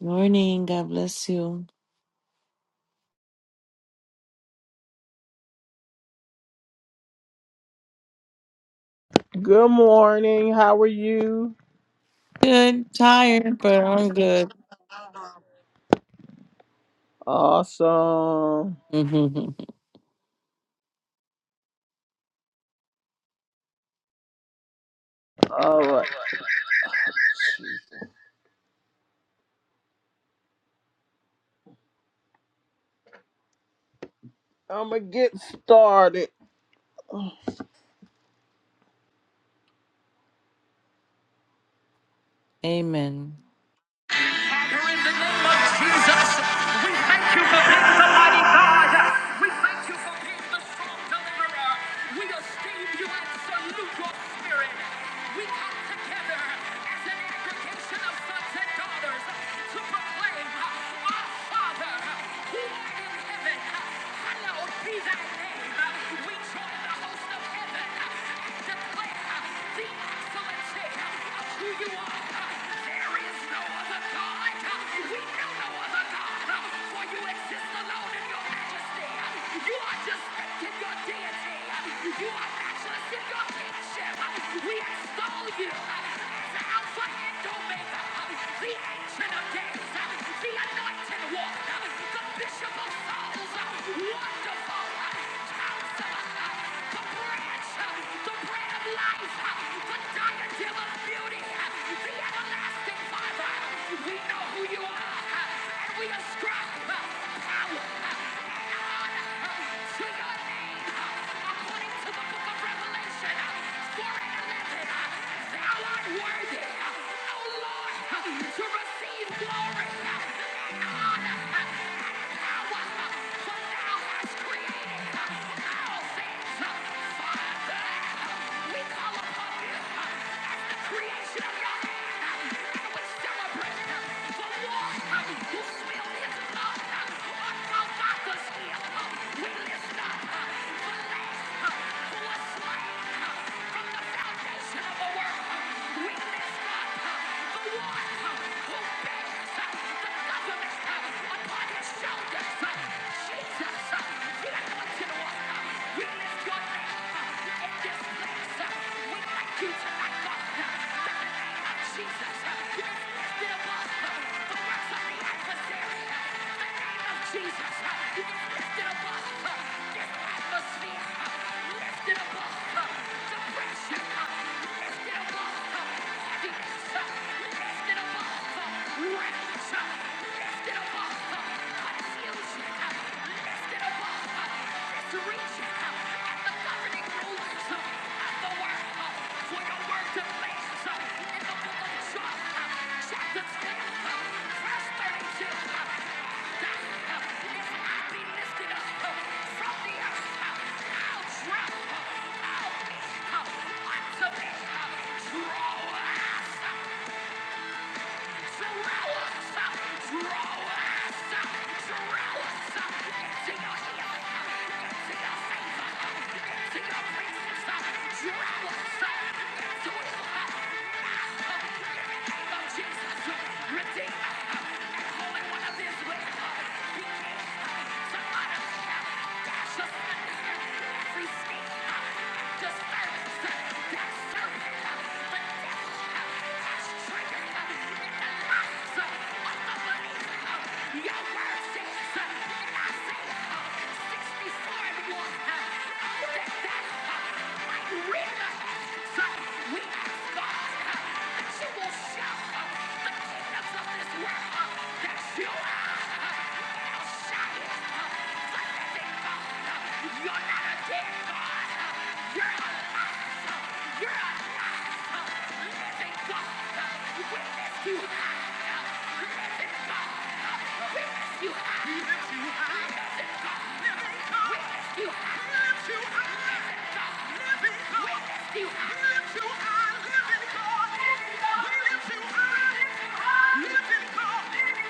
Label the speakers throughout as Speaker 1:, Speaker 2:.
Speaker 1: Morning. God bless you.
Speaker 2: Good morning. How are you?
Speaker 1: Good. Tired, but I'm good.
Speaker 2: Awesome. All right. I'm going to get started.
Speaker 1: Amen.
Speaker 2: In the name of Jesus, we thank you for being the mighty God. We thank you for being the strong deliverer. We esteem you and salute your spirit. We come together as an aggregation of sons and daughters to proclaim, Our Father, who art in heaven, hallowed be thy name. We join the host of heaven and declare the excellency of who you are. There is no other God. We know no other God, for you exist alone in your majesty. You are just in your deity. You are matchless in your leadership. We extol you as Alpha and Omega, the Ancient of Days, the Anointed One, the Bishop of Souls, Wonderful Counselor, the Branch, the Bread of Life, the Diadem of Beauty, the Everlasting Father. We know who you are, and we ascribe power according to the book of Revelation. For it is written, Thou art worthy, Oh Lord, to receive glory and honor we lift up the one who bears the Jesus, you can lift it above this atmosphere, lift it above depression, lift it above heaviness, lift it above. Draw ass. Redeemer, and holy one of Israel, begin to honor Show the kingdoms of this world that you are. Living God. We live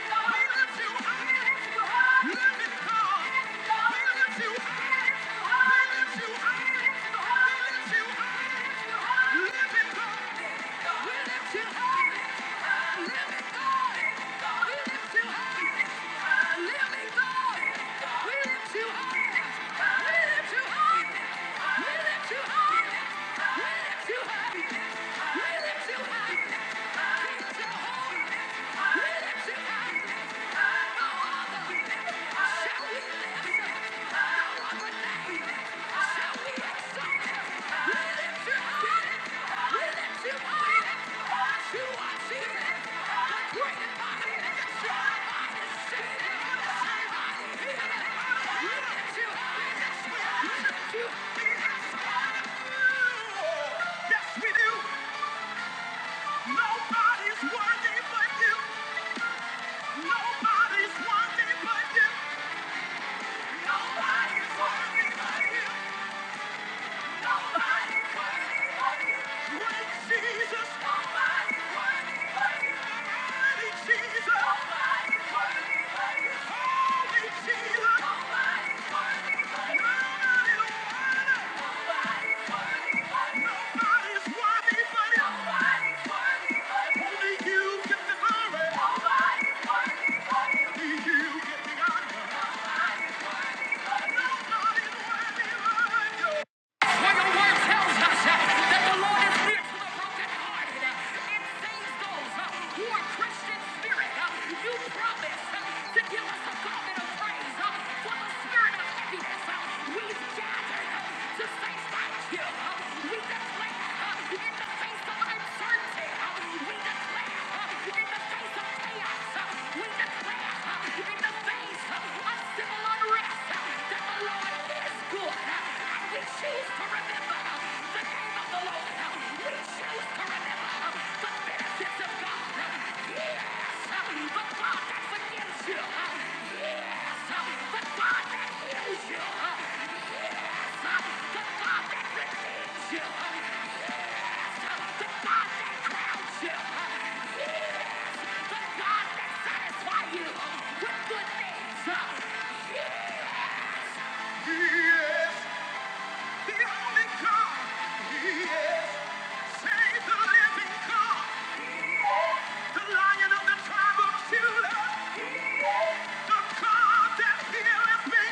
Speaker 2: Too high. Yes, we do. Nobody's worthy but you. Nobody's worthy but you. Nobody's worthy but you. Only you get the glory. Only you to the brokenhearted. It saves those uh, who are Christian spirit. Uh, You promise uh, to give us a garment of praise uh, Uh, We've uh, to say thank Uh, We declare uh, in the face of uncertainty. uh, We declare uh, in the face of chaos. uh, we in the face of civil unrest uh, that the Lord is good. we choose to remember uh, the name of the Lord. uh, We choose to remember uh, the benefits of God. Yes, uh, the God that forgives you. uh, Yes, uh, the God that heals you. uh, Yes, uh, the God that redeems you. uh, Yes! The only God, He is. Save the living God. He is. The Lion of the tribe of Judah. He is. The God that healeth me.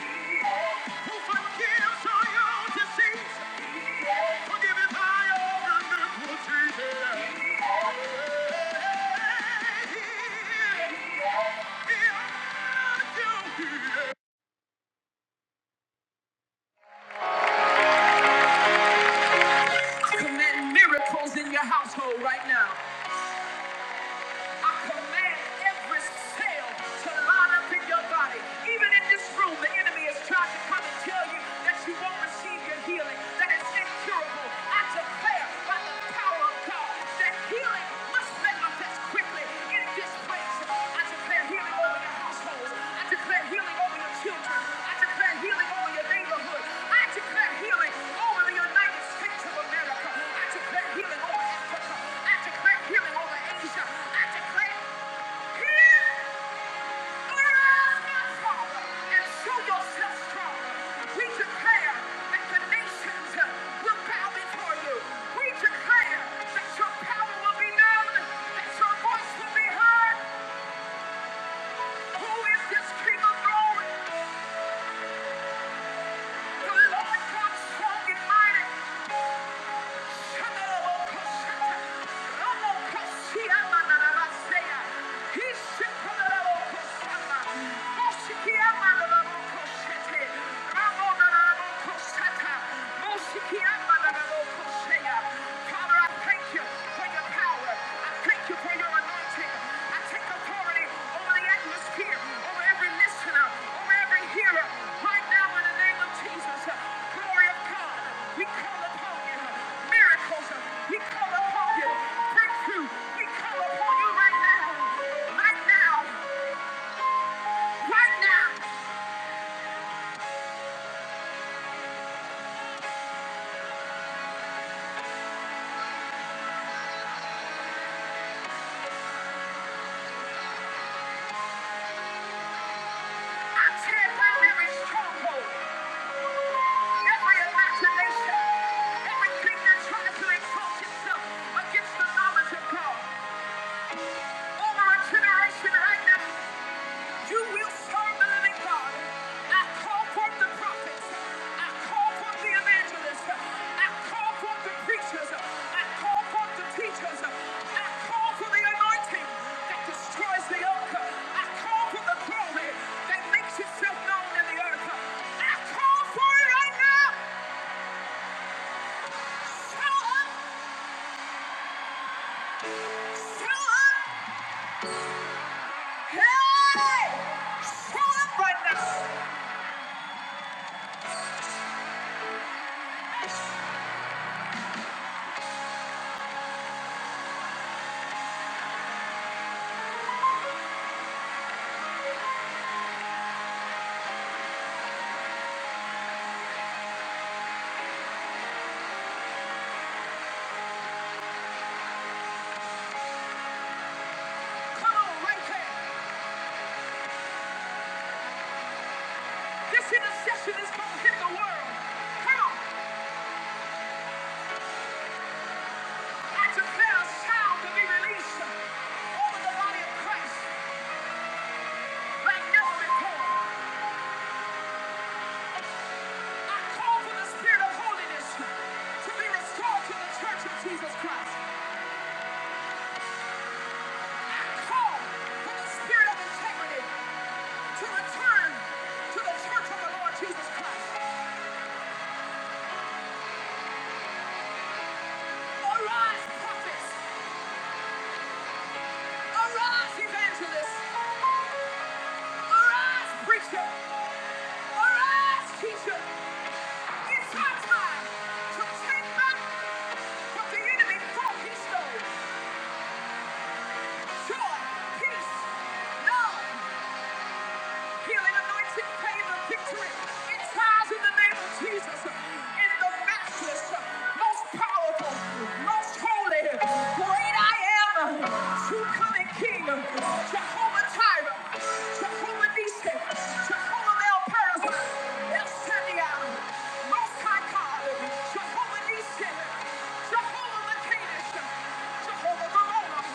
Speaker 2: He is. Who forgives all your disease. He is. Forgiveth all your wonderful diseases. He is. He is. He is. He is. Command miracles in your household right now. I command every cell to line up in your body. Even in this room, the enemy is trying to come and tell you that you won't receive your healing, that it's incurable. I declare by the power of God that healing must manifest quickly in this place. I declare healing over your households. I declare healing over your children. I declare healing over your neighborhood. I declare healing over the United States of America. I declare healing over Africa. I declare healing over Asia. I declare healing. Arise, my Father, and show yourself strong. We declare that the nations uh, will bow before you. We declare that your power will be known, that your voice will be heard. Who is this King of glory? The Lord God strong and mighty. Shemarabokoshata, Rabokoshiyamanamasea, Hishipolabokoshama, Moshikiyamanabokoshete, Ramonanabokoshata, Moshikiyamanabokoshea. Father, I thank you for your power. I Thank you for your anointing. I take authority over the atmosphere, over every listener, over every hearer. Right now, in the name of Jesus, uh, glory of God, we call upon you. Miracles, uh, we call upon you. Breakthrough, we call upon you right now. Right now, right now, I tear down every stronghold. Every imagination, everything that tries to exalt itself against the knowledge of God, over our generation right now. You will serve the living God. I call forth the prophets. I call forth the evangelists. I call forth the preachers. I call forth the teachers. I call for the anointing that destroys the yoke. I call for the glory that makes itself known in the earth. I call for it right now. Show up. Show up. Hey! Show up right now. Come on, right here. This intercession is going to hit the world. Come on. I declare a sound to be released over the body of Christ like never before. I call for the spirit of holiness to be restored to the church of Jesus Christ. I call for the spirit of integrity to return to the church of the Lord Jesus Christ. Arise, prophets. Arise, evangelist! Arise, preacher! Arise, teacher! It's your time to take back what the enemy thought he stole. Joy, peace, love, Healing, anointing, favor, victory. It tries in the name of Jesus. In the matchless, most powerful, most holy, great I am, true coming King, Jehovah Jireh, Jehovah Nissi, Jehovah El Paris, El Shaddai, Most High God, Jehovah Nissi, Jehovah Makadesh, Jehovah Ramon,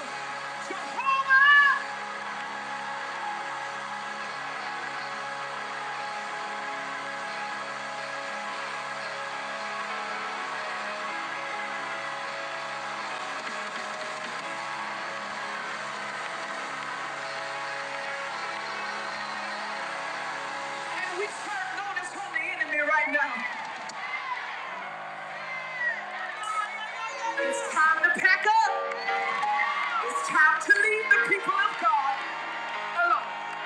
Speaker 2: Jehovah, and we serve known as holy enemy right now. It's time to pack up. It's time to leave the people of God alone.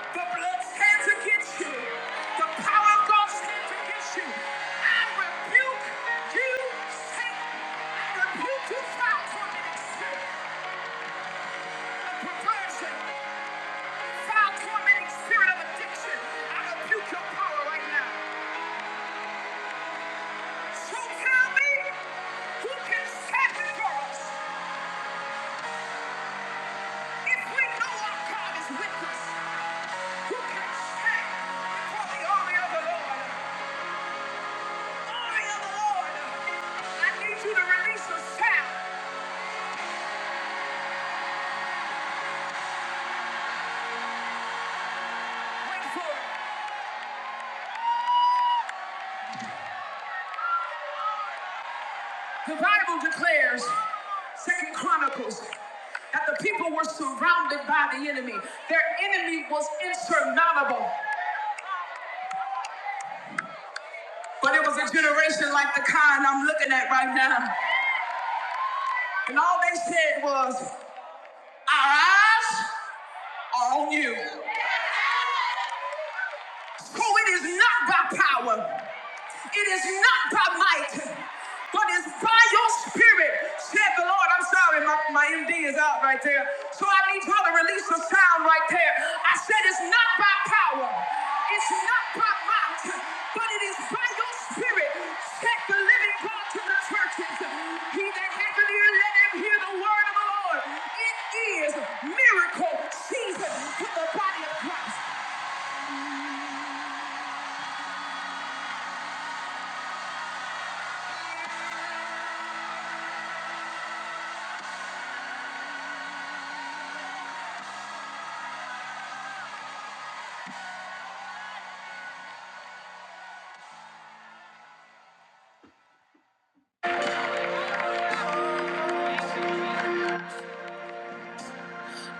Speaker 2: The blood stands against you. The power of God stands against you. I rebuke you, Satan. I rebuke you, foul tormenting spirit of perversion, foul tormenting spirit of addiction. I rebuke your power right now. So tell me, who can stand for us? The Bible declares, Second Chronicles, that the people were surrounded by the enemy. Their enemy was insurmountable. But it was a generation like the kind I'm looking at right now. And all they said was, Our eyes are on you. Oh, it is not by power, it is not by might, but it's by your spirit, said the Lord. I'm sorry, my, my MD is out right there. So I need y'all to release the sound right there. I said it's not by power, it's not by might, but it is by your spirit, said the living God to the churches. He that hath an ear, let him hear the word of the Lord. It is miracle season for the body of Christ.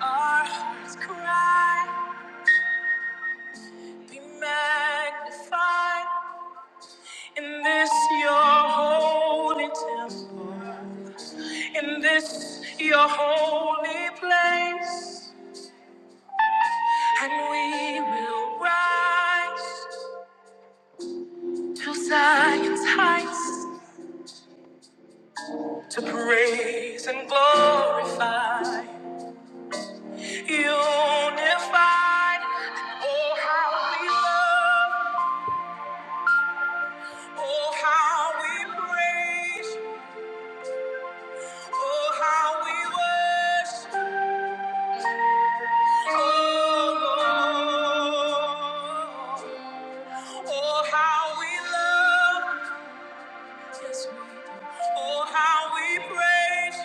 Speaker 2: Our hearts cry, be magnified in this your holy temple, in this your holy place, and we will rise to Zion's heights to praise and glorify, unified. Oh, how we love, oh, how we praise. Oh, how we worship, oh Lord. Oh, how we love, oh, how we praise,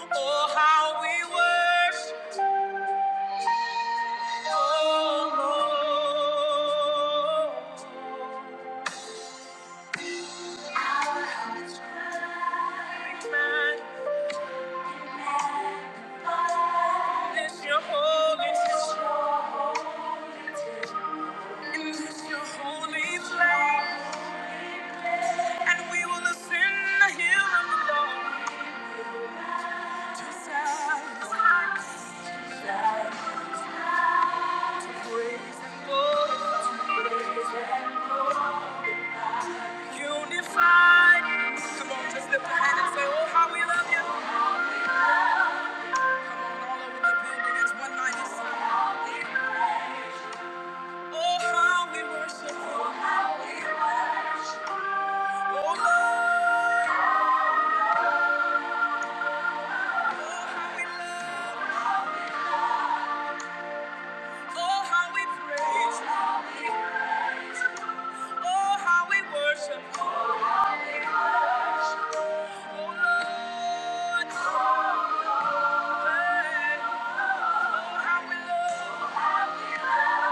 Speaker 2: oh, how we worship, oh Lord. Big man is your holy name. Is your holy flame. And we will ascend the hill of the Lord. Just as to praise and glory. Unified. Come on, just lift a hand and say, oh, how we love you. Come on, all over the building. It's 197. Oh, how we worship you. Oh, how we worship Oh, Lord. Oh, how we love Oh, how we praise. Oh, how we worship. Oh, Lord. Hey. Oh, how we love.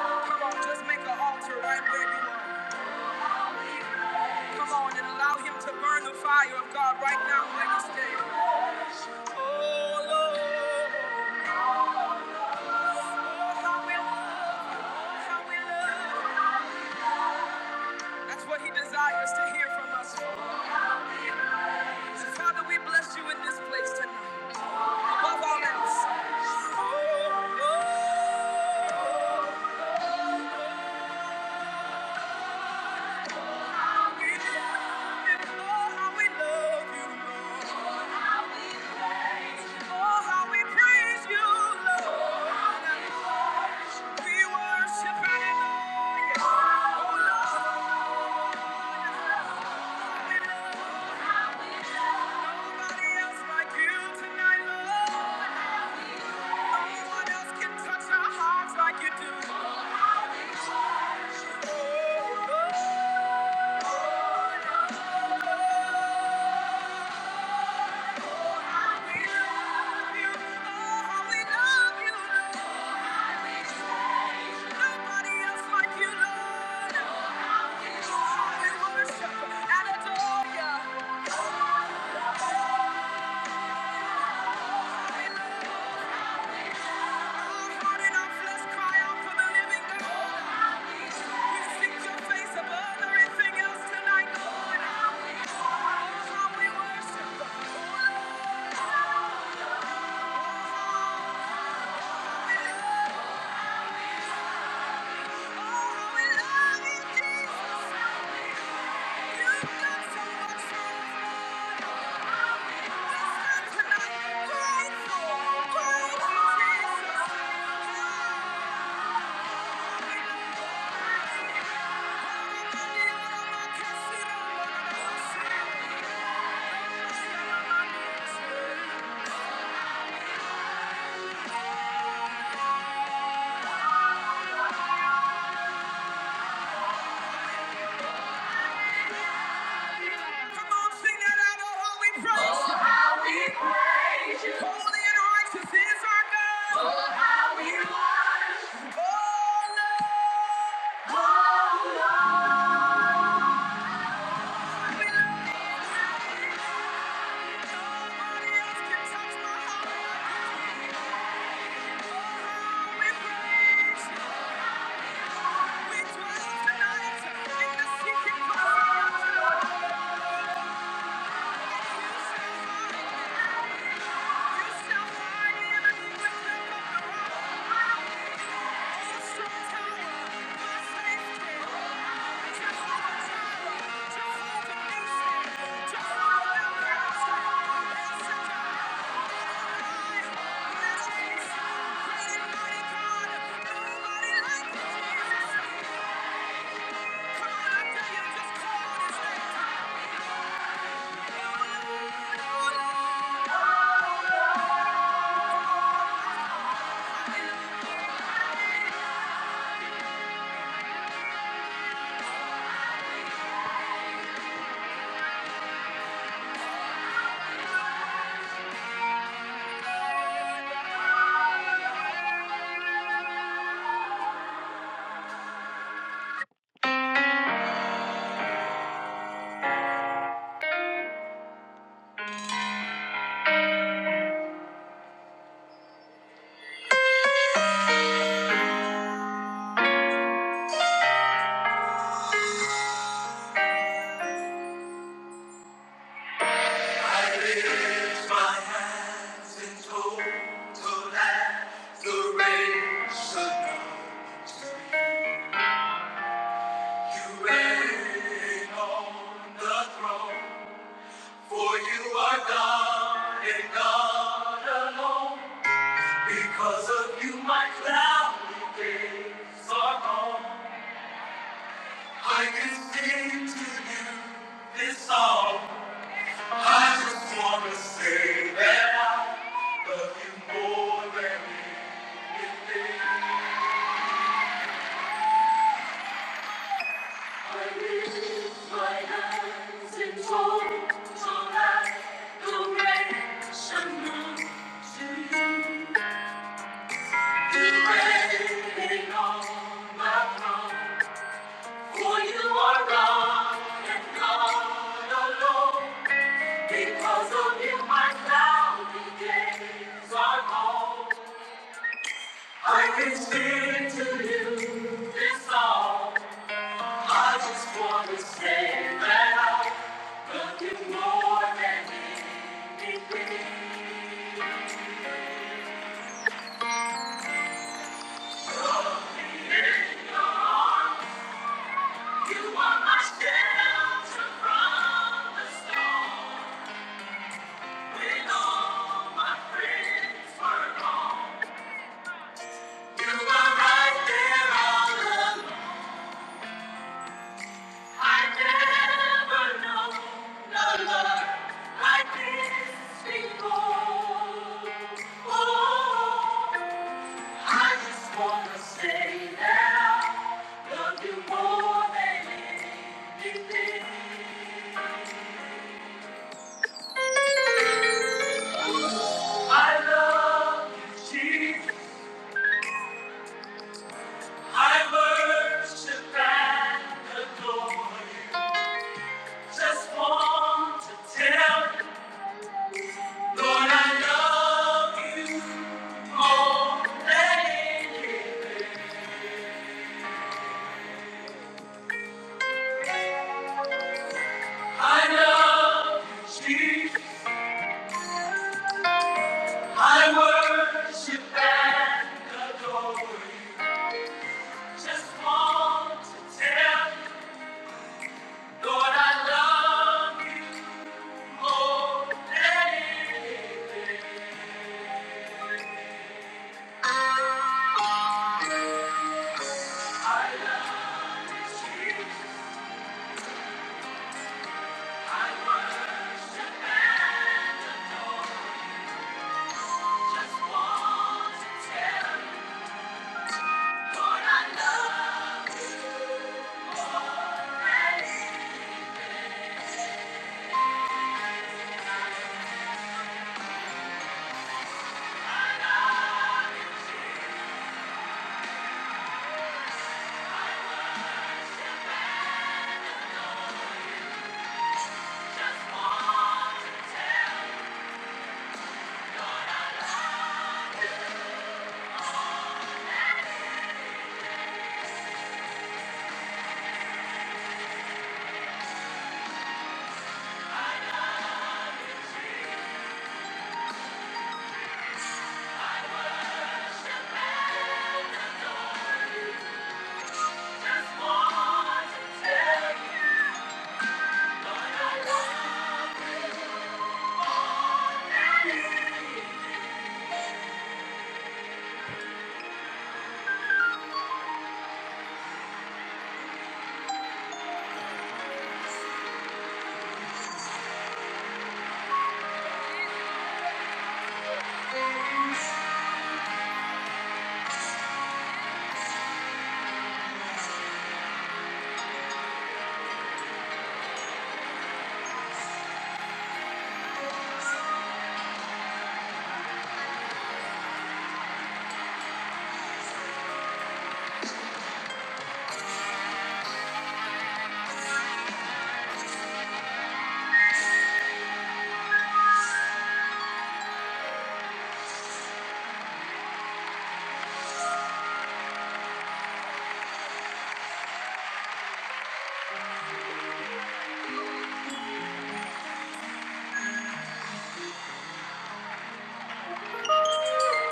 Speaker 2: Come on, just make an altar right where you are. Come on and allow him to burn the fire of God right now where you stay. Oh, Lord. oh how we love! How we love. That's what he desires to hear from us. Father, we bless you in this place tonight. Above all else. Oh, oh, how we love you, Lord. How we love you, Lord. How we praise you. Oh, how we praise you, Lord. We worship and adore you. Oh, Lord. There is nobody else like you tonight, Lord. No else can touch our hearts like you do. Oh, Lord, we love you. Oh, we love you, Lord. Nobody else like you, Lord. Oh, we worship and adore you. Thank you. oh, how we praise you. Oh, Holy and righteous is our God. Oh, how we love you. Oh, Lord. Oh, We love you. Nobody else can touch my heart like Oh, how we praise Thank you. Because of you, my cloudy days are gone. I can sing to you this song. I just wanna say that I love you more than anything. Duration to you, durating on my throne. For you are God and God alone. Because of you, my cloudy days are gone. I can sing to you this song. I just want to say that I'm looking more than anything in your arms. You are my shelter from the storm. When all my friends were gone, you were right there all along. I never know no love like this before. Oh, I just wanna say that love you more than anything. I love you, Jesus. I worship and adore you. Just want to tell you, Lord, I love you more than anything. I love you, Jesus. I worship and adore you. Just want to tell you, Lord, I love you more than anything. I love you, Jesus. I worship and adore you. Just want to tell you, Lord, I love you more than anything.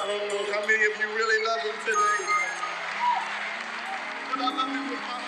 Speaker 2: I don't know how many of you really love him today.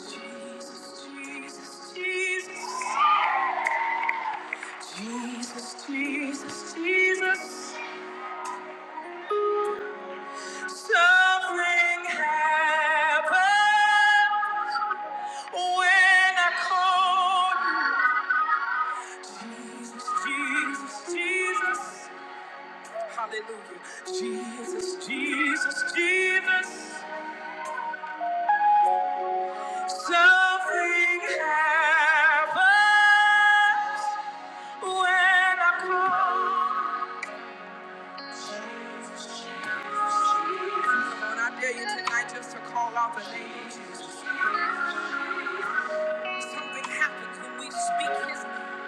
Speaker 2: Jesus, Jesus, Jesus, Jesus, Jesus, something happened when I called you. Jesus, Jesus, hallelujah. Jesus, Jesus, Jesus, something happened when I called. Lord, I dare you tonight just to call out the name of Jesus. Something happens when we speak his name.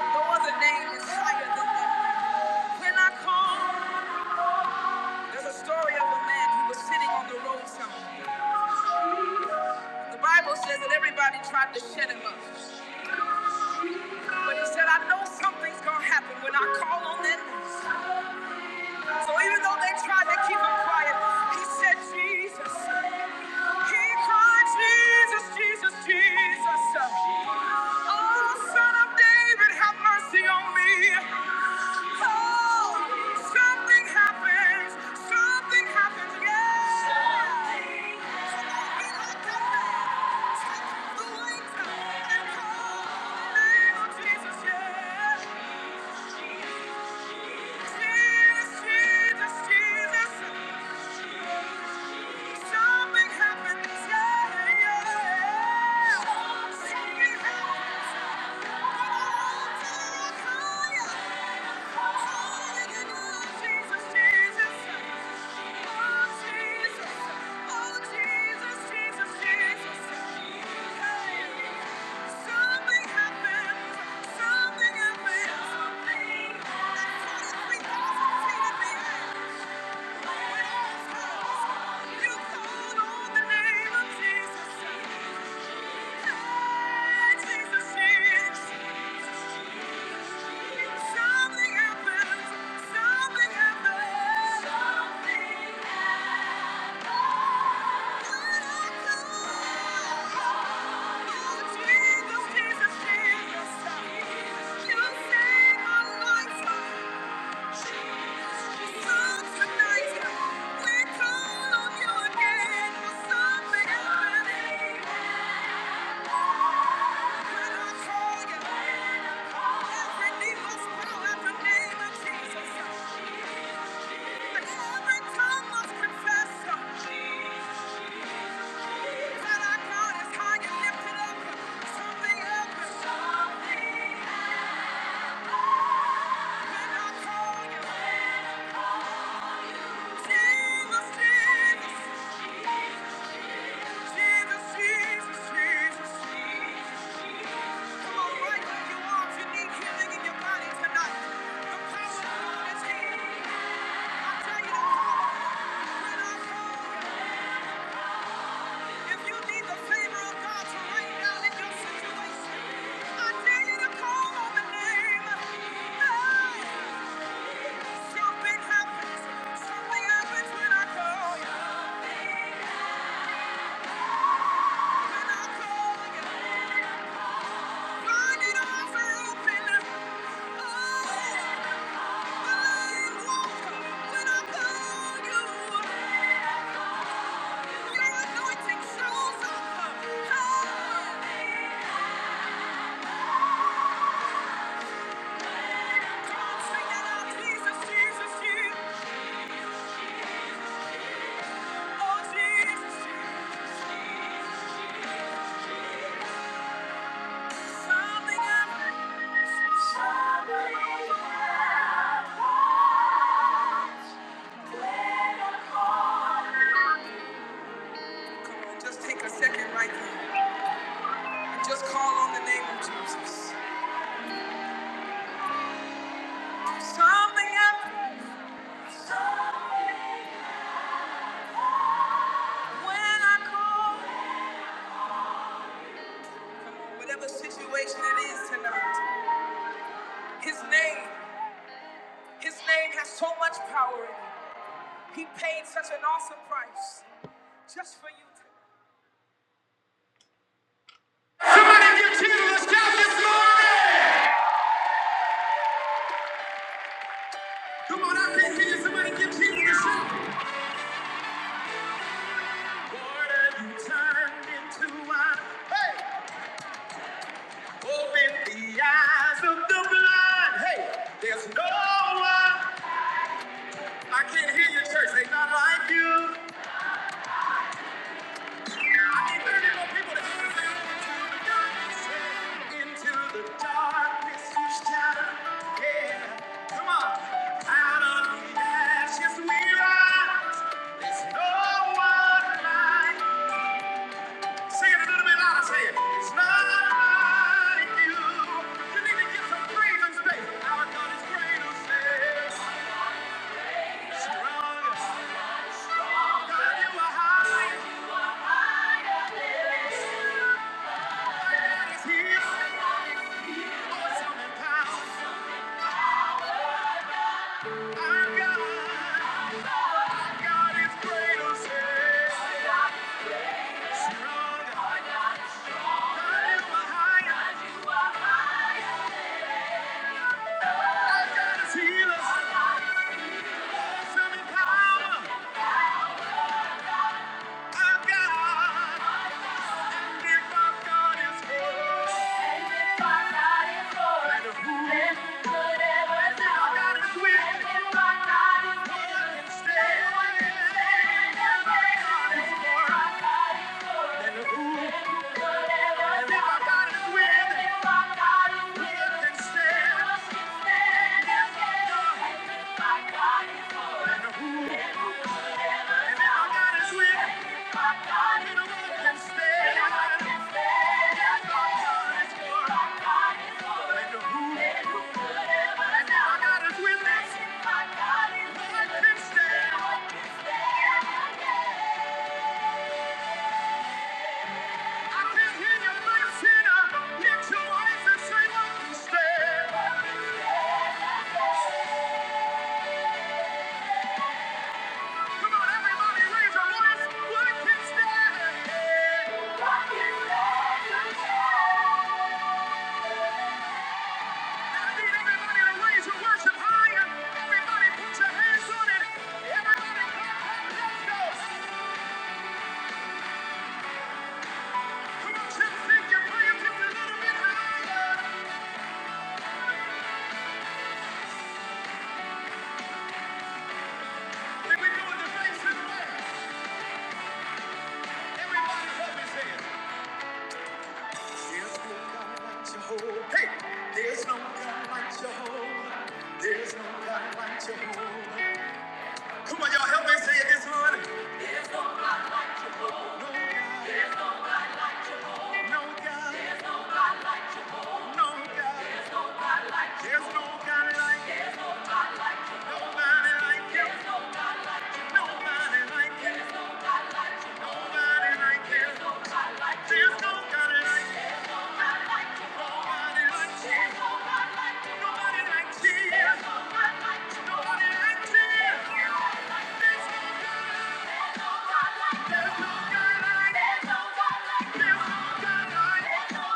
Speaker 2: no other name is higher than that. When I call, there's a story of a man who was sitting on the roadside. The Bible says that everybody tried to shut him up. But he said, I know something's gonna happen when I call on that name. So even though they tried to keep him quiet, he said, Jesus. He cried, Jesus, Jesus, Jesus. Oh, son of David, have mercy on me. Oh, something happens. Something happens. Yeah. Come on, we do come back. Take the weight and call the name of Jesus. Yeah. Jesus, Jesus, Jesus. Something happens, yeah, yeah. Something happens. Something happens. Something happens. Jesus, Jesus, you saved my life. Something. else. Something happens when I call you. When I call you. Just take a second right now and just call on the name of Jesus. Something happened. Something Whatever situation it is tonight, his name, his name has so much power in it. He paid such an awesome price just for you. Somebody give Jesus a shout this morning! Come on, I can't hear you. Somebody give Jesus a shout. Lord, you turned into wine. Hey! Open the eyes of the blind. Hey! There's no one. I can't hear you, church. They not like you. Into the darkness you shatter. Yeah, come on. Out of the ashes we rise. There's no one like. Sing it a little bit louder. Say it. It's not like you. You need to get some breathing space. Our God is greater. Say, stronger. God, you are high. He's here. Awesome and powerful. Stay away. Yeah. Hey, there's no God like Jehovah. There's no God like Jehovah. Come on, y'all, help me say it this one. No God, no God, there's no God like, Him. nobody like Him. Nobody like Him. Nobody like Him. There's no God like Him. There's no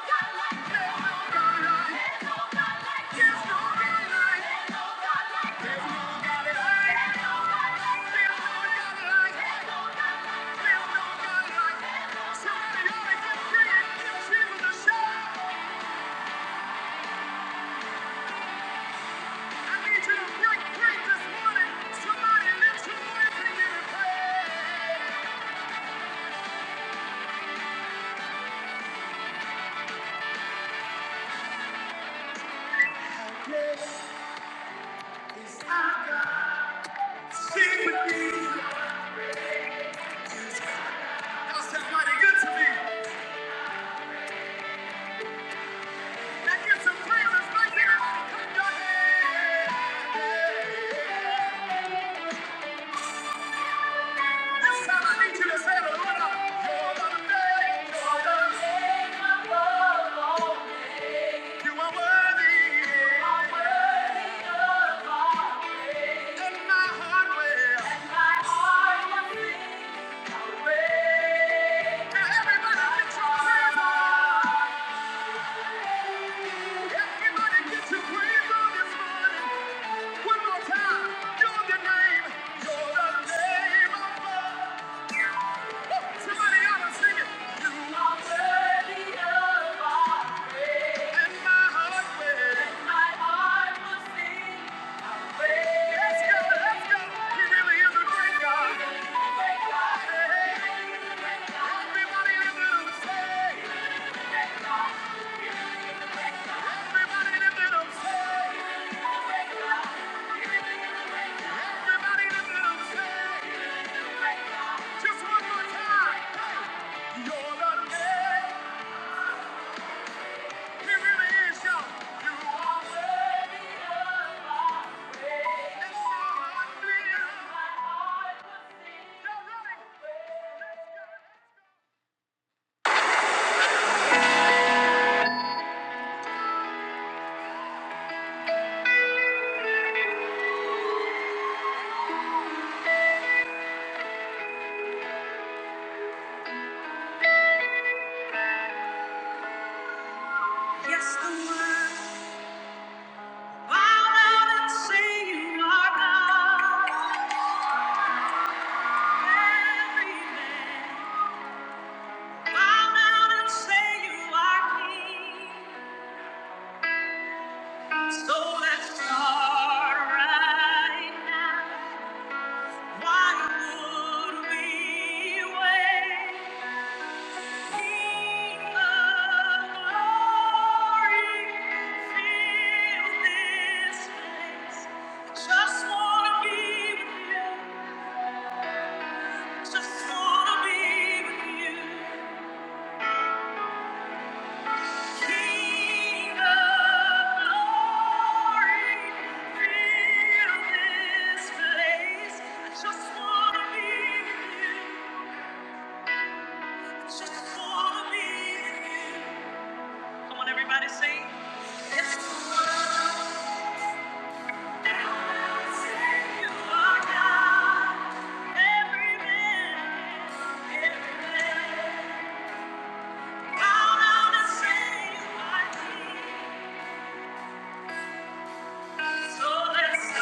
Speaker 2: God like you. Sing with me. Y'all sound mighty good to me. And give some praises right here. Clap your hands. This time I need you to say the Lord, you're the maker. You are worthy. And my heart will. Now everybody lift your hands. Everybody get your praise on this morning. One more time. You're the name. You're the name above. Somebody ought to sing You are worthy of our praise. And my heart will. sing Let's go, let's go. He really is a great God. He really great God. Hey. Everybody lift it up, say. Everybody lift it up, say. Everybody just one more time. Hey, You're the name. He really is, y'all. You are worthy of it. so hard to be you. Y'all ready? So that's alright. Why would we think of this place? It's everywhere.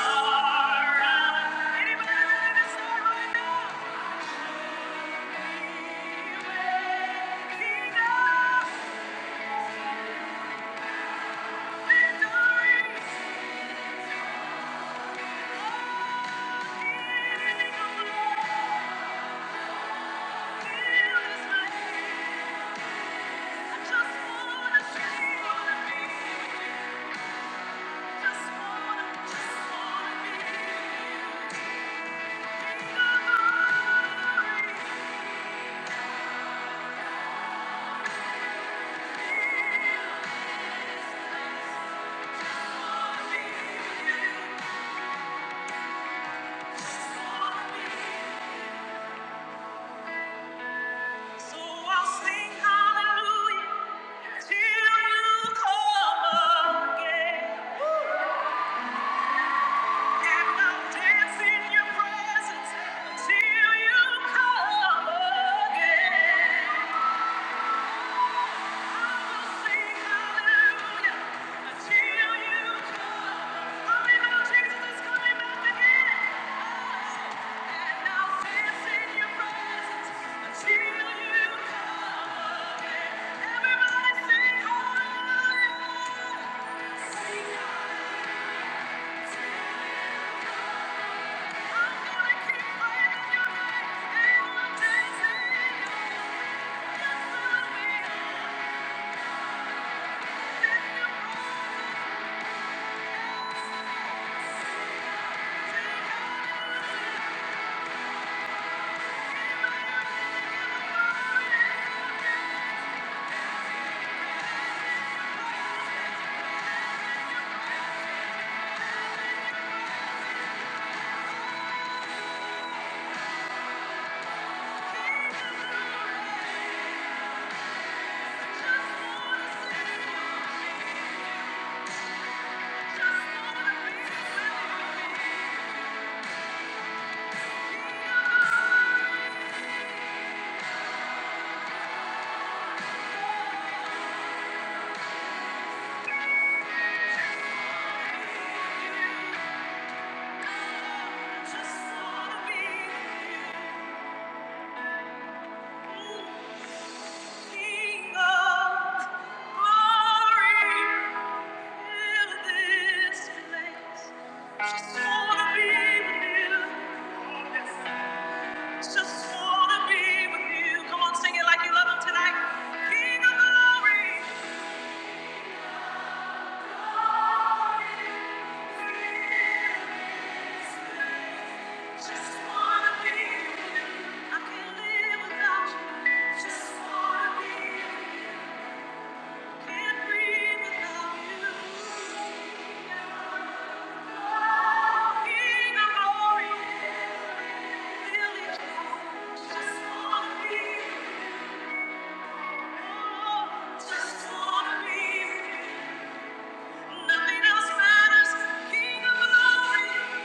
Speaker 2: Just wanna be, nothing else matters. King of glory,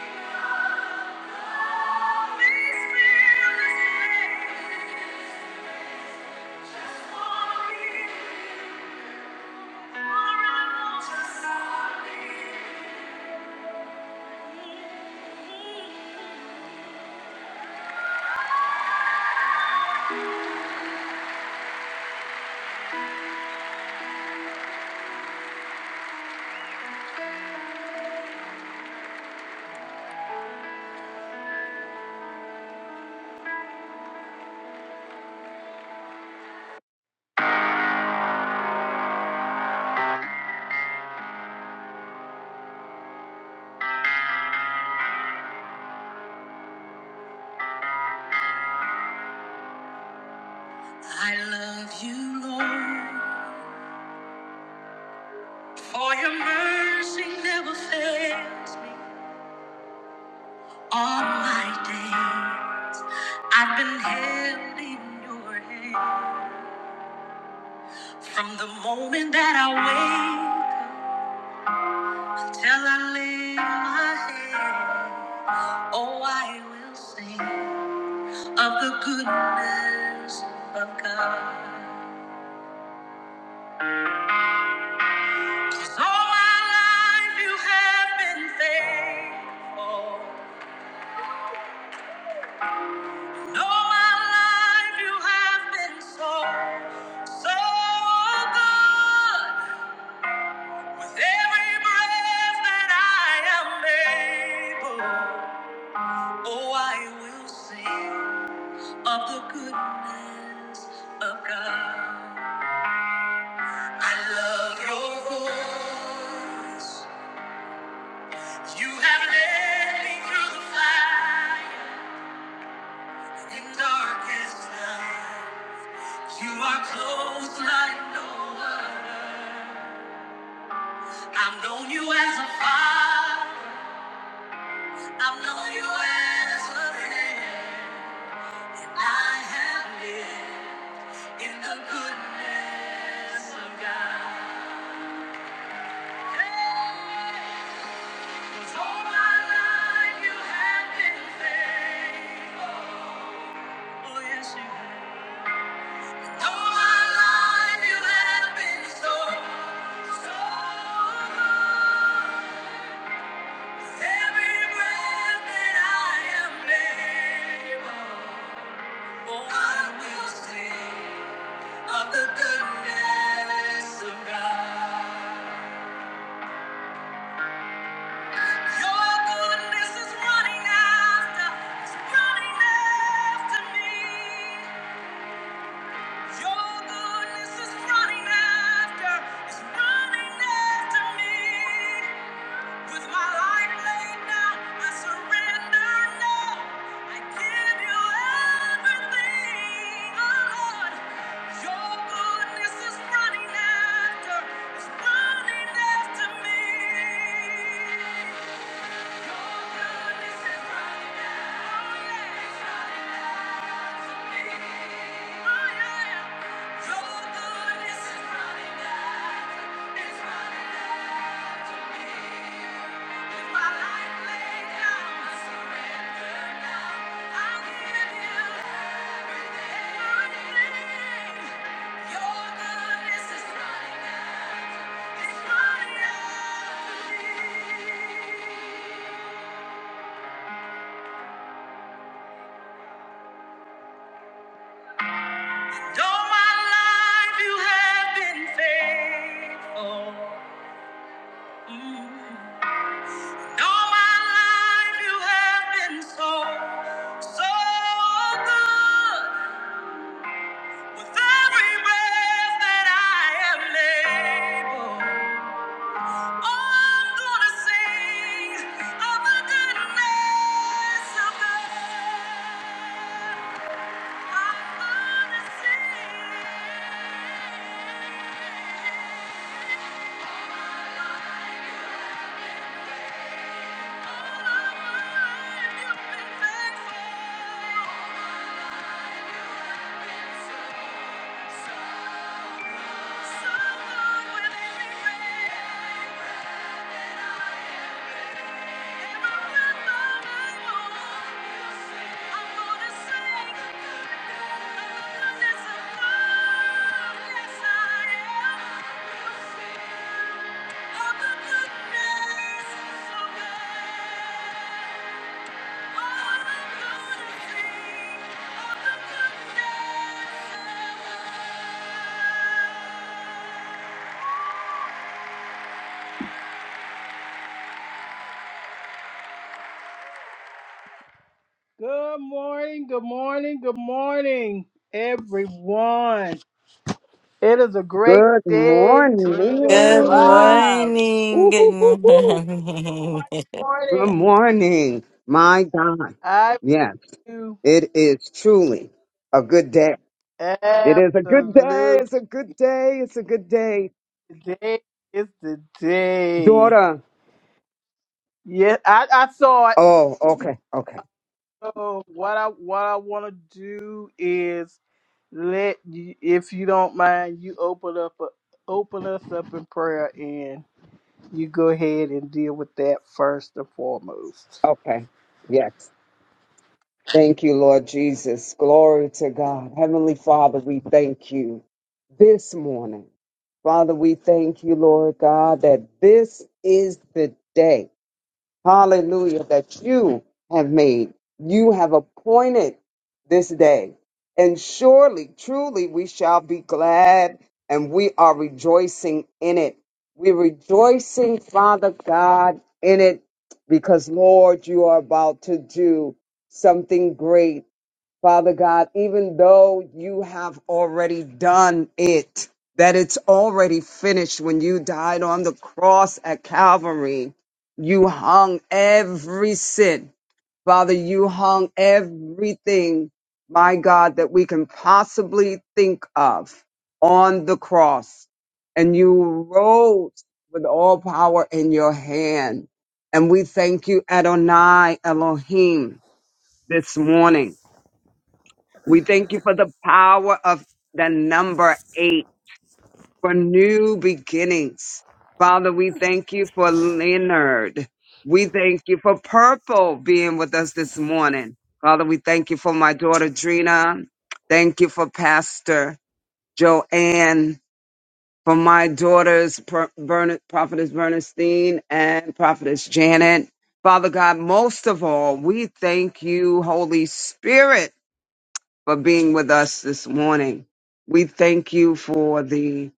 Speaker 2: I love you, Lord, for your mercy never fails. me. All my days, I've been held in your hand. From the moment that I wake till I lay my head, oh, I will sing of the goodness of God. So my life, you have been faithful. No, my life, you have been so, so good. With every breath that I am able, oh, I will sing of the goodness of God. I love your voice. You have led me through the fire in darkest night. You are close like no other. I've known you as a father. I've known you as a friend. I have lived. In the goodness of God. Hey, hey, hey. Oh, yes, you have. All my life you have been so, so good. Every breath that I am able, I will sing of the goodness of God. Your goodness is running after, it's running after me. Your goodness is running after, is running after me. With my life laid down, I surrender now. I give you everything, oh Lord. Your goodness is running after, is running after me. Your goodness is running after, oh yeah. Though my life you have been faithful. All my life you have been so, so good. With every breath that I am able, oh, I'm gonna sing of the goodness of God. I'm gonna sing of the life you've been faithful. So, so, so good with every breath. Good morning, good morning, good morning, everyone. It is a great
Speaker 3: Good
Speaker 2: day to be Good morning.
Speaker 1: Good
Speaker 3: morning.
Speaker 2: alive.
Speaker 1: morning.
Speaker 3: Ooh,
Speaker 1: Good
Speaker 3: ooh, ooh, ooh.
Speaker 1: morning.
Speaker 3: Good
Speaker 2: Morning.
Speaker 3: morning. My God.
Speaker 2: I
Speaker 3: Yes,
Speaker 2: do
Speaker 3: it is truly a good day. It is a good day.
Speaker 2: absolute.
Speaker 3: It's a good day. It's a good day.
Speaker 2: Today is the day.
Speaker 3: Daughter.
Speaker 2: Yeah, I, I saw it.
Speaker 3: Oh, okay. Okay.
Speaker 2: So what I what I want to do is let you, if you don't mind, you open up a, open us up in prayer, and you go ahead and deal with that first and foremost.
Speaker 3: Okay. Yes. Thank you, Lord Jesus. Glory to God. Heavenly Father, we thank you this morning. Father, we thank you, Lord God, that this is the day Hallelujah, that you have made. You have appointed this day. And surely, truly, we shall be glad and we are rejoicing in it. We're rejoicing, Father God, in it because, Lord, you are about to do something great Father God, even though you have already done it, that it's already finished when you died on the cross at Calvary, you hung every sin. Father, you hung everything, my God, that we can possibly think of on the cross. And you rose with all power in your hand. And we thank you, Adonai Elohim, this morning. We thank you for the power of the number eight for new beginnings. Father, we thank you for Leonard. We thank you for Purple being with us this morning. Father, we thank you for my daughter Drina. Thank you for Pastor Joanne, for my daughters, Per- Bern- Prophetess Bernstein and Prophetess Janet. Father God, most of all, we thank you, Holy Spirit for being with us this morning. We thank you for the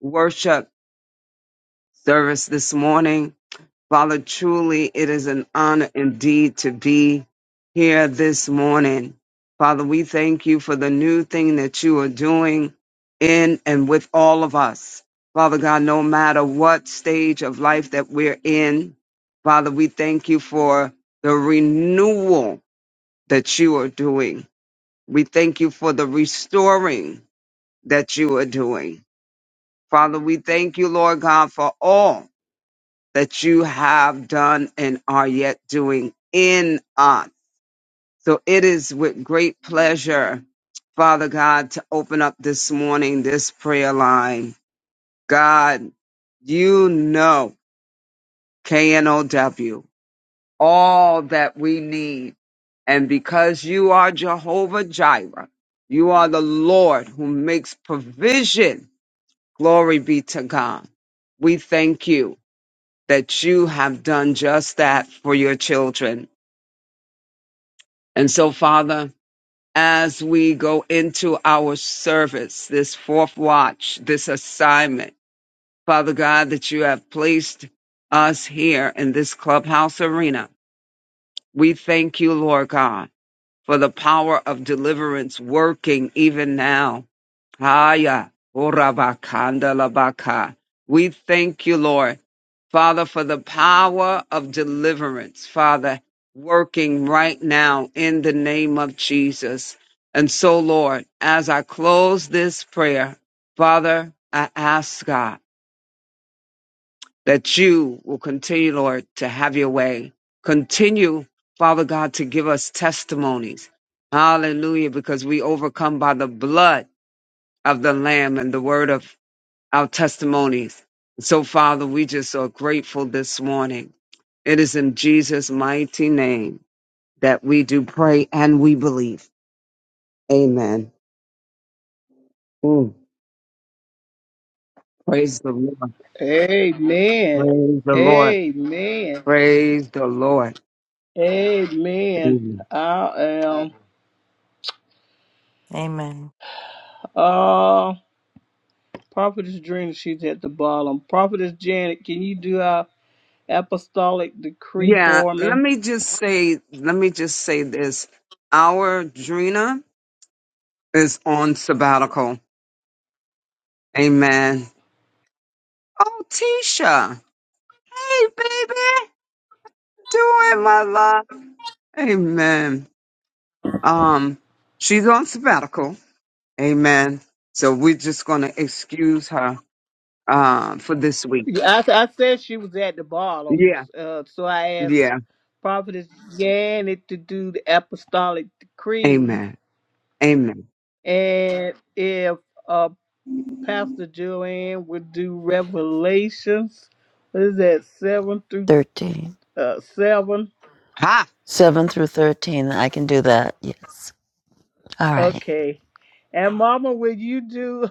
Speaker 3: worship service this morning. Father, truly it is an honor indeed to be here this morning. Father, we thank you for the new thing that you are doing in and with all of us. Father God, no matter what stage of life that we're in, Father, we thank you for the renewal that you are doing. We thank you for the restoring that you are doing. Father, we thank you, Lord God, for all that you have done and are yet doing in us. So it is with great pleasure, Father God, to open up this morning this prayer line. God, you know KNOW, all that we need. And because you are Jehovah Jireh, you are the Lord who makes provision Glory be to God. We thank you that you have done just that for your children. And so, Father, as we go into our service, this fourth watch, this assignment, Father God, that you have placed us here in this clubhouse arena, we thank you, Lord God, for the power of deliverance working even now Haya, Orabakanda Labaka. We thank you, Lord, Father, for the power of deliverance, Father, working right now in the name of Jesus. And so, Lord, as I close this prayer, Father, I ask God that you will continue, Lord, to have your way. Continue, Father God, to give us testimonies. Hallelujah, because we overcome by the blood of the Lamb and the word of our testimonies. So, Father, we just are grateful this morning. It is in Jesus' mighty name that we do pray and we believe. Amen. Mm. Praise the Lord.
Speaker 2: Amen.
Speaker 3: Praise the Lord.
Speaker 2: Amen.
Speaker 3: Praise the Lord.
Speaker 2: Amen.
Speaker 3: Amen.
Speaker 2: I am.
Speaker 1: Amen.
Speaker 2: Uh, Prophetess Drina, she's at the bottom. Prophetess Janet, can you do our apostolic decree
Speaker 3: Yeah,
Speaker 2: for
Speaker 3: let
Speaker 2: me?
Speaker 3: me just say, let me just say this. Our Drina is on sabbatical. Amen. Oh, Tisha. Hey, baby. Do it, my love. Amen. Um, she's on sabbatical. Amen. So we're just going to excuse her uh, for this week.
Speaker 2: Yeah, I, I said she was at the bottom,
Speaker 3: Yeah.
Speaker 2: uh, so I asked
Speaker 3: Yeah.
Speaker 2: Prophetess Janet to do the apostolic decree,
Speaker 3: Amen. Amen.
Speaker 2: and if uh, Pastor Joanne would do Revelations, what is that seven through
Speaker 4: 13.
Speaker 2: uh, seven?
Speaker 3: Ha!
Speaker 4: 7 through 13. I can do that. Yes. All right.
Speaker 2: Okay, and Mama, will you do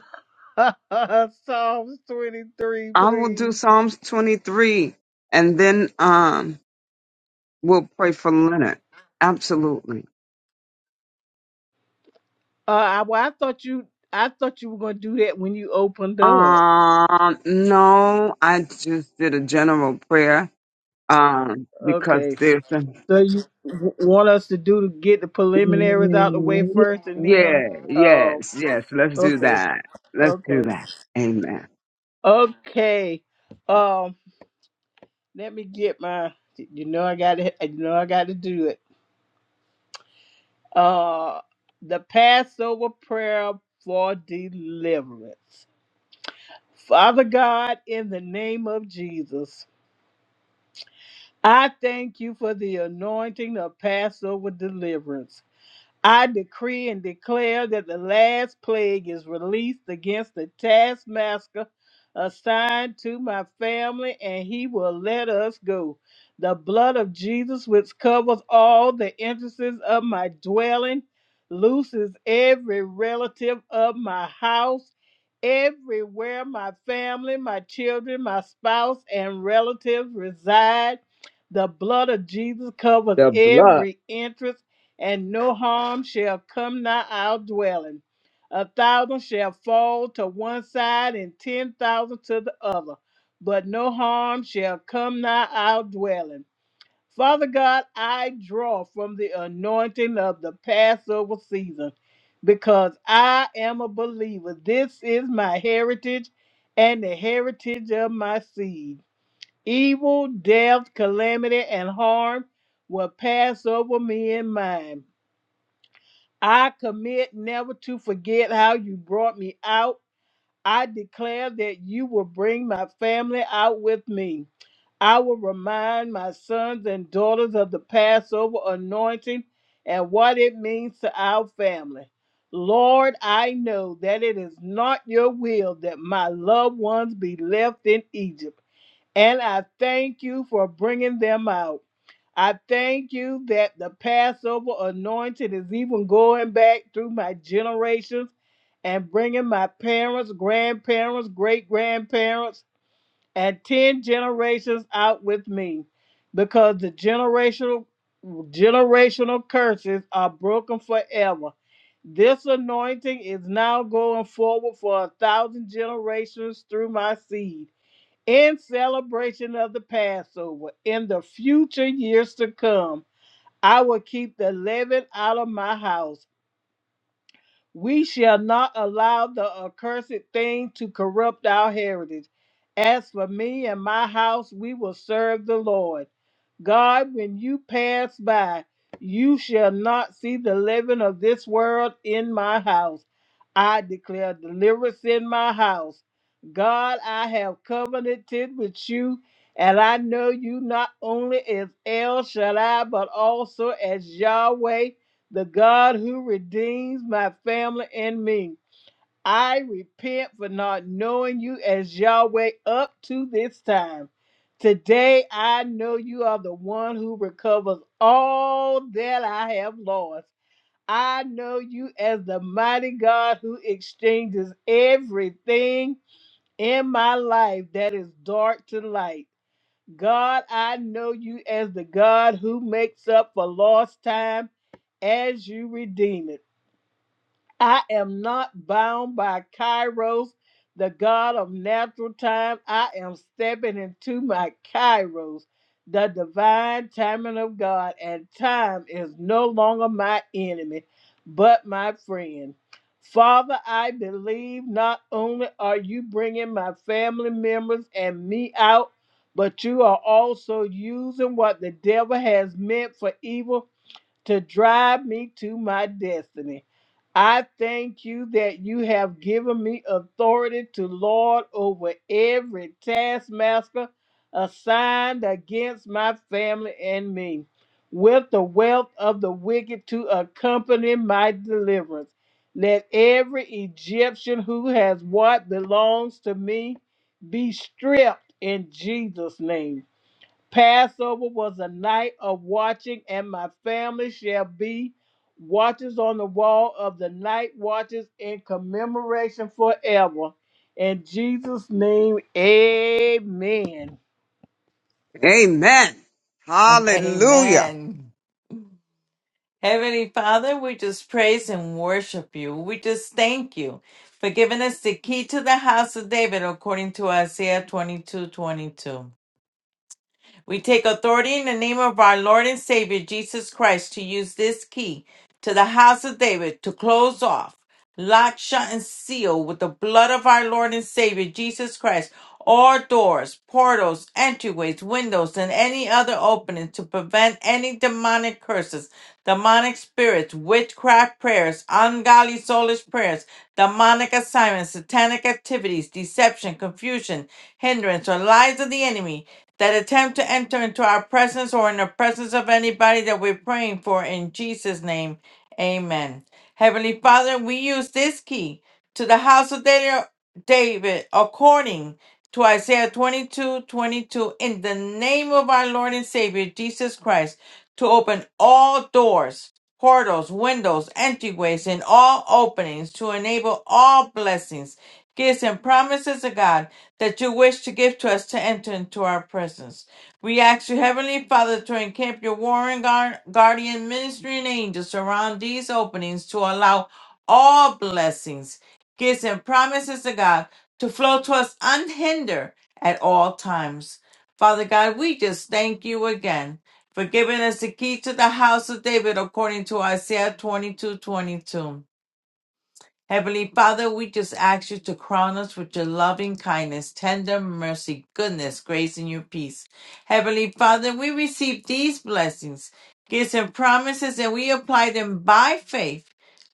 Speaker 2: Psalms twenty three,
Speaker 3: I will do
Speaker 2: please?
Speaker 3: Psalms 23 and then um we'll pray for Leonard. Absolutely.
Speaker 2: Uh, I, well, I thought you, I thought you were going to do that when you opened up.
Speaker 3: Um, no, I just did a general prayer um because
Speaker 2: Okay.
Speaker 3: there's a
Speaker 2: So you w- want us to do to get the preliminaries out the way
Speaker 3: Mm-hmm.
Speaker 2: first, and
Speaker 3: Yeah,
Speaker 2: then, uh,
Speaker 3: yes, yes. Let's do
Speaker 2: okay,
Speaker 3: that. Let's do
Speaker 2: okay,
Speaker 3: that. Amen.
Speaker 2: okay. Um, let me get my. You know I got to. You know I got to do it. Uh, the Passover prayer for deliverance. Father God, in the name of Jesus, I thank you for the anointing of Passover deliverance. I decree and declare that the last plague is released against the taskmaster assigned to my family, and he will let us go. The blood of Jesus, which covers all the entrances of my dwelling, looses every relative of my house, everywhere my family, my children, my spouse, and relatives reside. The blood of Jesus covers
Speaker 3: The blood.
Speaker 2: every entrance and no harm shall come nigh our dwelling. A thousand shall fall to one side and ten thousand to the other, but no harm shall come nigh our dwelling. Father God, I draw from the anointing of the Passover season because I am a believer. This is my heritage and the heritage of my seed. Evil, death, calamity, and harm will pass over me and mine. I commit never to forget how you brought me out. I declare that you will bring my family out with me. I will remind my sons and daughters of the Passover anointing and what it means to our family. Lord, I know that it is not your will that my loved ones be left in Egypt. And I thank you for bringing them out. I thank you that the Passover anointing is even going back through my generations and bringing my parents, grandparents, great grandparents, and 10 generations out with me because the generational generational curses are broken forever. This anointing is now going forward for a thousand generations through my seed in celebration of the Passover. In the future years to come, I will keep the leaven out of my house we shall not allow the accursed thing to corrupt our heritage. As for me and my house, we will serve the Lord. God, when you pass by, you shall not see the living of this world in my house. I declare deliverance in my house. God, I have covenanted with you, and I know you not only as El Shaddai, but also as Yahweh the God who redeems my family and me. I repent for not knowing you as Yahweh up to this time. Today I know you are the one who recovers all that I have lost. I know you as the mighty God who exchanges everything in my life that is dark to light. God, I know you as the God who makes up for lost time as you redeem it. I am not bound by Kairos, the God of natural time. I am stepping into my Kairos, the divine timing of God, and time is no longer my enemy, but my friend. Father, I believe not only are you bringing my family members and me out, but you are also using what the devil has meant for evil to drive me to my destiny. I thank you that you have given me authority to lord over every taskmaster assigned against my family and me, with the wealth of the wicked to accompany my deliverance. Let every Egyptian who has what belongs to me be stripped in Jesus' name. Passover was a night of watching, and my family shall be watchers on the wall of the night watches in commemoration forever. In Jesus' name, amen.
Speaker 3: Amen. Hallelujah.
Speaker 1: Amen. Heavenly Father, we just praise and worship you. We just thank you for giving us the key to the house of David according to Isaiah twenty-two, twenty-two. We take authority in the name of our Lord and Savior Jesus Christ to use this key to the house of David to close off. Lock, shut, and seal with the blood of our Lord and Savior Jesus Christ all doors, portals, entryways, windows, and any other opening to prevent any demonic curses, demonic spirits, witchcraft prayers, ungodly soulish prayers, demonic assignments, satanic activities, deception, confusion, hindrance, or lies of the enemy that attempt to enter into our presence or in the presence of anybody that we're praying for in Jesus' name. Amen. Heavenly Father, we use this key to the house of Da- David according to Isaiah 22, 22, in the name of our Lord and Savior Jesus Christ to open all doors, portals, windows, entryways, and all openings to enable all blessings gifts, and promises of God that you wish to give to us to enter into our presence. We ask you, Heavenly Father, to encamp your warring guard, guardian ministering angels around these openings to allow all blessings, gifts, and promises of God to flow to us unhindered at all times. Father God, we just thank you again for giving us the key to the house of David according to Isaiah twenty-two twenty-two. Heavenly Father, we just ask you to crown us with your loving kindness, tender mercy, goodness, grace, and your peace. Heavenly Father, we receive these blessings, gifts, and promises, and we apply them by faith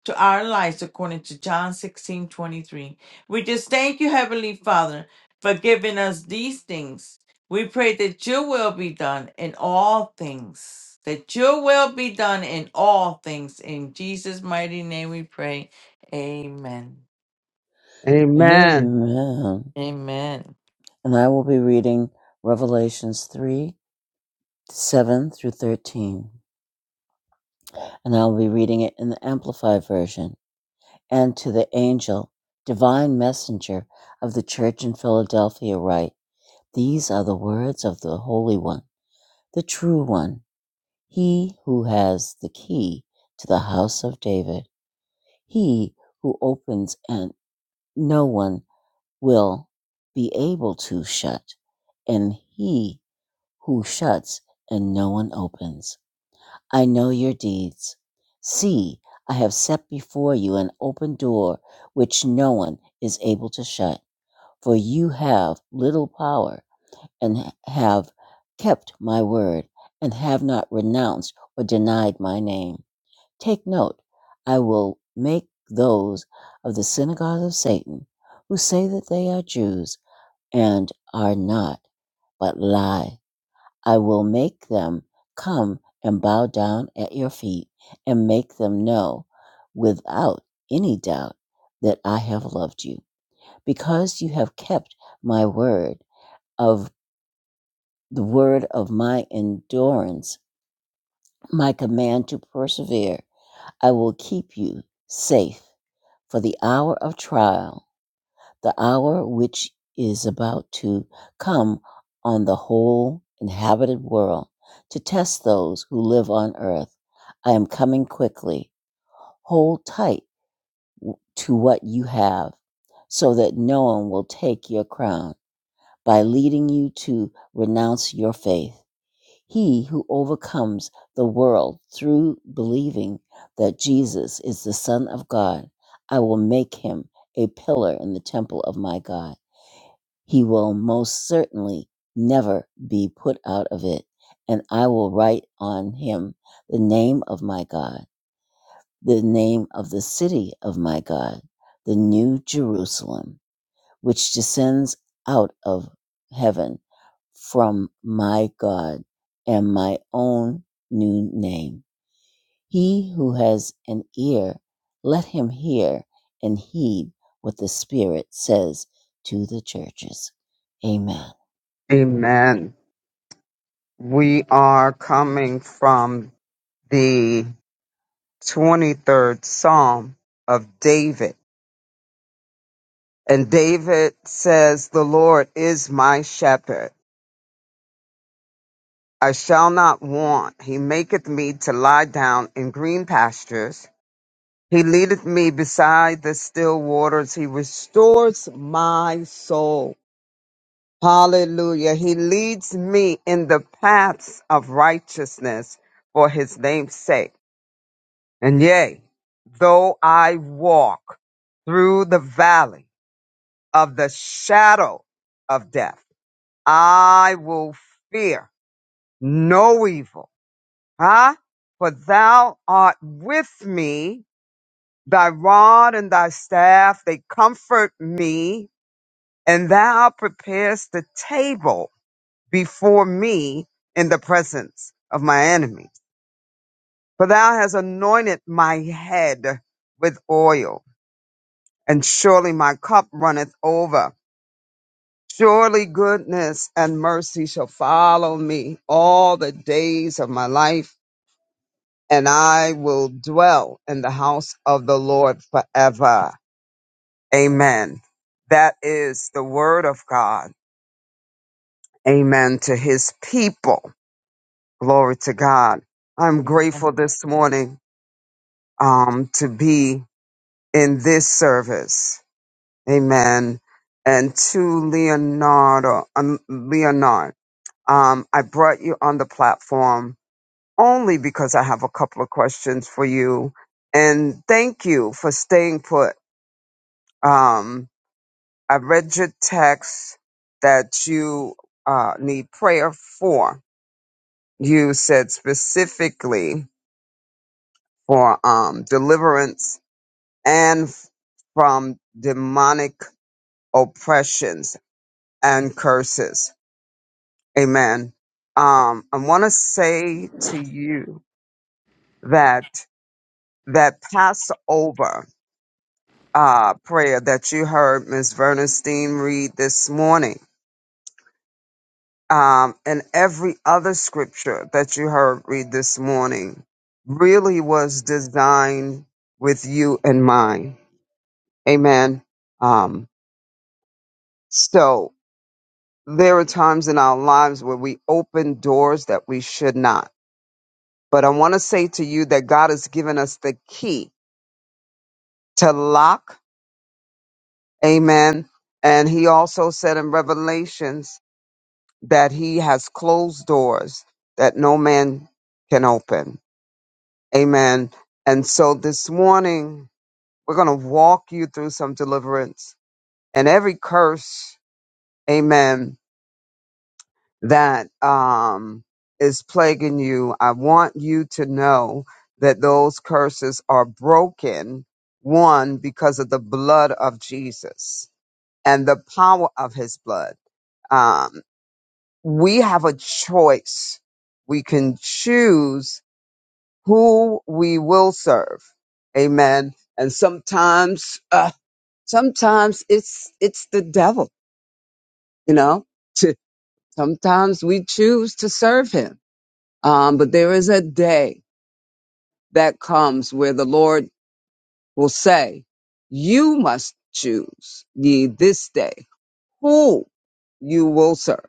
Speaker 1: to our lives according to John 16 23. We just thank you, Heavenly Father, for giving us these things. We pray that your will be done in all things. That your will be done in all things. In Jesus' mighty name we pray. Amen.
Speaker 3: Amen.
Speaker 4: Amen.
Speaker 1: Amen.
Speaker 4: And I will be reading Revelations 3 7 through 13. And I will be reading it in the Amplified Version. And to the angel, divine messenger of the church in Philadelphia, write These are the words of the Holy One, the True One, he who has the key to the house of David, he who opens and no one. will be able to shut, and he who shuts and no one opens. I know your deeds. See, I have set before you an open door which no one is able to shut, for you have little power and have kept my word and have not renounced or denied my name. Take note, I will make those of the synagogue of Satan who say that they are Jews and are not, but lie. I will make them come and bow down at your feet and make them know without any doubt that I have loved you. Because you have kept my word of the word of my endurance, my command to persevere, I will keep you safe for the hour of trial the hour which is about to come on the whole inhabited world to test those who live on earth. I am coming quickly. Hold tight to what you have so that no one will take your crown by leading you to renounce your faith. He who overcomes the world through believing that Jesus is the Son of God, I will make him a pillar in the temple of my God he will most certainly never be put out of it. And I will write on him the name of my God, the name of the city of my God, the new Jerusalem, which descends out of heaven from my God and my own new name. He who has an ear, let him hear and heed what the Spirit says to the churches. Amen.
Speaker 3: Amen. We are coming from the 23rd Psalm of David. And David says, The Lord is my shepherd. I shall not want. He maketh me to lie down in green pastures. He leadeth me beside the still waters. He restores my soul. Hallelujah. He leads me in the paths of righteousness for his name's sake. And yea, though I walk through the valley of the shadow of death, I will fear no evil. Huh? For thou art with me Thy rod and thy staff, they comfort me, and thou preparest the table before me in the presence of my enemies. For thou hast anointed my head with oil, and surely my cup runneth over. Surely goodness and mercy shall follow me all the days of my life, and I will dwell in the house of the Lord forever. Amen. That is the word of God. Amen to his people. Glory to God. I'm grateful
Speaker 1: Amen.
Speaker 3: this morning um, to be in this service. Amen. And to Leonardo, um, Leonard, um, I brought you on the platform only because I have a couple of questions for you. And thank you for staying put. Um, I read your text that you uh, need prayer for. You said specifically for um, deliverance and f- from demonic oppressions and curses. Amen. Um, I want to say to you that that Passover uh, prayer that you heard Miss Vernestein read this morning um, and every other scripture that you heard read this morning really was designed with you in mind. Amen. Um, so there are times in our lives where we open doors that we should not. But I want to say to you that God has given us the key to lock. Amen. And he also said in Revelations that he has closed doors that no man can open. Amen. And so this morning, we're going to walk you through some deliverance and every curse, amen, that um, is plaguing you. I want you to know that those curses are broken, one, because of the blood of Jesus and the power of his blood. Um, we have a choice. We can choose who we will serve. Amen. And sometimes, uh, sometimes it's, it's the devil, you know, to, sometimes we choose to serve him. Um, but there is a day that comes where the Lord will say, you must choose ye this day who you will serve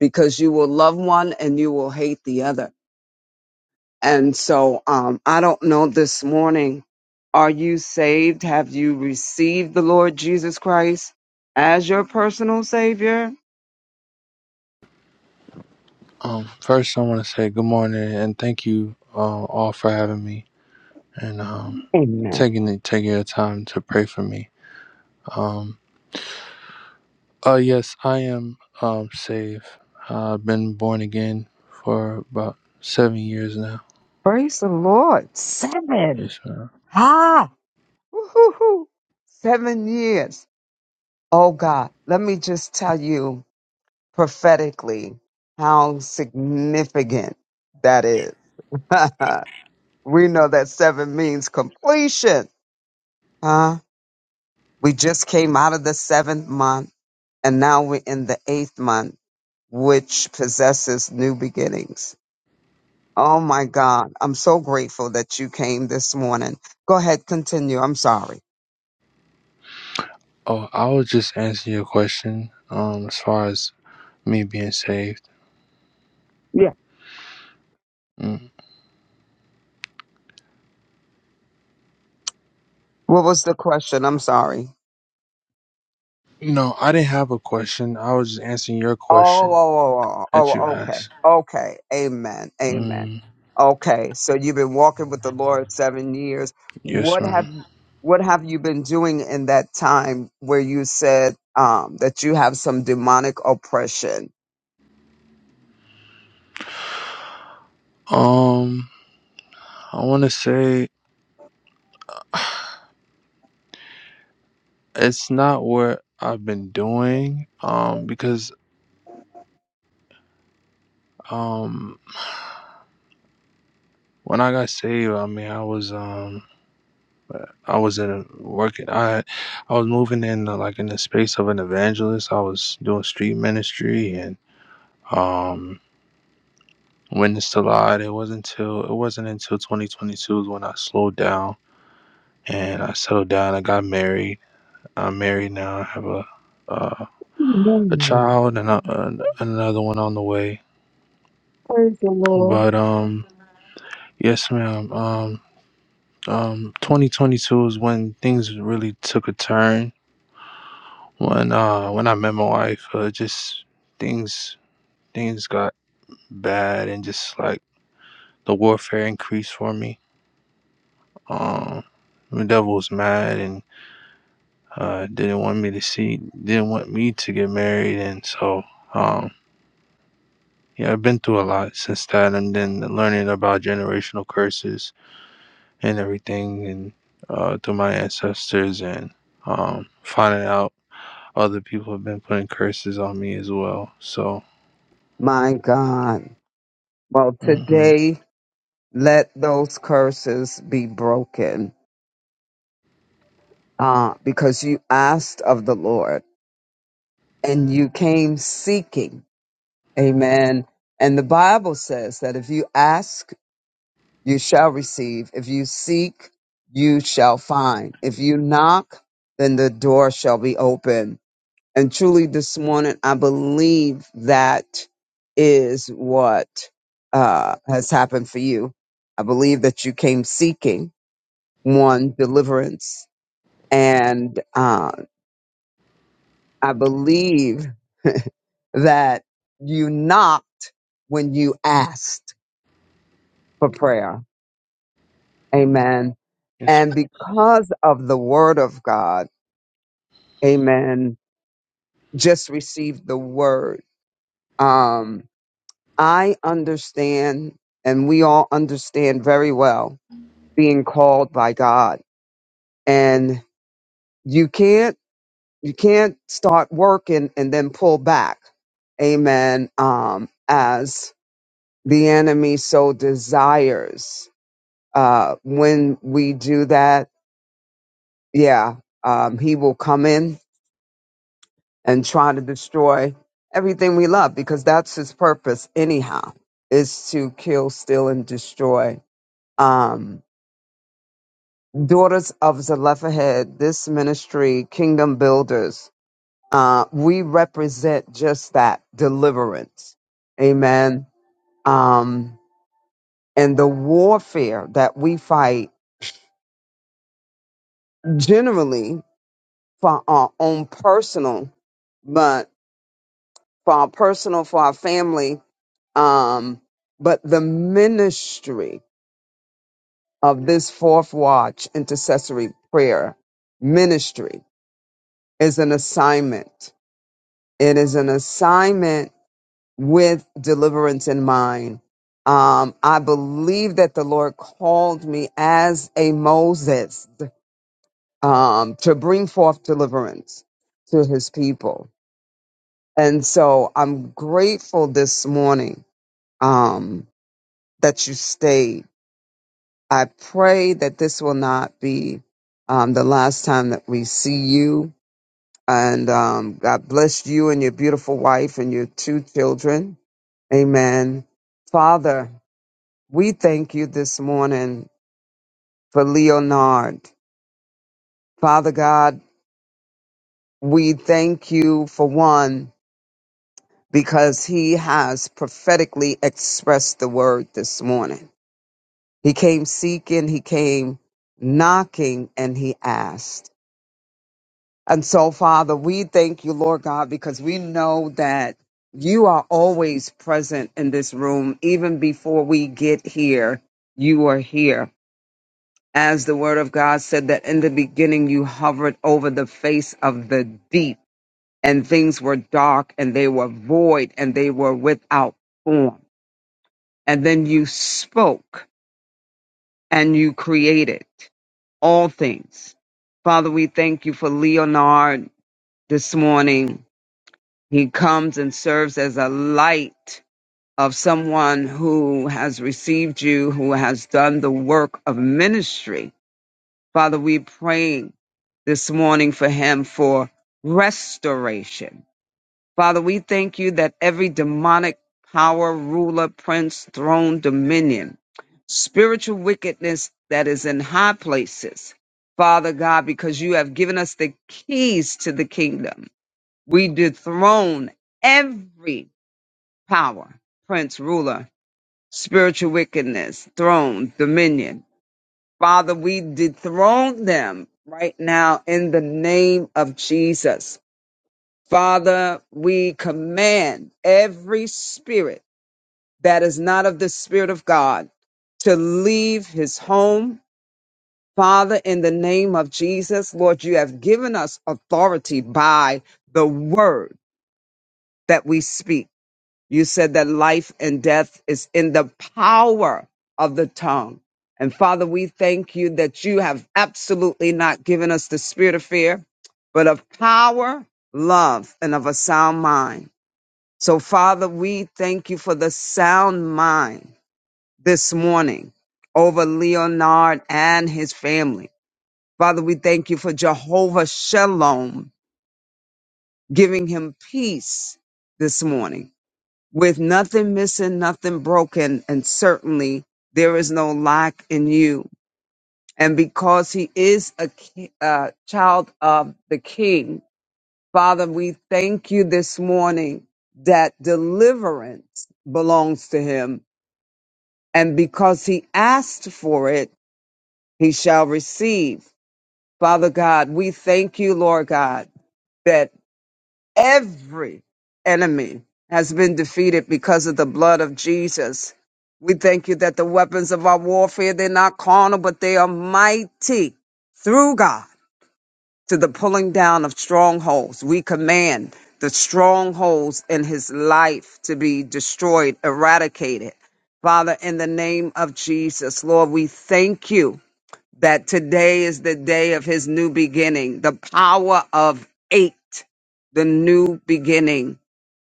Speaker 3: because you will love one and you will hate the other. And so um, I don't know this morning, are you saved? Have you received the Lord Jesus Christ as your personal Savior?
Speaker 5: Um, first, I want to say good morning and thank you uh, all for having me and um,
Speaker 3: Amen.
Speaker 5: taking the, taking your time to pray for me. Um, uh, yes, I am um, saved. Uh, I've been born again for about seven years now.
Speaker 3: Praise the Lord. Seven.
Speaker 5: Yes, ma'am.
Speaker 3: Ha. Woo-hoo-hoo. Seven years. Oh God, let me just tell you prophetically how significant that is. we know that seven means completion. Huh? We just came out of the seventh month. and now we're in the eighth month, which possesses new beginnings. Oh my God. I'm so grateful that you came this morning. Go ahead, continue. I'm sorry.
Speaker 5: Oh, I was just answering your question um, as far as me being saved.
Speaker 3: Yeah.
Speaker 5: Mm.
Speaker 3: What was the question? I'm sorry.
Speaker 5: No, I didn't have a question. I was just answering your
Speaker 3: Oh,
Speaker 5: question
Speaker 3: oh, oh,
Speaker 5: that
Speaker 3: oh,
Speaker 5: you
Speaker 3: oh, okay.
Speaker 5: asked.
Speaker 3: Okay. Amen. Amen.
Speaker 5: Mm,
Speaker 3: Okay. So you've been walking with the Lord seven years.
Speaker 5: yes,
Speaker 3: What have
Speaker 5: ma'am.
Speaker 3: what have you been doing in that time where you said um, that you have some demonic oppression?
Speaker 5: Um, I want to say. It's not what I've been doing, um, because um, when I got saved, I mean, I was um, I was in a working. I I was moving in uh, like in the space of an evangelist. I was doing street ministry and um, witnessed a lot. It wasn't until it wasn't until 2022 is when I slowed down and I settled down. I got married. I'm married now. I have a uh, a
Speaker 3: Amen.
Speaker 5: child and a, an another one on the way.
Speaker 3: Praise the Lord.
Speaker 5: But um. Yes, ma'am. Um, um, 2022 is when things really took a turn. When uh, when I met my wife, uh, just things things got bad, and just like the warfare increased for me. Um, the devil was mad and uh, didn't want me to see, didn't want me to get married, and so um, yeah, I've been through a lot since that, and then learning about generational curses and everything and uh, through my ancestors and um, finding out other people have been putting curses on me as well. So,
Speaker 3: My God. Well,
Speaker 5: hmm
Speaker 3: today, let those curses be broken uh, because you asked of the Lord. and you came seeking. Amen. And the Bible says that if you ask, you shall receive. If you seek, you shall find. If you knock, then the door shall be open. And truly this morning, I believe that is what uh, has happened for you. I believe that you came seeking one deliverance and uh, I believe that you knocked when you asked for prayer. Amen.
Speaker 5: yes,
Speaker 3: And because of the word of God, amen, just received the word. Um, I understand, and we all understand very well being called by God. And you can't, you can't start working and then pull back. Amen. Um, as the enemy so desires. uh, when we do that, yeah, um, he will come in and try to destroy everything we love because that's his purpose, anyhow, is to kill, steal, and destroy. Um, Daughters of Zelophehad, this ministry, Kingdom Builders, uh, we represent just that deliverance. Amen. Um, and the warfare that we fight generally for our own personal for our personal, for our family. Um, but the ministry of this fourth watch intercessory prayer ministry is an assignment. It is an assignment with deliverance in mind. Um, I believe that the Lord called me as a Moses um, to bring forth deliverance to his people. And so I'm grateful this morning Um, that you stayed. I pray that this will not be um, the last time that we see you. And um, God bless you and your beautiful wife and your two children. Amen. Father, we thank you this morning for Leonard. Father God, we thank you for one because he has prophetically expressed the word this morning. He came seeking, he came knocking, and he asked. And so, Father, we thank you, Lord God, because we know that you are always present in this room. Even before we get here, you are here. As the word of God said that in the beginning you hovered over the face of the deep, and things were dark, and they were void, and they were without form. And then you spoke and you created all things. Father, we thank you for Leonard this morning He comes and serves as a light of someone who has received you, who has done the work of ministry. Father, we pray this morning for him for restoration. Father, we thank you that every demonic power, ruler, prince, throne, dominion, spiritual wickedness that is in high places. Father God, because you have given us the keys to the kingdom, we dethrone every power, prince, ruler, spiritual wickedness, throne, dominion. Father, we dethrone them right now in the name of Jesus. Father, we command every spirit that is not of the Spirit of God to leave his home. Father, in the name of Jesus, Lord, you have given us authority by the word that we speak. You said that life and death is in the power of the tongue. And Father, we thank you that you have absolutely not given us the spirit of fear, but of power, love, and of a sound mind. So, Father, we thank you for the sound mind this morning over Leonard and his family. Father, we thank you for Jehovah Shalom giving him peace this morning with nothing missing, nothing broken, and certainly there is no lack in you. And because he is a ki- uh, child of the King, Father, we thank you this morning that deliverance belongs to him. And because he asked for it, he shall receive. Father God, we thank you, Lord God. that. Every enemy has been defeated because of the blood of Jesus. We thank you that the weapons of our warfare, they're not carnal, but they are mighty through God to the pulling down of strongholds. We command the strongholds in his life to be destroyed, eradicated. Father, in the name of Jesus, Lord, we thank you that today is the day of his new beginning, the power of eight, the new beginning.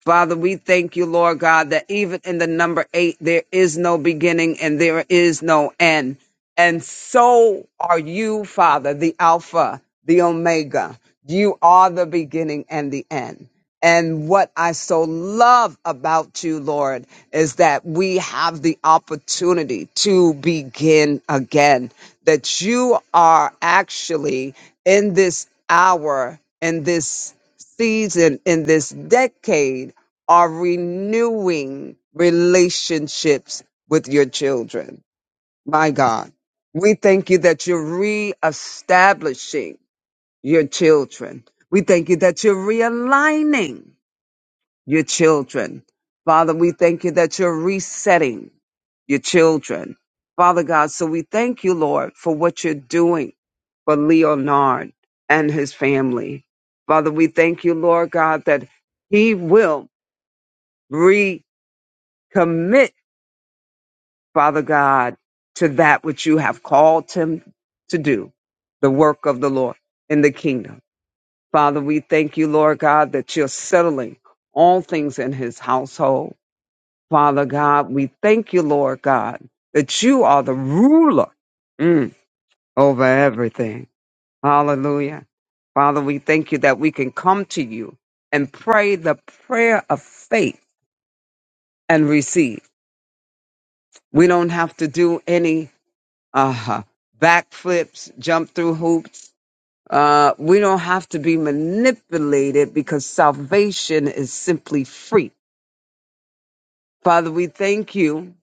Speaker 3: Father, we thank you, Lord God, that even in the number eight, there is no beginning and there is no end. And so are you, Father, the Alpha, the Omega. You are the beginning and the end. And what I so love about you, Lord, is that we have the opportunity to begin again, that you are actually in this hour, in this season, in this decade are renewing relationships with your children. My God, we thank you that you're reestablishing your children. We thank you that you're realigning your children. Father, we thank you that you're resetting your children. Father God, so we thank you, Lord, for what you're doing for Leonard and his family. Father, we thank you, Lord God, that he will commit, Father God, to that which you have called him to do, the work of the Lord in the kingdom. Father, we thank you, Lord God, that you're settling all things in his household. Father God, we thank you, Lord God, that you are the ruler mm, over everything. Hallelujah. Father, we thank you that we can come to you and pray the prayer of faith and receive. We don't have to do any uh huh. backflips, jump through hoops. Uh, we don't have to be manipulated because salvation is simply free. Father, we thank you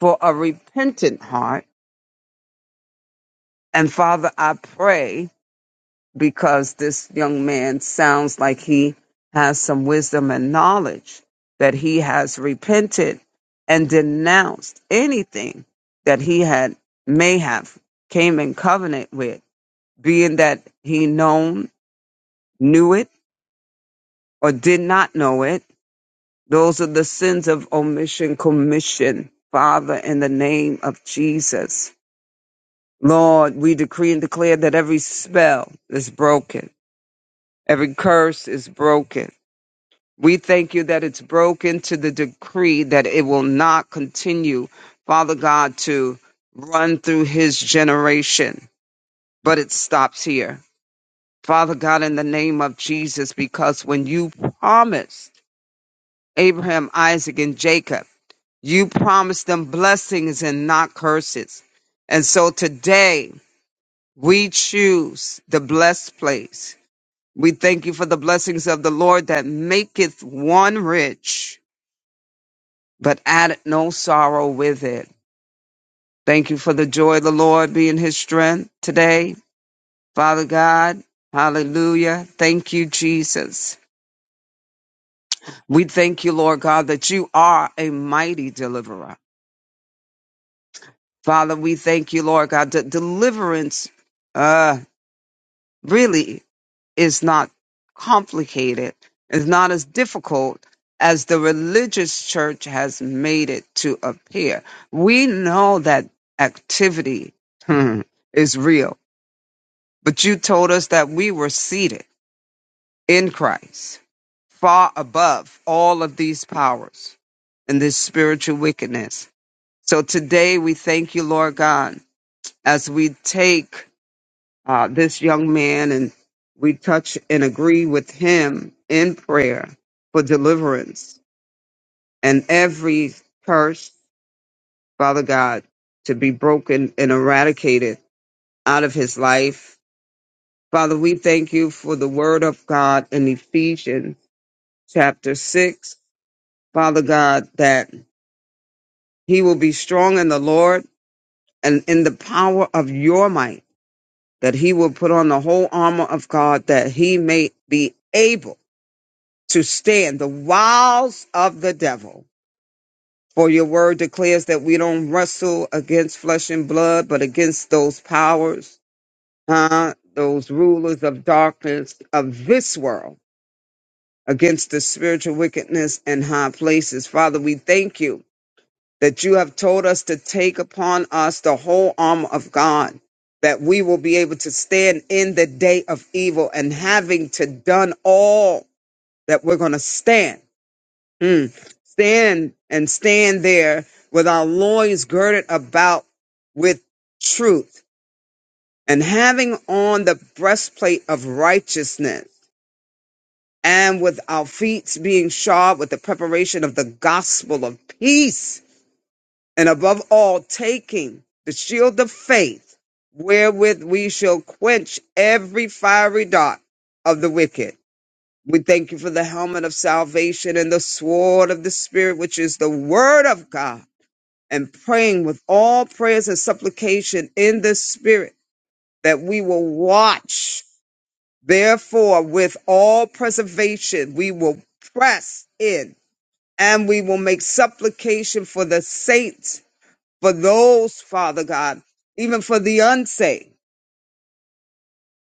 Speaker 3: for a repentant heart. And Father, I pray because this young man sounds like he has some wisdom and knowledge that he has repented and denounced anything that he had may have came in covenant with, being that he known knew it or did not know it. Those are the sins of omission, commission. Father, in the name of Jesus. Lord, we decree and declare that every spell is broken. Every curse is broken. We thank you that it's broken to the decree that it will not continue, Father God, to run through his generation. But it stops here. Father God, in the name of Jesus, because when you promised. Abraham, Isaac, and Jacob. You promised them blessings and not curses. And so today we choose the blessed place. We thank you for the blessings of the Lord that maketh one rich, but addeth no sorrow with it. Thank you for the joy of the Lord being his strength today. Father God, hallelujah. Thank you, Jesus. We thank you, Lord God, that you are a mighty deliverer. Father, we thank you, Lord God, that deliverance uh, really is not complicated. It's not as difficult as the religious church has made it to appear. We know that activity hmm, is real, but you told us that we were seated in Christ, far above all of these powers and this spiritual wickedness. So today we thank you, Lord God, as we take uh, this young man, and we touch and agree with him in prayer for deliverance and every curse, Father God, to be broken and eradicated out of his life. Father, we thank you for the word of God in Ephesians chapter 6, Father God, that he will be strong in the Lord and in the power of your might, that he will put on the whole armor of God, that he may be able to stand the wiles of the devil. For your word declares that we don't wrestle against flesh and blood, but against those powers, huh? those rulers of darkness of this world, against the spiritual wickedness in high places. Father, we thank you that you have told us to take upon us the whole armor of God, that we will be able to stand in the day of evil and having to done all that we're going to stand Mm. Stand and stand there with our loins girded about with truth and having on the breastplate of righteousness and with our feet being shod with the preparation of the gospel of peace and above all taking the shield of faith wherewith we shall quench every fiery dart of the wicked. We thank you for the helmet of salvation and the sword of the spirit, which is the word of God and praying with all prayers and supplication in the spirit that we will watch. Therefore, with all preservation, we will press in and we will make supplication for the saints, for those, Father God, even for the unsaved.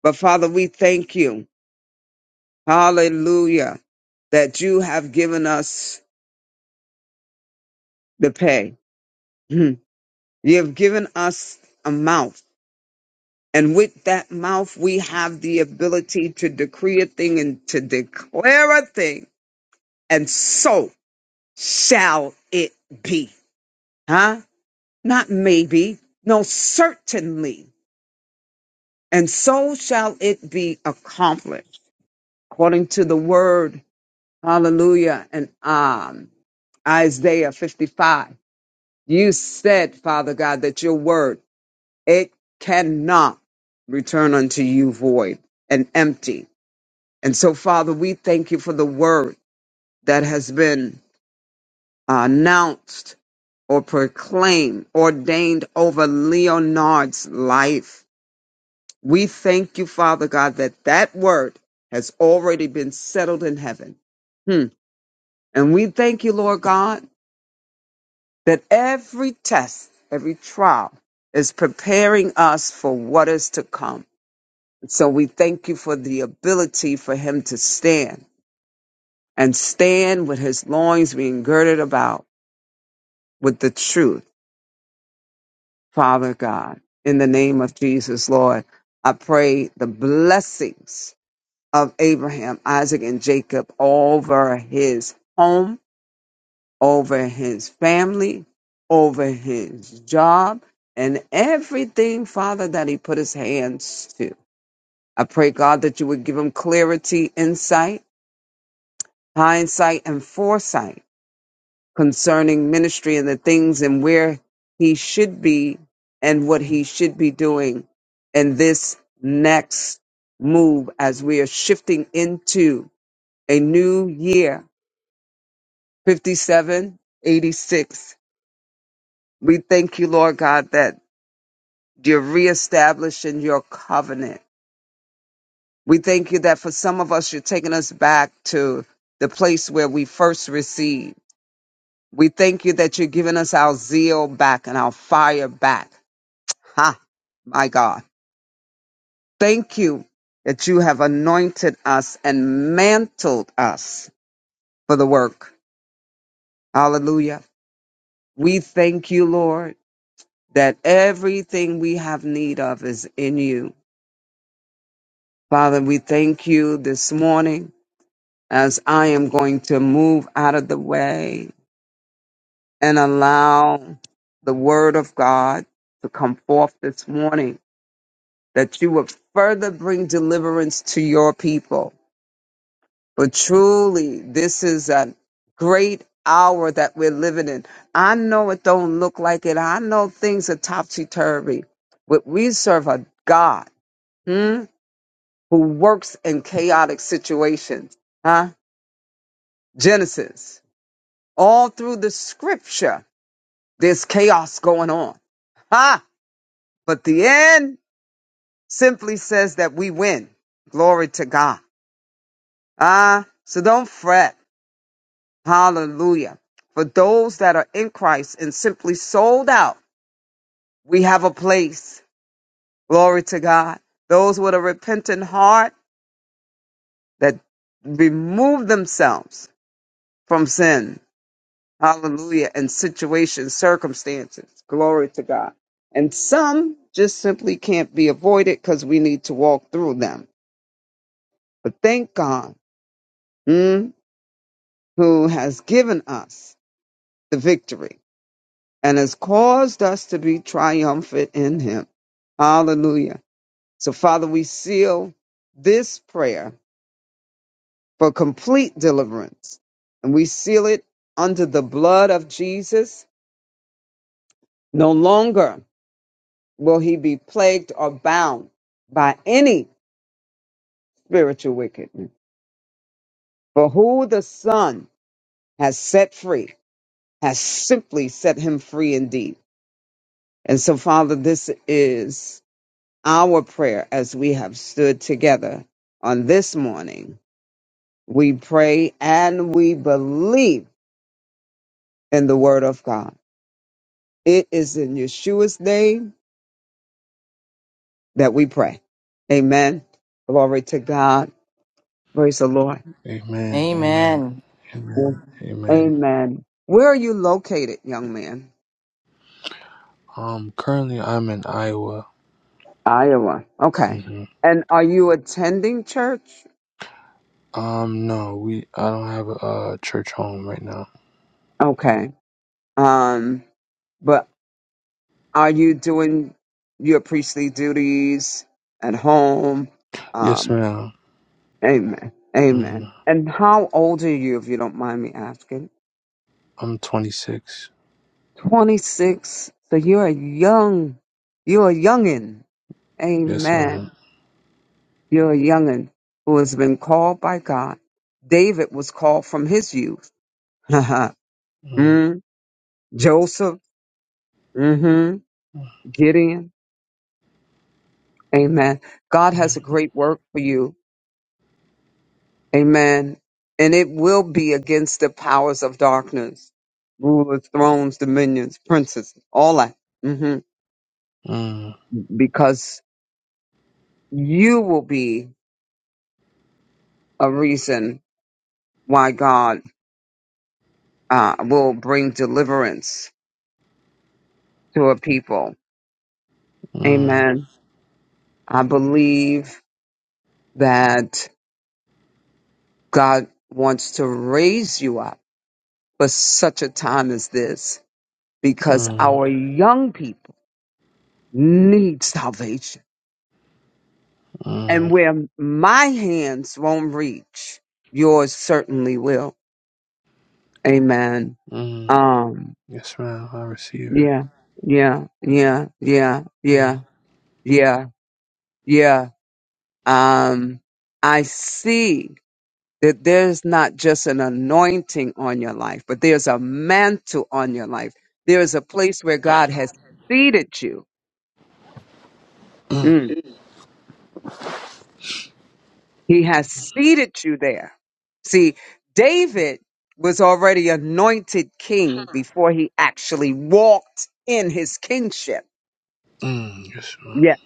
Speaker 3: But Father, we thank you. Hallelujah. That you have given us the pay. Hmm. You have given us amount. And with that mouth, we have the ability to decree a thing and to declare a thing. And so shall it be. Huh? Not maybe. No, certainly. And so shall it be accomplished according to the word. Hallelujah. And um, Isaiah 55. You said, Father God, that your word, it cannot return unto you void and empty And so, Father, we thank you for the word that has been uh, announced or proclaimed, ordained over Leonard's life. We thank you, Father God, that that word has already been settled in heaven. Hmm. And we thank you, Lord God, that every test, every trial is preparing us for what is to come. So we thank you for the ability for him to stand and stand with his loins being girded about with the truth, Father God. In the name of Jesus, Lord, I pray the blessings of Abraham, Isaac, and Jacob over his home, over his family, over his job, and everything, Father, that he put his hands to. I pray, God, that you would give him clarity, insight, hindsight, and foresight concerning ministry and the things and where he should be and what he should be doing in this next move as we are shifting into a new year 5786 we thank you lord god that you're reestablishing your covenant we thank you that for some of us you're taking us back to the place where we first received we thank you that you're giving us our zeal back and our fire back Ha, my God. Thank you that you have anointed us and mantled us for the work. Hallelujah. We thank you, Lord, that everything we have need of is in you. Father, we thank you this morning as I am going to move out of the way and allow the word of God to come forth this morning, that you would further bring deliverance to your people But truly, this is a great hour that we're living in. I know it don't look like it. I know things are topsy turvy, but we serve a God hmm, who works in chaotic situations. Huh? Genesis. All through the scripture, there's chaos going on. Huh? But the end simply says that we win. Glory to God. Ah, so don't fret. Hallelujah. For those that are in Christ and simply sold out, we have a place. Glory to God. Those with a repentant heart that remove themselves from sin. Hallelujah. And situations, circumstances. Glory to God. And some just simply can't be avoided because we need to walk through them. But thank God mm, who has given us the victory. and has caused us to be triumphant in him. Hallelujah. So, Father, we seal this prayer for complete deliverance and we seal it under the blood of Jesus. No longer will he be plagued or bound by any spiritual wickedness. For who the Son has set free has simply set him free indeed. And so, Father, this is Our prayer as we have stood together on this morning, we pray and we believe in the word of God. It is in Yeshua's name that we pray. Amen. Glory to God. Praise the Lord.
Speaker 5: amen, amen,
Speaker 1: Amen.
Speaker 5: amen, amen.
Speaker 3: Amen. Where are you located, young man?
Speaker 5: Um, currently I'm in Iowa.
Speaker 3: Iowa. Okay.
Speaker 5: hmm
Speaker 3: And are you attending church?
Speaker 5: Um, no, we I don't have a, uh church home right now.
Speaker 3: Okay. Um, but Are you doing your priestly duties at home?
Speaker 5: Yes,
Speaker 3: Um,
Speaker 5: madam
Speaker 3: amen. Amen.
Speaker 5: mm
Speaker 3: And how old are you, if you don't mind me asking?
Speaker 5: I'm 26.
Speaker 3: 26. So you're a young, you're a youngin.
Speaker 5: Yes, madam
Speaker 3: Amen. You're a youngin who has been called by God. David was called from his youth. mm,
Speaker 5: Mm-hmm.
Speaker 3: Joseph, hmm Gideon. Amen. God has a
Speaker 5: Mm,
Speaker 3: great work for you Amen. And it will be against the powers of darkness, rulers, thrones, dominions, princes, all that. hmm
Speaker 5: mm,
Speaker 3: Because you will be a reason why God uh, will bring deliverance to a people.
Speaker 5: mm,
Speaker 3: Amen. I believe that God wants to raise you up for such a time as this because
Speaker 5: mm,
Speaker 3: our young people need salvation And
Speaker 5: mm.
Speaker 3: where my hands won't reach, yours certainly will. Amen.
Speaker 5: mm.
Speaker 3: Um,
Speaker 5: Yes, ma'am. I receive it.
Speaker 3: yeah, yeah, yeah, yeah,
Speaker 5: Mm,
Speaker 3: yeah, yeah, yeah. Um, I see that there's not just an anointing on your life, but there's a mantle on your life. There is a place where God has seated you.
Speaker 5: mm,
Speaker 3: Mm. He has seated you there. See, David was already anointed king before he actually walked in his kingship.
Speaker 5: mm. Yes, ma'am.
Speaker 3: Yes.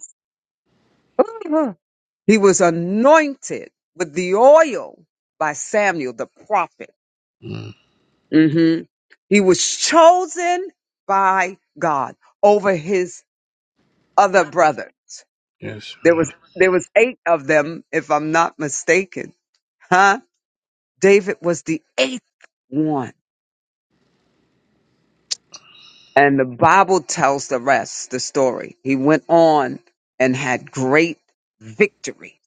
Speaker 3: Uh-huh. He was anointed with the oil by Samuel the prophet.
Speaker 5: Mm,
Speaker 3: hmm He was chosen by God over his other brothers.
Speaker 5: Yes,
Speaker 3: There
Speaker 5: ma'am.
Speaker 3: was there was eight of them, if I'm not mistaken. Huh? David was the eighth one. And the Bible tells the rest, the story. He went on and had great victory.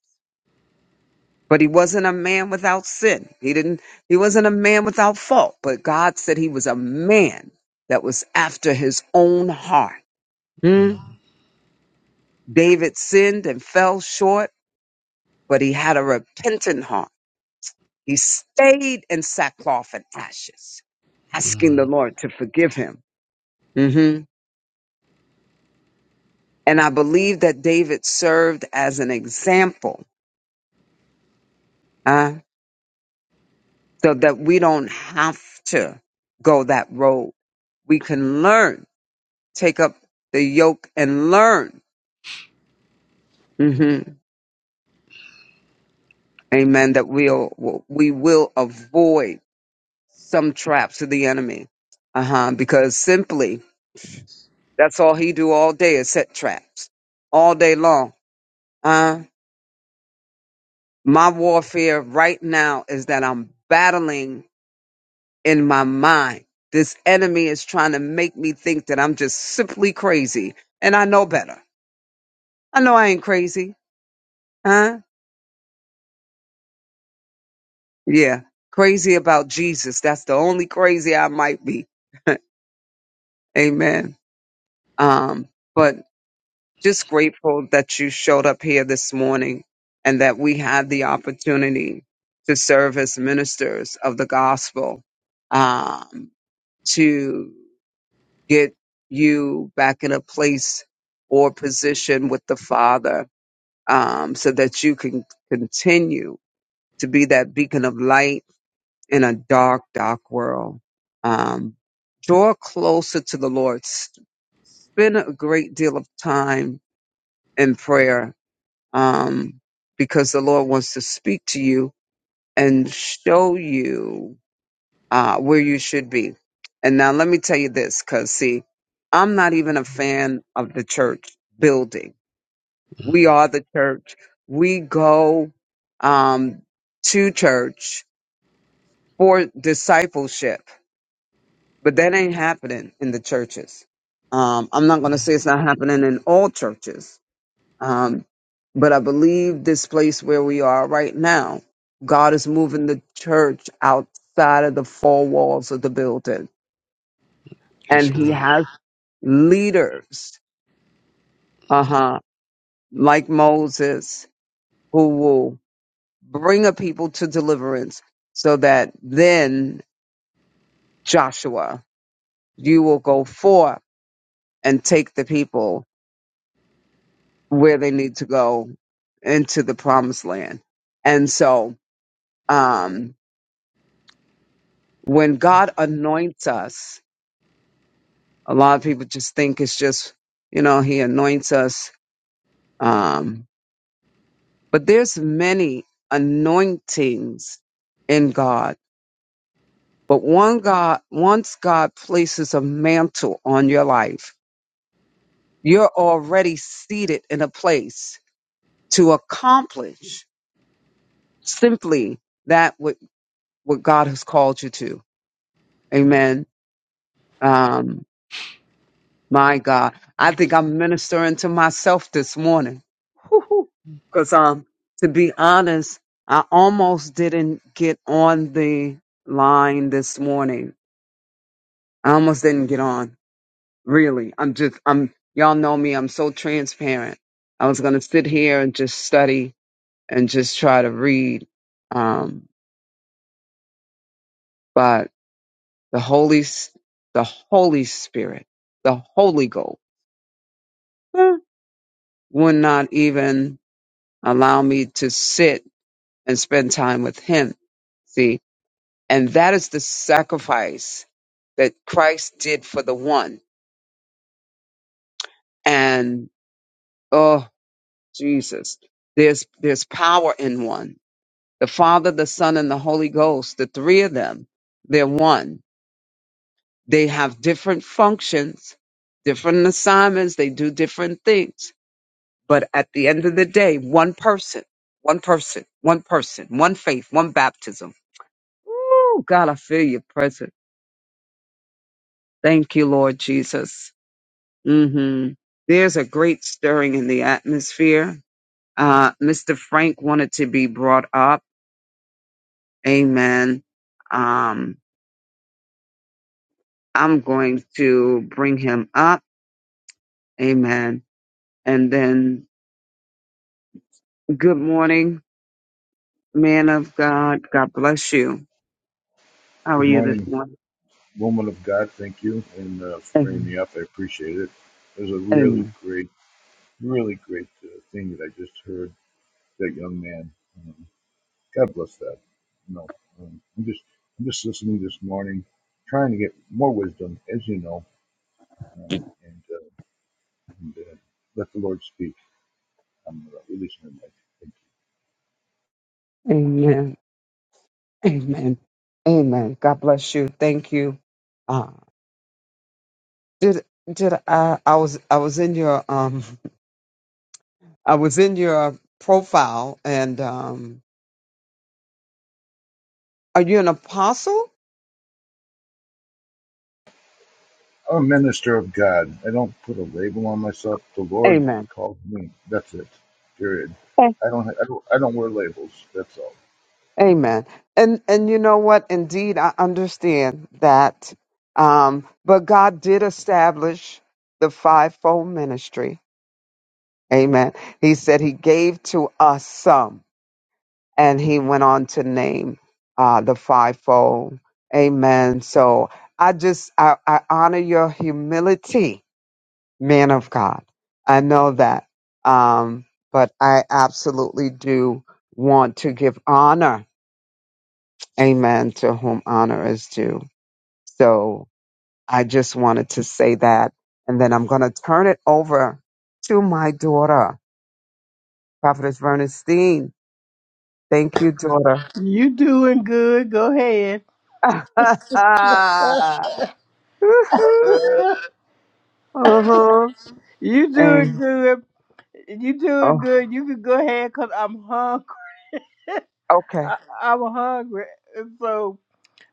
Speaker 3: But he wasn't a man without sin. He didn't he wasn't a man without fault. But God said he was a man that was after his own heart. Hmm?
Speaker 5: Mm,
Speaker 3: David sinned and fell short, but he had a repentant heart. He stayed in sackcloth and ashes, asking the
Speaker 5: mm,
Speaker 3: Lord to forgive him. hmm And I believe that David served as an example uh, so that we don't have to go that road. We can learn, take up the yoke and learn. hmm Amen. That we'll we will avoid some traps of the enemy, uh huh. Because simply that's all he do all day is set traps all day long. Uh, my warfare right now is that I'm battling in my mind. This enemy is trying to make me think that I'm just simply crazy. And I know better. I know I ain't crazy. Huh? Yeah. Crazy about Jesus. That's the only crazy I might be. Amen. Um, but just grateful that you showed up here this morning and that we had the opportunity to serve as ministers of the gospel, um, to get you back in a place or position with the Father um, so that you can continue to be that beacon of light in a dark, dark world. Um, draw closer to the Lord. S- Spend a great deal of time in prayer um, because the Lord wants to speak to you and show you. uh, where you should be. And now let me tell you this, because see, I'm not even a fan of the church building.
Speaker 5: mm,
Speaker 3: We are the church. We go um, to church for discipleship, but that ain't happening in the churches. Um, I'm not going to
Speaker 5: mm.
Speaker 3: say it's not happening in all churches, um, but I believe this place where we are right now, God is moving the church outside of the four walls of the building and
Speaker 5: Yes,
Speaker 3: he
Speaker 5: ma'am.
Speaker 3: has leaders, uh huh, like Moses, who will bring a people to deliverance so that then, Joshua, you will go forth and take the people where they need to go into the promised land. And so, um, when God anoints us, a lot of people just think it's just, you know, he anoints us. Um, but there's many anointings in God But one God, once God places a mantle on your life, you're already seated in a place to accomplish simply that what, what God has called you to. Amen. Um, my God, I think I'm ministering to myself this morning. Because um, to be honest, I almost didn't get on the line this morning. I almost didn't get on Really, I'm just, I'm, y'all know me, I'm so transparent. I was going to sit here and just study and just try to read. Um, but the Holy, S- the Holy Spirit, the Holy Ghost eh, would not even allow me to sit and spend time with Him. See, and that is the sacrifice that Christ did for the one. And, oh, Jesus, there's, there's power in one the Father, the Son, and the Holy Ghost, the three of them, they're one. They have different functions, different assignments, they do different things. But at the end of the day, one person, one person, one person, one faith, one baptism. Ooh, God, I feel your presence. Thank you, Lord Jesus. hmm There's a great stirring in the atmosphere. Uh, Mr. Frank wanted to be brought up. Amen. Um, I'm going to bring him up. Amen. And then good morning, man of God. God bless you. How are
Speaker 6: Good
Speaker 3: you this
Speaker 6: morning,
Speaker 3: morning?
Speaker 6: woman of God. Thank you and uh, for bringing
Speaker 3: Amen.
Speaker 6: me up. I appreciate it. It was a really
Speaker 3: Amen.
Speaker 6: great, really great uh, thing that I just heard. That young man. Um, God bless that. No, um, I'm just, I'm just listening this morning, trying to get more wisdom, as you know, um, and, uh, and uh, let the Lord speak. I'm uh, releasing my mic. Thank you.
Speaker 3: Amen. Amen. Amen. God bless you. Thank you. Uh, did did I I was I was in your um I was in your profile and um are you an apostle?
Speaker 6: I'm a minister of God. I don't put a label on myself. The Lord
Speaker 3: Amen.
Speaker 6: called me. That's it. Period. I don't, I don't, I don't wear labels. That's all.
Speaker 3: Amen. And and you know what? Indeed, I understand that. Um, but God did establish the fivefold ministry. Amen. He said He gave to us some, and He went on to name uh, the fivefold. Amen. So I just I, I honor your humility, man of God. I know that. Um, but I absolutely do want to give honor Amen. To whom honor is due. So I just wanted to say that. And then I'm going to turn it over to my daughter, Prophetess Bernstein. Thank you, daughter.
Speaker 2: You doing good. Go ahead.
Speaker 3: uh-huh.
Speaker 2: You doing
Speaker 3: And,
Speaker 2: good. You doing
Speaker 3: oh,
Speaker 2: good. You can go ahead because I'm hungry.
Speaker 3: okay.
Speaker 2: I, I'm hungry. And so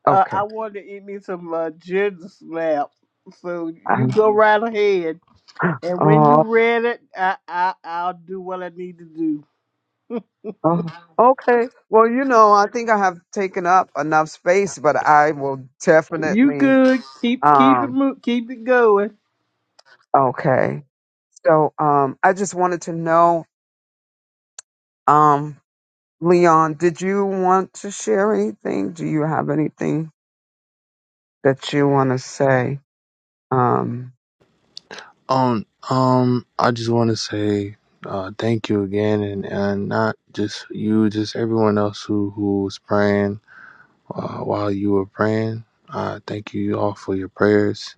Speaker 2: uh,
Speaker 3: Okay.
Speaker 2: I want to eat me some uh, ginger snaps. So you go right ahead.
Speaker 3: Uh,
Speaker 2: And when you
Speaker 3: Oh,
Speaker 2: read it, I, I I'll do what I need to do.
Speaker 3: oh, okay. Well, you know, I think I have taken up enough space, but I will
Speaker 2: You
Speaker 3: definitely.
Speaker 2: good? Keep keep it
Speaker 3: Um,
Speaker 2: mo- keep it going.
Speaker 3: Okay. So um I just wanted to know, um, Leon, did you want to share anything? Do you have anything that you want to say? Um,
Speaker 5: Um, um, I just want to say uh, thank you again, and, and not just you, just everyone else who who was praying uh, while you were praying. Uh, thank you all for your prayers.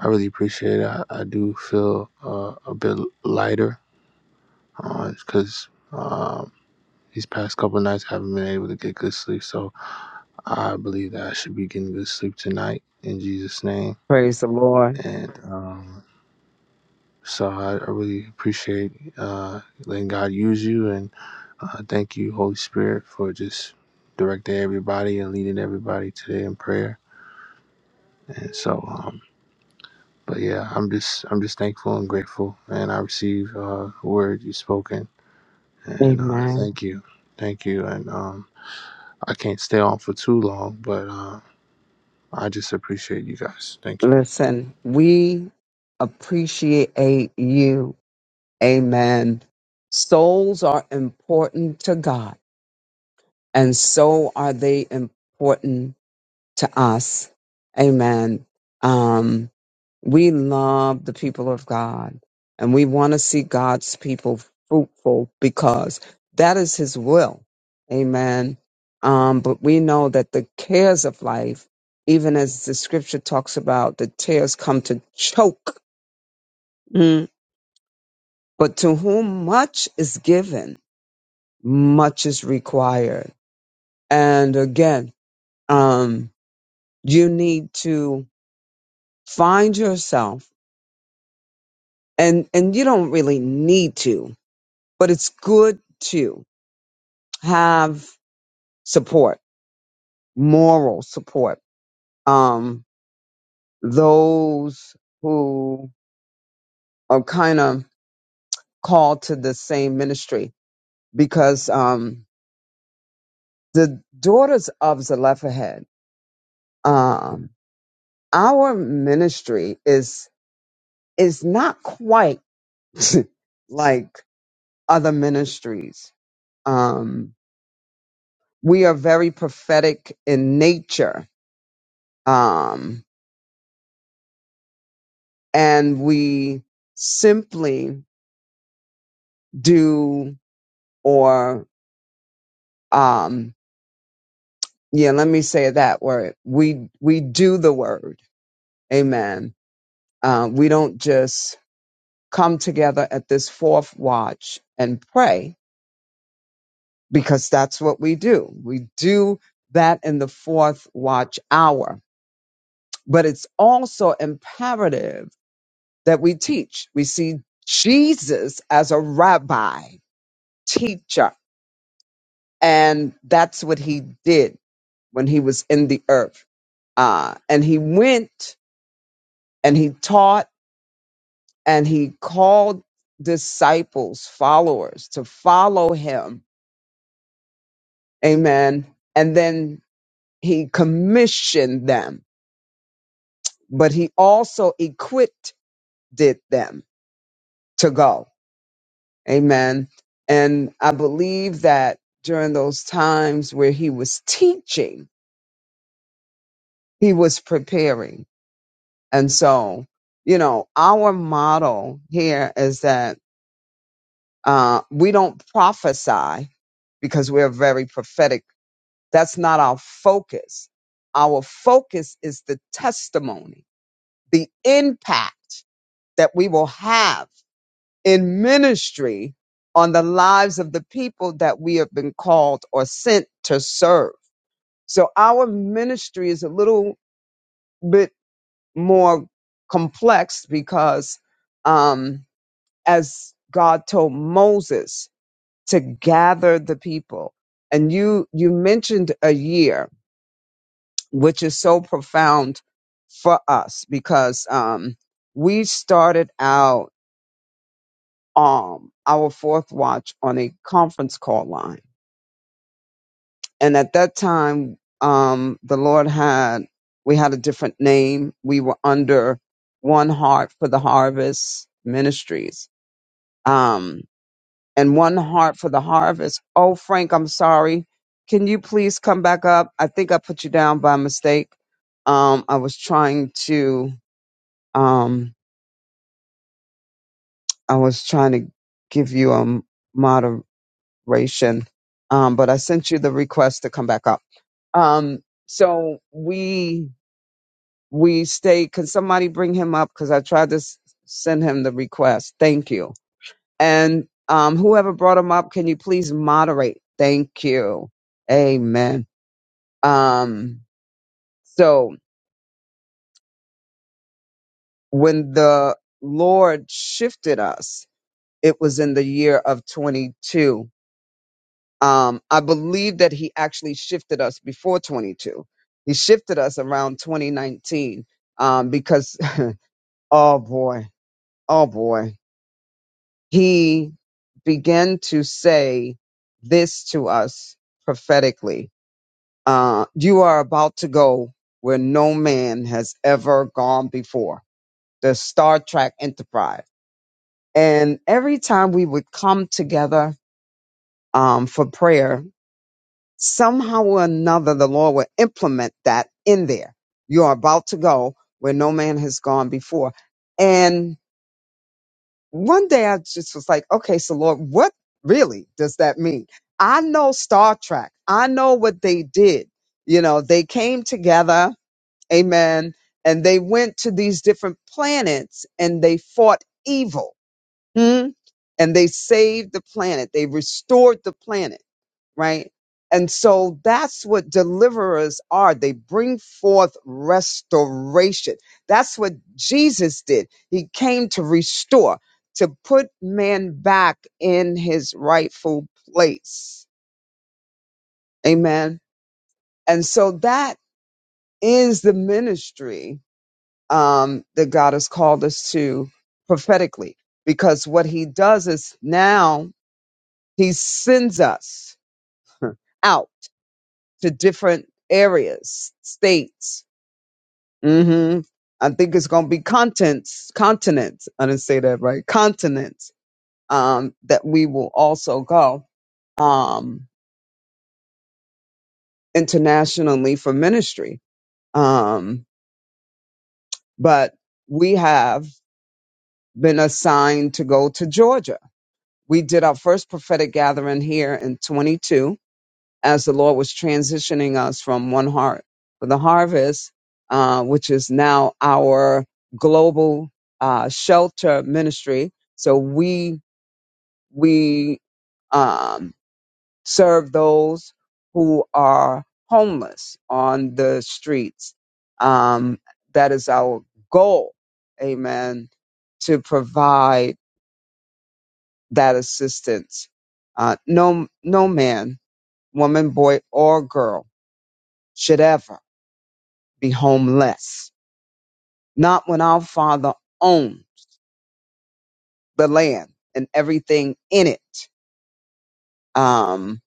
Speaker 5: I really appreciate it. I, I do feel uh, a bit lighter because um, these past couple of nights I haven't been able to get good sleep, so I believe that I should be getting good sleep tonight in Jesus' name.
Speaker 3: praise the Lord.
Speaker 5: And um, so I, I really appreciate uh, letting God use you. And uh, thank you, Holy Spirit, for just directing everybody and leading everybody today in prayer. And so, um, but yeah, I'm just I'm just thankful and grateful. And I receive uh, the word you've spoken. And uh,
Speaker 3: Amen.
Speaker 5: thank you. Thank you. And um, I can't stay on for too long, but uh, I just appreciate you guys. Thank you.
Speaker 3: Listen, we appreciate you. Amen. Souls are important to God, and so are they important to us. Amen. Um, we love the people of God and we want to see God's people fruitful because that is his will. Amen. Um, but we know that the cares of life, even as the scripture talks about, the tears come to choke. Mm. But to whom much is given, much is required. And again, um, you need to find yourself and and you don't really need to but it's good to have support moral support um those who are kind of called to the same ministry because um the daughters of zelophehad um our ministry is is not quite like other ministries um we are very prophetic in nature um, and we simply do or um, yeah let me say that word we we do the word amen uh, we don't just come together at this fourth watch and pray because that's what we do we do that in the fourth watch hour but it's also imperative that we teach we see jesus as a rabbi teacher And that's what he did when he was in the earth. Uh, and he went and he taught and he called disciples, followers to follow him. Amen. And then he commissioned them, but he also equipped did them to go. Amen. And I believe that during those times where he was teaching, he was preparing And so, you know, our model here is that uh, we don't prophesy because we're very prophetic. That's not our focus. Our focus is the testimony, the impact that we will have in ministry on the lives of the people that we have been called or sent to serve. So our ministry is a little bit more complex because, um, as God told Moses to gather the people. And you you mentioned a year, which is so profound for us because um, we started out um, our fourth watch on a conference call line, and at that time, um, the Lord had we had a different name. We were under One Heart for the Harvest Ministries. Um, and one heart for the harvest. Oh, Frank, I'm sorry. Can you please come back up? I think I put you down by mistake. Um, I was trying to, um, I was trying to give you a moderation, um, but I sent you the request to come back up. Um, so we we stay. Can somebody bring him up? Because I tried to s- send him the request. Thank you And um, whoever brought them up, can you please moderate? Thank you. Amen. Um, so when the Lord shifted us, it was in the year of 22. Um, I believe that he actually shifted us before 22. He shifted us around 2019 um, because, oh boy, oh boy, he began to say this to us prophetically Uh, you are about to go where no man has ever gone before the Star Trek Enterprise. And every time we would come together um, for prayer, somehow or another, the Lord would implement that in there. You are about to go where no man has gone before. And one day I just was like, okay, so Lord, what really does that mean? I know Star Trek, I know what they did. You know, they came together Amen. And they went to these different planets and they fought evil. Hmm? And they saved the planet. They restored the planet, right? And so that's what deliverers are. They bring forth restoration. That's what Jesus did. He came to restore, to put man back in his rightful place. Amen. And so that is the ministry um, that God has called us to prophetically. Because what he does is now he sends us out to different areas, states. hmm I think it's going to be continents, continents. I didn't say that right. Continents um, that we will also go um, internationally for ministry. Um, but we have been assigned to go to Georgia We did our first prophetic gathering here in 22 as the Lord was transitioning us from one heart for the harvest, uh, which is now our global uh, shelter ministry. So we, we um, serve those who are homeless on the streets. Um, that is our goal, amen, to provide that assistance. Uh, no, no man, woman, boy, or girl should ever be homeless. Not when our father owned the land and everything in it. Um,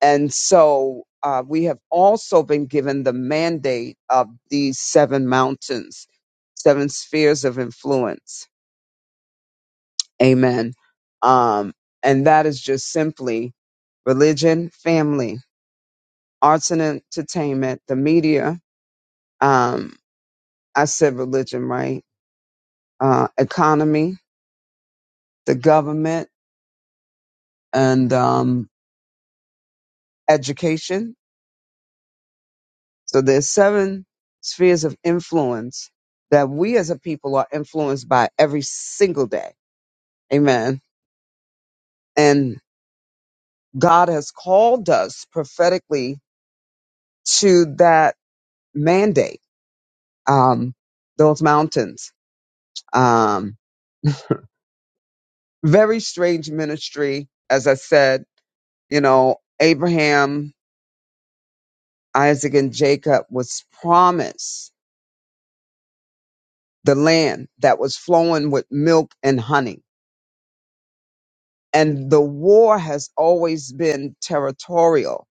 Speaker 3: and so, uh, we have also been given the mandate of these seven mountains, seven spheres of influence. Amen. Um, and that is just simply religion, family, arts and entertainment, the media, um, I said religion, right? Uh, economy, the government, and um, education. So there's seven spheres of influence that we as a people are influenced by every single day. Amen. And God has called us prophetically to that mandate, um, those mountains. Um, very strange ministry, as I said, you know, Abraham Isaac and Jacob was promised the land that was flowing with milk and honey. And the war has always been territorial,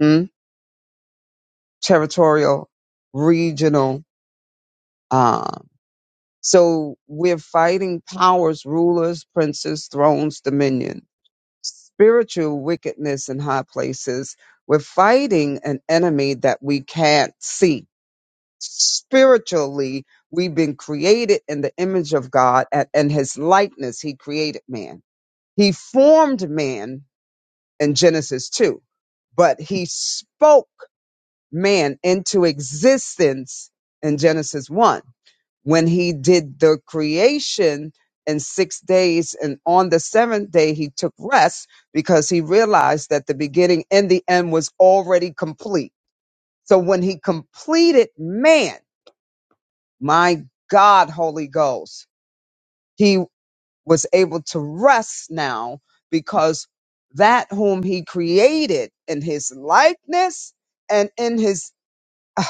Speaker 3: mm, territorial, regional. Uh, so we're fighting powers, rulers, princes, thrones, dominion, spiritual wickedness in high places. We're fighting an enemy that we can't see Spiritually, we've been created in the image of God and, and his likeness. He created man. He formed man in Genesis 2, but he spoke man into existence in Genesis 1 when he did the creation in six days. And on the seventh day, he took rest because he realized that the beginning and the end was already complete. So when he completed man, my God, Holy Ghost. He was able to rest now because that whom he created in his likeness and in his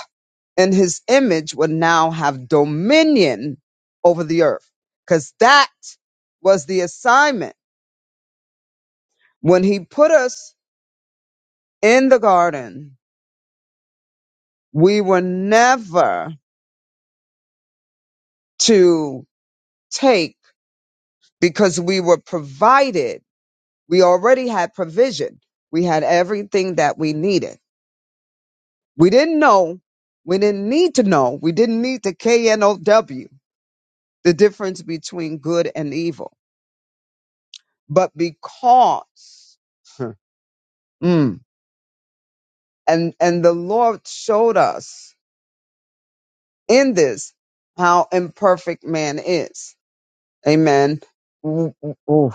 Speaker 3: in his image would now have dominion over the earth. Cause that was the assignment. When he put us in the garden, we were never to take because we were provided We already had provision. We had everything that we needed. We didn't know. We didn't need to know. We didn't need to KNOW the difference between good and evil. But because, Huh. Mm. and, and the Lord showed us in this how imperfect man is. Amen. Ooh, ooh, ooh.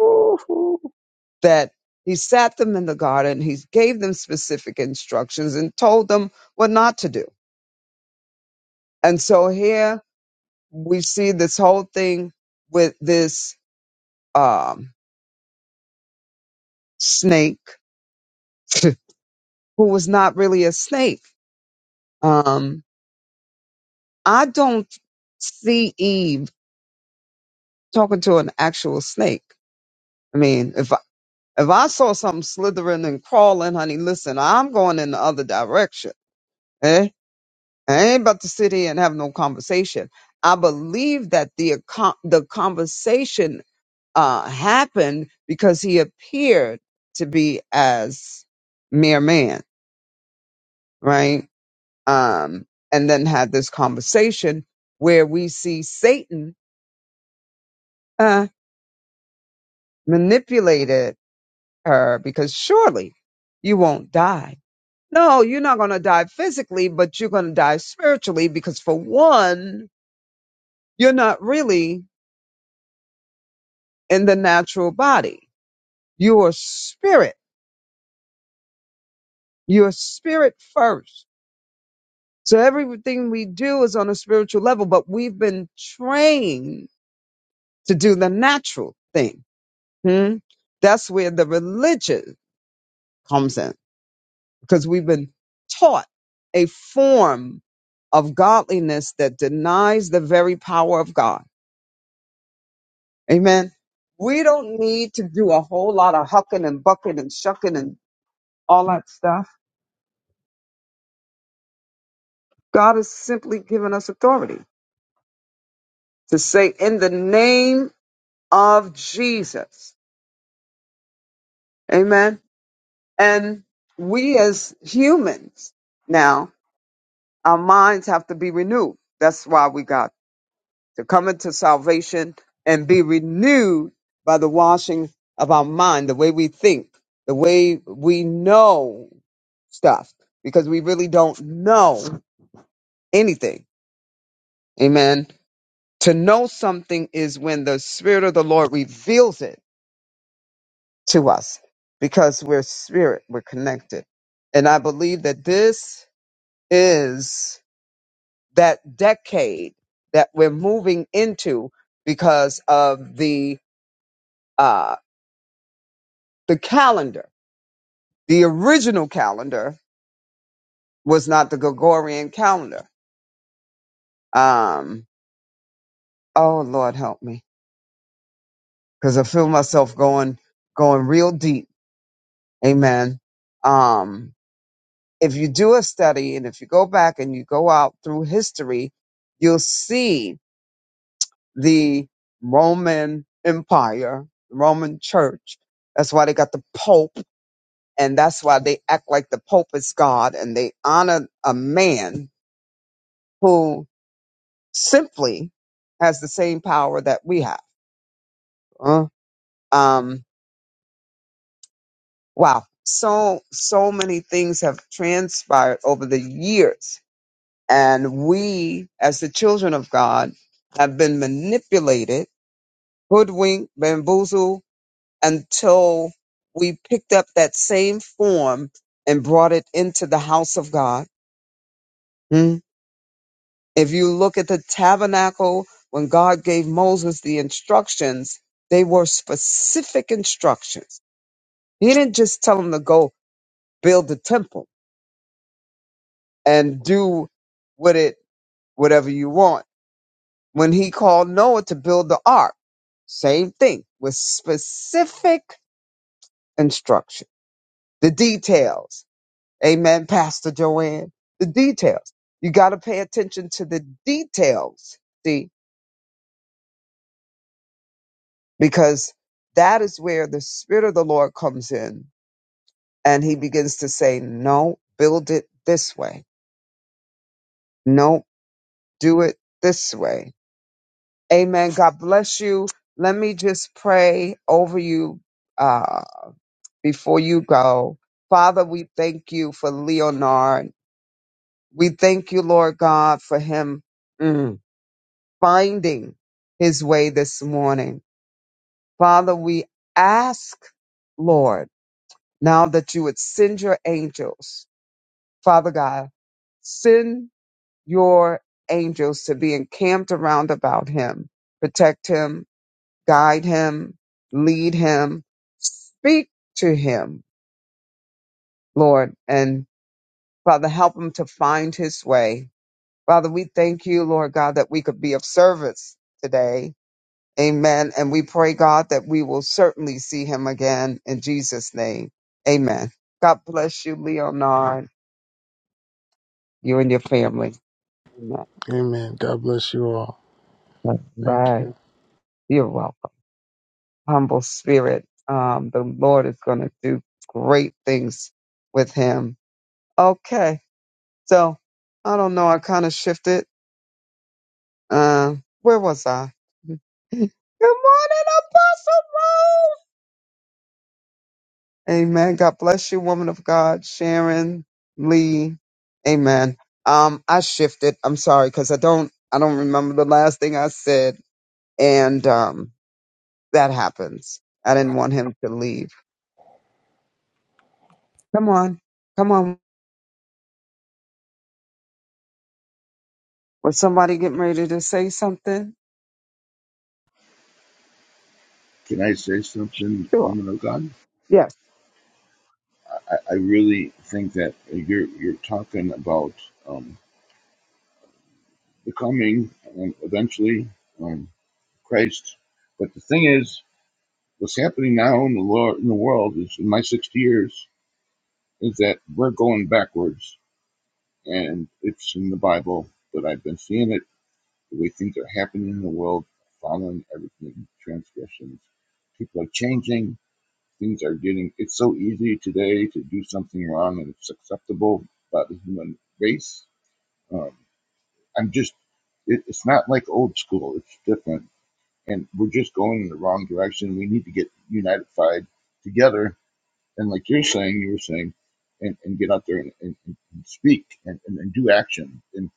Speaker 3: Ooh, ooh. That he sat them in the garden. He gave them specific instructions and told them what not to do And so here we see this whole thing with this um, snake who was not really a snake. Um, I don't see Eve talking to an actual snake. I mean, if I, if I saw something slithering and crawling, honey, listen, I'm going in the other direction. Eh? I ain't about to sit here and have no conversation. I believe that the accom- the conversation uh, happened because he appeared to be as mere man, right? Um, and then had this conversation where we see Satan uh, manipulated her because surely you won't die. No, you're not going to die physically, but you're going to die spiritually because for one, you're not really in the natural body. You're a spirit. You're a spirit first So everything we do is on a spiritual level, but we've been trained to do the natural thing. Hmm? That's where the religion comes in because we've been taught a form of godliness that denies the very power of God. Amen. We don't need to do a whole lot of hucking and bucking and shucking and all that stuff. God has simply given us authority to say in the name of Jesus. Amen And we as humans now, our minds have to be renewed. That's why we got to come into salvation and be renewed by the washing of our mind, the way we think, the way we know stuff, because we really don't know anything. Amen. To know something is when the Spirit of the Lord reveals it to us because we're spirit, we're connected. And I believe that this is that decade that we're moving into because of the uh, the calendar. The original calendar was not the Gregorian calendar. Um, oh Lord, help me, because I feel myself going going real deep. Amen. Um, if you do a study and if you go back and you go out through history, you'll see the Roman Empire, Roman Church. That's why they got the Pope And that's why they act like the Pope is God and they honor a man who simply has the same power that we have. Uh, um, wow. So, so many things have transpired over the years. And we, as the children of God, have been manipulated, hoodwinked, bamboozled until we picked up that same form and brought it into the house of God. Hmm? If you look at the tabernacle, when God gave Moses the instructions, they were specific instructions. He didn't just tell him to go build the temple and do with it whatever you want. When he called Noah to build the ark, same thing with specific instruction. The details. Amen, Pastor Joanne. The details. You got to pay attention to the details because that is where the Spirit of the Lord comes in and he begins to say, No, build it this way. No, do it this way. Amen. God bless you. Let me just pray over you uh, before you go. Father, we thank you for Leonard. We thank you, Lord God, for him mm, finding his way this morning. Father, we ask, Lord, now that you would send your angels Father God, send your angels to be encamped around about him, protect him, guide him, lead him, speak to him, Lord, and Father, help him to find his way. Father, we thank you, Lord God, that we could be of service today. Amen. And we pray, God, that we will certainly see him again in Jesus' name. Amen. God bless you, Leonard, you and your family. Amen.
Speaker 5: Amen. God bless you all. Thank
Speaker 3: Bye.
Speaker 5: you.
Speaker 3: You're welcome. Humble spirit. Um, the Lord is going to do great things with him. Okay. So I don't know. I kind of shifted. Uh, where was I? Good morning, Apostle Rose. Amen. God bless you, woman of God, Sharon Lee. Amen. Um, I shifted. I'm sorry because I don't. I don't remember the last thing I said, and um, that happens. I didn't want him to leave. Come on, come on. Was somebody getting ready to say something?
Speaker 6: Can I say something,
Speaker 3: Sure.
Speaker 6: woman of God?
Speaker 3: Yes.
Speaker 6: I, I really think that you're you're talking about um, becoming um, eventually um, Christ. But the thing is, what's happening now in the Lord, in the world is in my sixty years is that we're going backwards, and it's in the Bible. But I've been seeing it the way things are happening in the world, following everything transgressions. People are changing things are getting it's so easy today to do something wrong and it's acceptable by the human race um, i'm just it, it's not like old school it's different and we're just going in the wrong direction we need to get unified together and like you're saying you were saying and, and get out there and, and, and speak and, and, and do action and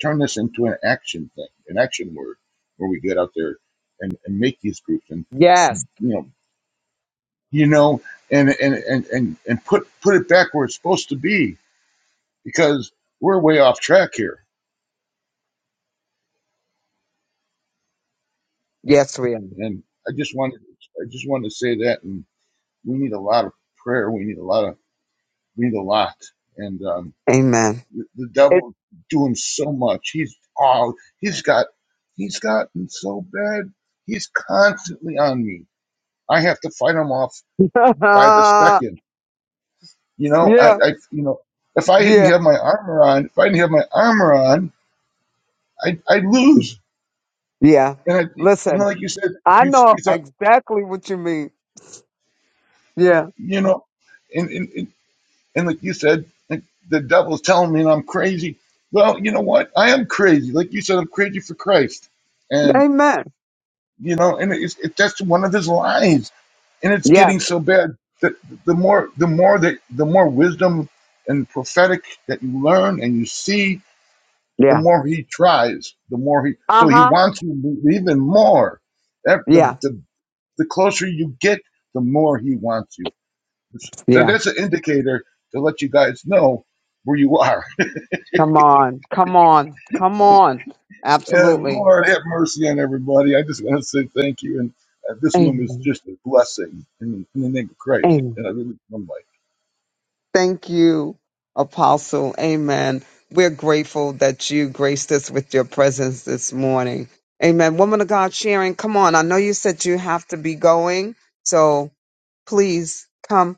Speaker 6: turn this into an action thing an action word where we get out there and, and make these groups and
Speaker 3: Yes.
Speaker 6: you know you know, and and and and and put put it back where it's supposed to be because we're way off track here.
Speaker 3: Yes, we are.
Speaker 6: And I just wanted I just wanted to say that, and we need a lot of prayer. We need a lot of we need a lot, and um,
Speaker 3: Amen.
Speaker 6: the, the
Speaker 3: It,
Speaker 6: devil doing so much. He's all he's got. He's gotten so bad. He's constantly on me. I have to fight him off by the second. You know, I,
Speaker 3: yeah,
Speaker 6: I you know, if I didn't
Speaker 3: yeah,
Speaker 6: have my armor on, if I didn't have my armor on, I I lose,
Speaker 3: yeah.
Speaker 6: and I you know
Speaker 3: Listen,
Speaker 6: like you said
Speaker 3: I
Speaker 6: you
Speaker 3: know
Speaker 6: you thought
Speaker 3: exactly what you mean. Yeah.
Speaker 6: you know, and and and, and like you said, like the devil's telling me I'm crazy. Well, you know what? I am crazy. Like you said, I'm crazy for Christ, and
Speaker 3: Amen.
Speaker 6: you know, and it's it, that's one of his lies, and it's getting
Speaker 3: Yes.
Speaker 6: so bad that the more the more that the more wisdom and prophetic that you learn and you see, the
Speaker 3: Yeah.
Speaker 6: more he tries, the more he
Speaker 3: Uh
Speaker 6: so he
Speaker 3: huh.
Speaker 6: wants you to believe even more. That the,
Speaker 3: Yeah.
Speaker 6: the the closer you get, the more he wants you. So
Speaker 3: Yeah.
Speaker 6: that's an indicator to let you guys know where you are.
Speaker 3: Come on. Come on. Come on.
Speaker 6: Yeah,
Speaker 3: Absolutely.
Speaker 6: Lord, have mercy on everybody. I just want to say thank you. And uh, this room is
Speaker 3: Amen.
Speaker 6: just a blessing in, in the name of Christ.
Speaker 3: Amen.
Speaker 6: And I really am like,
Speaker 3: Thank you, Apostle. Amen. We're grateful that you graced us with your presence this morning. Amen. Woman of God, Sharon, come on. I know you said you have to be going, so please come.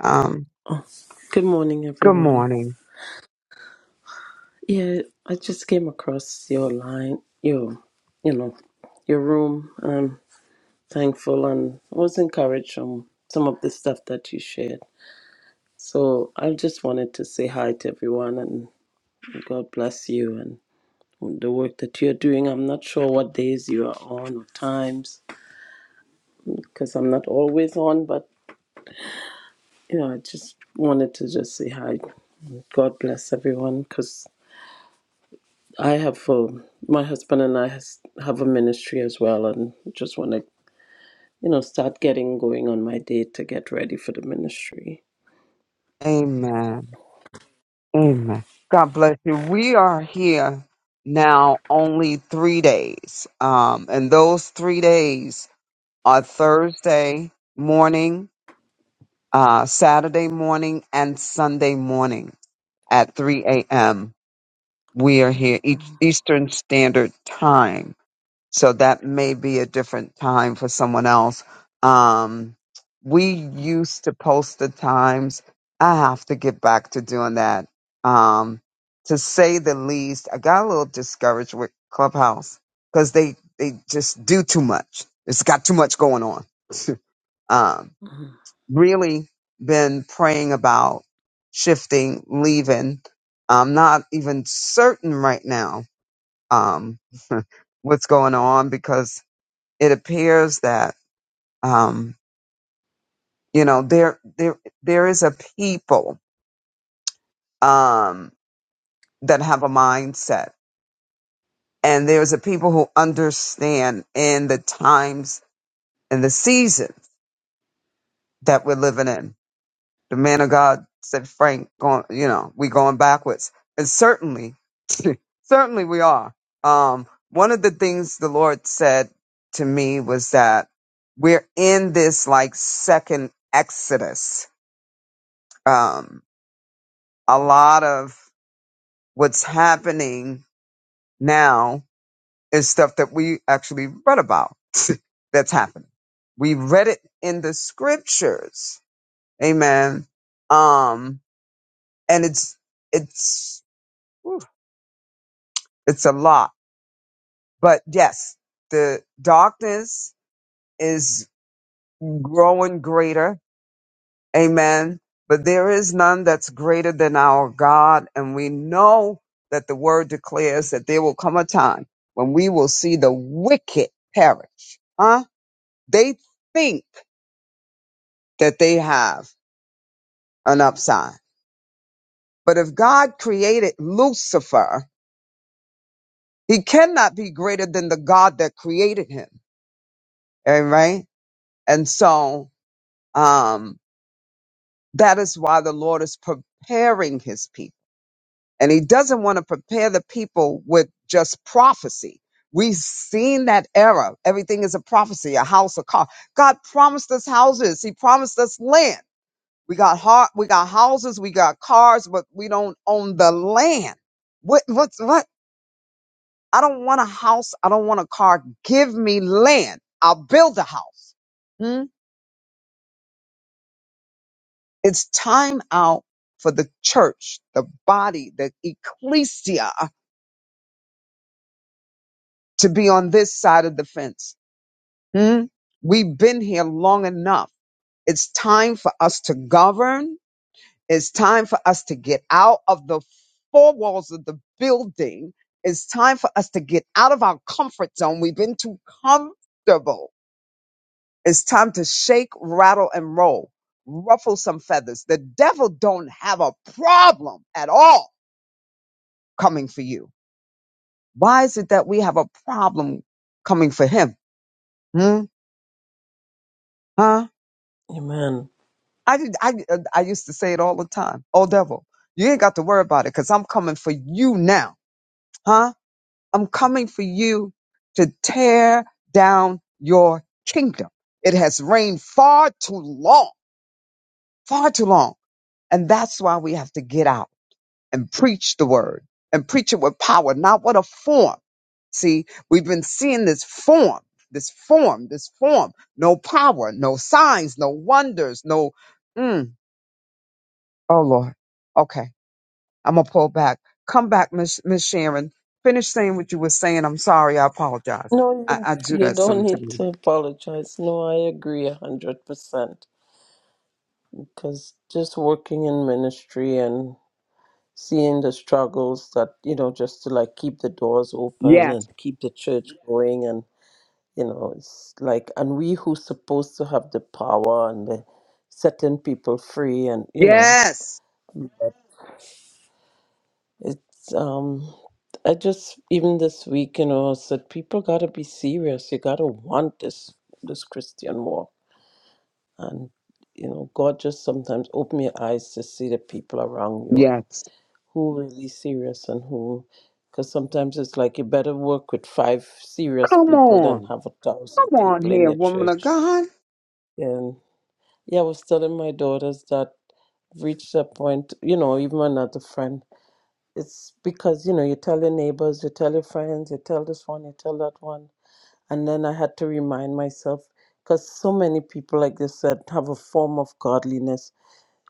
Speaker 3: Um,
Speaker 7: Good morning,
Speaker 3: good
Speaker 7: everyone.
Speaker 3: morning.
Speaker 7: Yeah, I just came across your line, your, you know, your room. I'm thankful and was encouraged from some of the stuff that you shared. So I just wanted to say hi to everyone and God bless you and the work that you're doing. I'm not sure what days you are on or times because I'm not always on, but you know, I just wanted to just say hi. God bless everyone because I have a, my husband and I has, have a ministry as well, and just want to you know start getting going on my day to get ready for the ministry.
Speaker 3: Amen. Amen. God bless you. We are here now only three days. Um, and those three days are Thursday morning, uh, Saturday morning, and Sunday morning at 3 a.m. We are here each Eastern Standard Time, so that may be a different time for someone else. Um, we used to post the times. I have to get back to doing that. Um, to say the least, I got a little discouraged with Clubhouse because they they just do too much. It's got too much going on. um,
Speaker 7: Mhm.
Speaker 3: really been praying about shifting, leaving. I'm not even certain right now um, what's going on because it appears that um, you know there there there is a people um, that have a mindset, and there's a people who understand in the times and the seasons that we're living in The man of God said, Frank, going, you know, we going backwards. And certainly, certainly we are. Um, one of the things the Lord said to me was that we're in this like second exodus. Um, a lot of what's happening now is stuff that we actually read about that's happening. We read it in the scriptures. Amen. Um, and it's, it's, It's a lot. But yes, the darkness is growing greater. Amen. But there is none that's greater than our God. And we know that the word declares that there will come a time when we will see the wicked perish. Huh? They think that they have an upside. But if God created Lucifer, he cannot be greater than the God that created him. All right. And so, um, That is why the Lord is preparing his people. And he doesn't want to prepare the people with just prophecy. We've seen that era. Everything is a prophecy, a house, a car. God promised us houses. He promised us land. We got heart, we got houses, we got cars, but we don't own the land. What what's what? I don't want a house. I don't want a car. Give me land. I'll build a house. It's time out for the church, the body, the ecclesia to be on this side of the fence. Hmm? We've been here long enough. It's time for us to govern. It's time for us to get out of the four walls of the building. It's time for us to get out of our comfort zone. We've been too comfortable. It's time to shake, rattle, and roll, ruffle some feathers. The devil don't have a problem at all coming for you. Why is it that we have a problem coming for him? Hmm? Huh?
Speaker 7: Amen.
Speaker 3: I did. I I used to say it all the time. Oh devil, you ain't got to worry about it because I'm coming for you now. Huh? I'm coming for you to tear down your kingdom. It has reigned far too long, far too long, and that's why we have to get out. and preach the word and preach it with power, not with a form. See, we've been seeing this form, this form, this form. No power, no signs, no wonders, no. Mm. Oh Lord. Okay, I'm gonna pull back. Come back, Miss Miss Sharon. Finish saying what you were saying. I'm sorry. I apologize.
Speaker 7: No,
Speaker 3: I,
Speaker 7: you,
Speaker 3: I do
Speaker 7: you
Speaker 3: that
Speaker 7: don't need
Speaker 3: sometimes.
Speaker 7: to apologize. No, I agree a hundred percent. Because just working in ministry and seeing the struggles that you know, just to like keep the doors open and
Speaker 3: Yes.
Speaker 7: keep the church going, you know it's like and we who supposed to have the power and the setting people free and you know
Speaker 3: Yes.
Speaker 7: it's um i just even this week you know I said people gotta be serious you gotta want this this christian walk and you know god just sometimes open your eyes to see the people around you and
Speaker 3: Yes.
Speaker 7: who really serious and who because sometimes it's like you better work with five serious
Speaker 3: Come
Speaker 7: people than
Speaker 3: on.
Speaker 7: have a thousand
Speaker 3: Come on
Speaker 7: people in
Speaker 3: here,
Speaker 7: your
Speaker 3: woman of
Speaker 7: church
Speaker 3: God.
Speaker 7: yeah. Yeah, I was telling my daughters that reached a point, you know, even another friend. It's because, you know, you tell your neighbors, you tell your friends, you tell this one, you tell that one. And then I had to remind myself because so many people, like they said, have a form of godliness.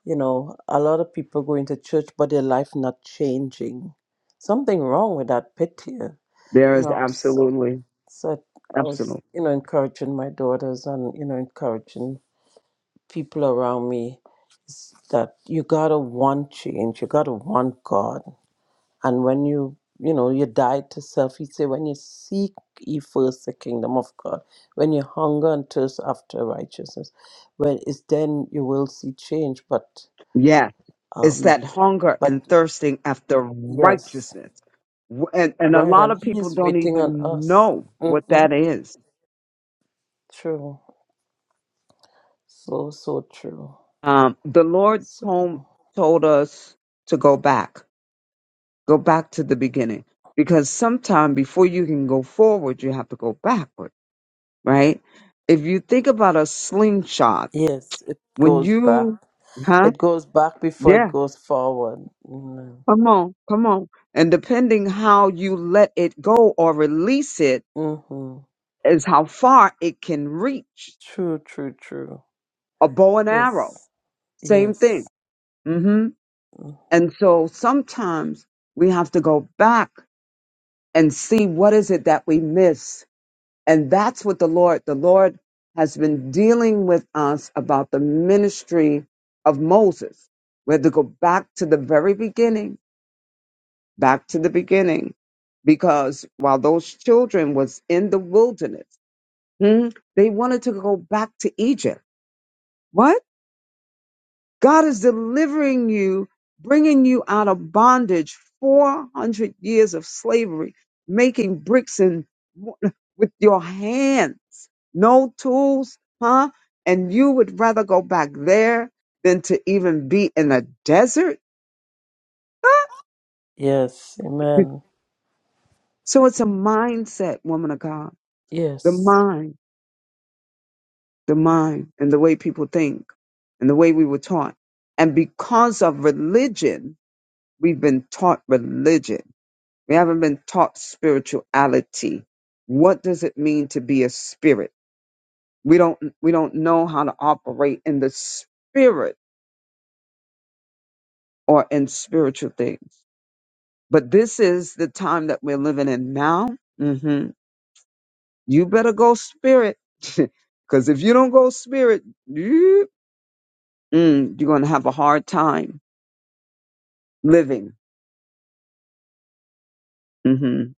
Speaker 7: You know, a lot of people going to church, but their life not changing. Something wrong with that pit here.
Speaker 3: There
Speaker 7: You
Speaker 3: is
Speaker 7: know, so,
Speaker 3: absolutely,
Speaker 7: so I was,
Speaker 3: absolutely.
Speaker 7: you know, encouraging my daughters and, you know, encouraging people around me that you gotta want change, you gotta want God. And when you you know, you die to self, he say, When you seek ye first the kingdom of God, when you hunger and thirst after righteousness, when it's then you will see change. But
Speaker 3: Yes. It's
Speaker 7: um
Speaker 3: that hunger
Speaker 7: but
Speaker 3: and thirsting after
Speaker 7: yes,
Speaker 3: righteousness. W- And, and a
Speaker 7: right,
Speaker 3: lot
Speaker 7: and
Speaker 3: of
Speaker 7: he
Speaker 3: people
Speaker 7: is
Speaker 3: don't
Speaker 7: waiting on
Speaker 3: even
Speaker 7: us.
Speaker 3: know what
Speaker 7: hmm
Speaker 3: that is.
Speaker 7: True. So so true.
Speaker 3: Um, the Lord
Speaker 7: So
Speaker 3: told, told us to go back, go back to the beginning, because sometime before you can go forward, you have to go backward, right? If you think about a slingshot,
Speaker 7: yes, it
Speaker 3: when
Speaker 7: goes back.
Speaker 3: you, huh?
Speaker 7: It goes back before it
Speaker 3: Yeah,
Speaker 7: goes forward. Amen.
Speaker 3: come on, come on. And depending how you let it go or release it,
Speaker 7: Mm-hmm.
Speaker 3: is how far it can reach.
Speaker 7: True, true, true.
Speaker 3: A bow and arrow,
Speaker 7: Yes.
Speaker 3: same thing.
Speaker 7: Yes.
Speaker 3: hmm
Speaker 7: Mm.
Speaker 3: And so sometimes we have to go back and see what is it that we miss. And that's what the Lord, the Lord has been dealing with us about the ministry of Moses. We have to go back to the very beginning, back to the beginning, because while those children was in the wilderness, hmm, they wanted to go back to Egypt. What? God is delivering you, bringing you out of bondage, 400 years of slavery, making bricks and with your hands, no tools, huh? And you would rather go back there than to even be in a desert?
Speaker 7: Yes. Amen.
Speaker 3: So it's a mindset, woman of God. The
Speaker 7: Yes.
Speaker 3: mind, the mind, and the way people think, and the way we were taught. And because of religion, we've been taught religion We haven't been taught spirituality. What does it mean to be a spirit? We don't we don't know how to operate in the spirit or in spiritual things. But this is the time that we're living in now. hmm You better go spirit, because if you don't go spirit, you, mm, you're gonna have a hard time living. hmm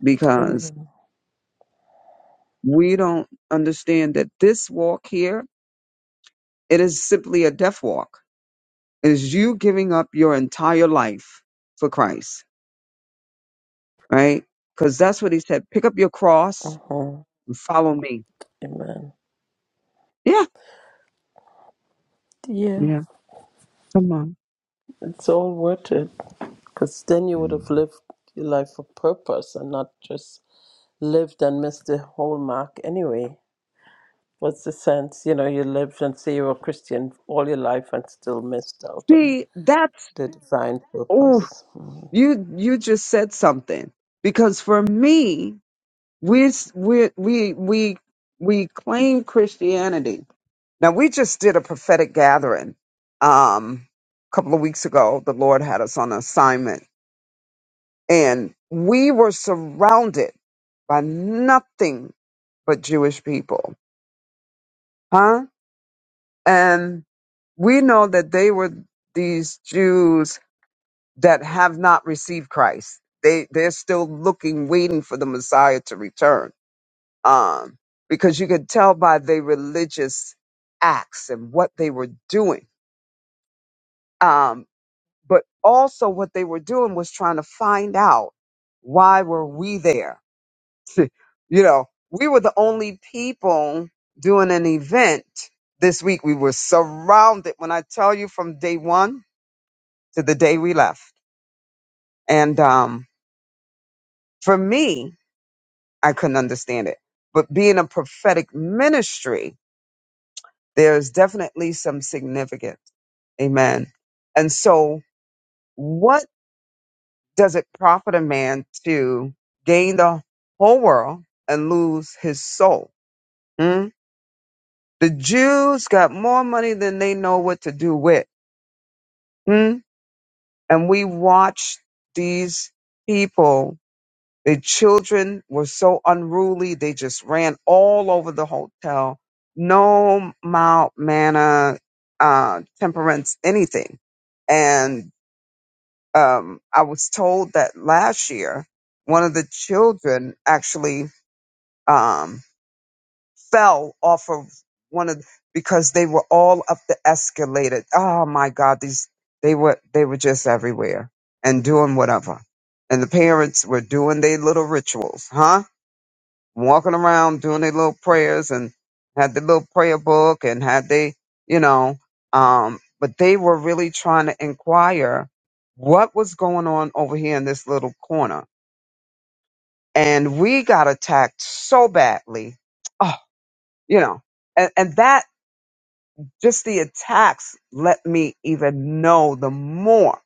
Speaker 3: Because
Speaker 7: Amen.
Speaker 3: we don't understand that this walk here it is simply a death walk is you giving up your entire life for Christ, right? Because that's what he said. Pick up your cross
Speaker 7: Uh-huh.
Speaker 3: and follow me.
Speaker 7: Amen.
Speaker 3: Yeah.
Speaker 7: Yeah.
Speaker 3: Yeah. Come on.
Speaker 7: It's all worth it. Because then you would
Speaker 6: And
Speaker 7: have lived your life for purpose and not just lived and missed the whole mark anyway. What's the sense? You know, you lived and say you're a Christian all your life and still missed out on
Speaker 3: See, that's,
Speaker 7: the divine
Speaker 3: oh,
Speaker 7: purpose.
Speaker 3: you, you just said something because for me, we, we, we, we, we claim Christianity. Now we just did a prophetic gathering, um, a couple of weeks ago. The Lord had us on assignment And we were surrounded by nothing but Jewish people, huh? And we know that they were these Jews that have not received Christ. They they're still looking, waiting for the Messiah to return. Um, because you could tell by their religious acts and what they were doing. Um, but also what they were doing was trying to find out why were we there you know, we were the only people doing an event this week. We were surrounded when I tell you from day one to the day we left. And um, for me, I couldn't understand it. But being a prophetic ministry, there's definitely some significance. Amen. And so, what does it profit a man to gain the whole world and lose his soul? Hmm? The Jews got more money than they know what to do with. Hmm? And we watched these people. The children were so unruly. They just ran all over the hotel. No mild manner, uh, temperance, anything. And, um, I was told that last year, one of the children actually, um, fell off of one of because they were all up the escalator. Oh my God, these they were they were just everywhere and doing whatever. And the parents were doing their little rituals, huh? Walking around doing their little prayers and had the little prayer book and had they, you know, um, but they were really trying to inquire what was going on over here in this little corner. And we got attacked so badly. Oh, you know, and, and that just the attacks let me even know the more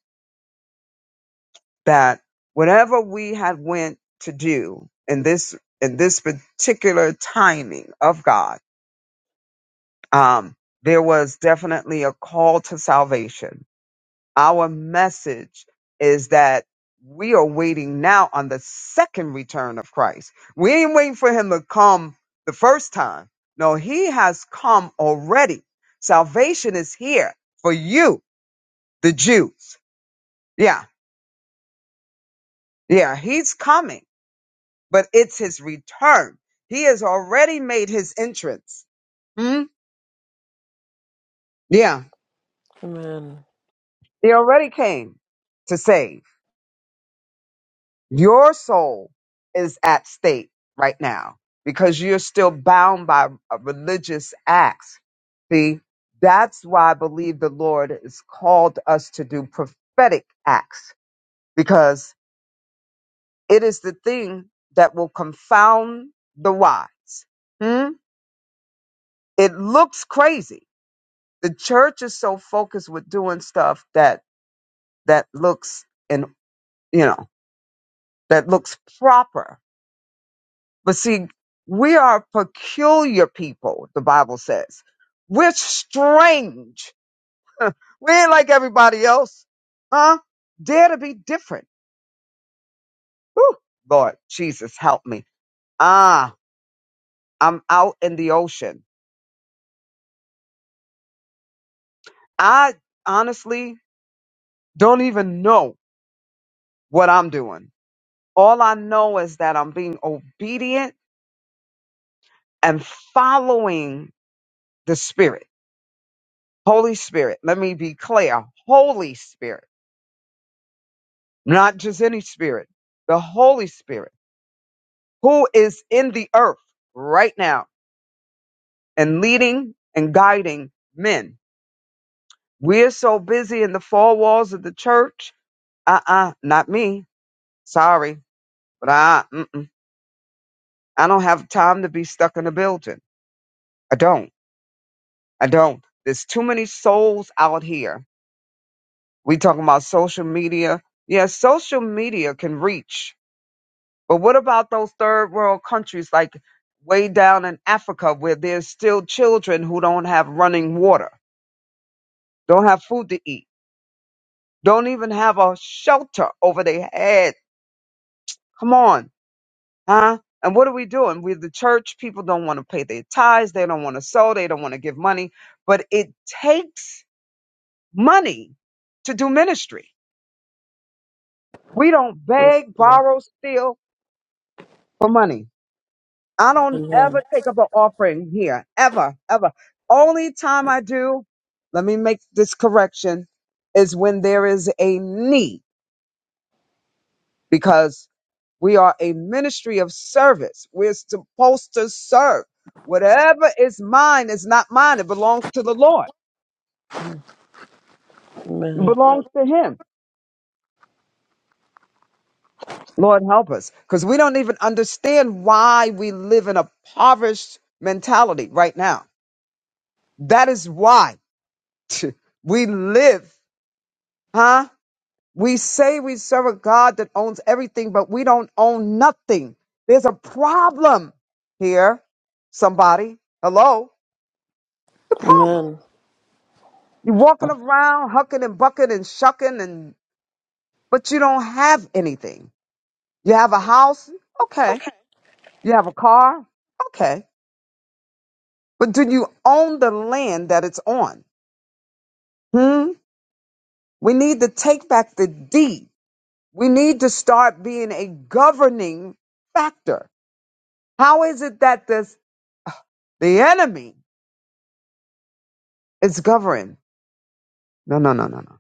Speaker 3: that whatever we had went to do in this in this particular timing of God, um, there was definitely a call to salvation. Our message is that we are waiting now on the second return of Christ. We ain't waiting for him to come the first time. No, he has come already. Salvation is here for you, the Jew. Yeah, yeah, he's coming, but it's his return. He has already made his entrance. Hmm? Yeah,
Speaker 7: Amen.
Speaker 3: he already came to save. Your soul is at stake right now because you're still bound by uh, religious acts. See, that's why I believe the Lord has called us to do prophetic acts because it is the thing that will confound the wise. Hmm? It looks crazy the church is so focused with doing stuff that that looks and you know that looks proper but see we are peculiar people the bible says we're strange we ain't like everybody else huh dare to be different Whew. lord jesus help me ah i'm out in the ocean i honestly don't even know what i'm doing all i know is that i'm being obedient and following the Spirit, Holy Spirit. Let me be clear Holy Spirit, not just any spirit, the Holy Spirit who is in the earth right now and leading and guiding men. We're so busy in the four walls of the church. Uh uh not me. Sorry, but I, mm-mm. I don't have time to be stuck in a building. I don't. I don't. There's too many souls out here We talking about social media. Yeah, social media can reach. But what about those third world countries like way down in Africa where there's still children who don't have running water, don't have food to eat, don't even have a shelter over their head? Come on, huh? And what are we doing? We're the church. People don't want to pay their tithes. They don't want to sow. They don't want to give money. But it takes money to do ministry. We don't
Speaker 7: So
Speaker 3: beg,
Speaker 7: true.
Speaker 3: borrow, steal for money. I don't
Speaker 7: Amen.
Speaker 3: ever take up an offering here, ever, ever. Only time I do, let me make this correction, is when there is a need because we are a ministry of service. We're supposed to serve. Whatever is mine is not mine. It belongs to the Lord. It
Speaker 7: Amen.
Speaker 3: belongs to Him. Lord help us because we don't even understand why we live in a impoverished mentality right now. That is why we live, huh? We say we serve a God that owns everything, but we don't own nothing. There's a problem here. Somebody, hello, the problem.
Speaker 7: Amen.
Speaker 3: You're walking around hucking and bucking and shucking, and but you don't have anything. You have a house, okay. You have a car, okay. But do you own the land that it's on? Hmm. We need to take back the deed. We need to start being a governing factor. How is it that this? The enemy is governed. No, no, no, no, no.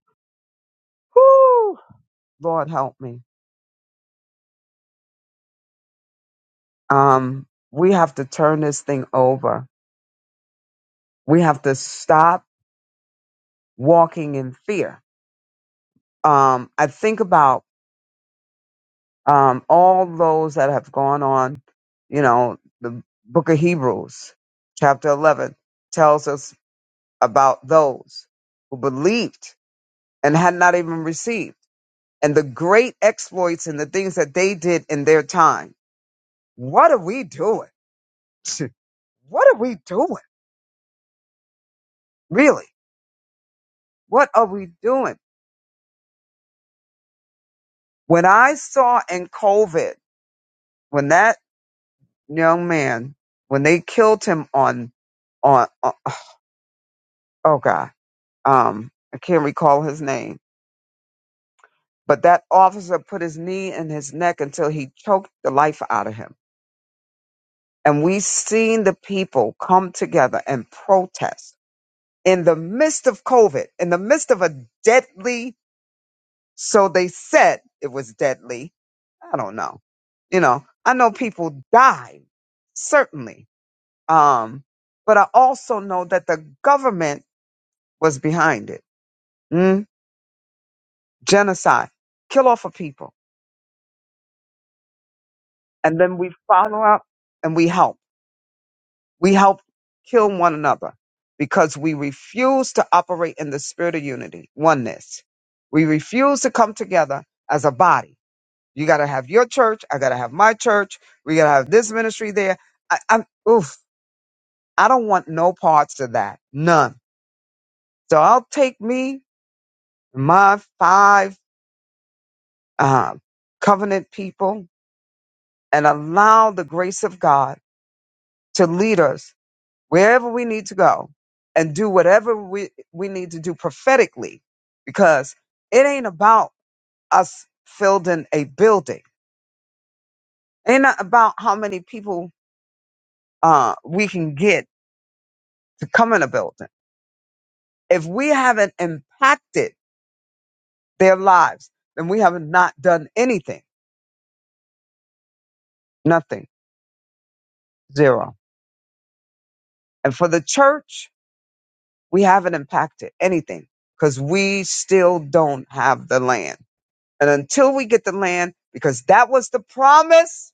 Speaker 3: Whoo! Lord help me. Um, we have to turn this thing over. We have to stop walking in fear. Um, I think about um all those that have gone on, you know, the book of Hebrews, chapter eleven, tells us about those who believed and had not even received, and the great exploits and the things that they did in their time. What are we doing? what are we doing? Really? What are we doing? When I saw in COVID, when that young man, when they killed him on, on, on oh God, um, I can't recall his name, but that officer put his knee in his neck until he choked the life out of him. And we seen the people come together and protest in the midst of COVID, in the midst of a deadly So they said it was deadly. I don't know. You know, I know people died, certainly. Um, but I also know that the government was behind it. Mm? Genocide, kill off of people. And then we follow up and we help. We help kill one another because we refuse to operate in the spirit of unity, oneness. We refuse to come together as a body You got to have your church. I got to have my church. We got to have this ministry there. I, I'm, oof, I don't want no parts of that. None. So I'll take me, my five uh, covenant people, and allow the grace of God to lead us wherever we need to go and do whatever we, we need to do prophetically because it ain't about us building a building. It ain't not about how many people uh, we can get to come in a building. If we haven't impacted their lives, then we have not done anything. Nothing. Zero. And for the church, we haven't impacted anything because we still don't have the land. And until we get the land, because that was the promise,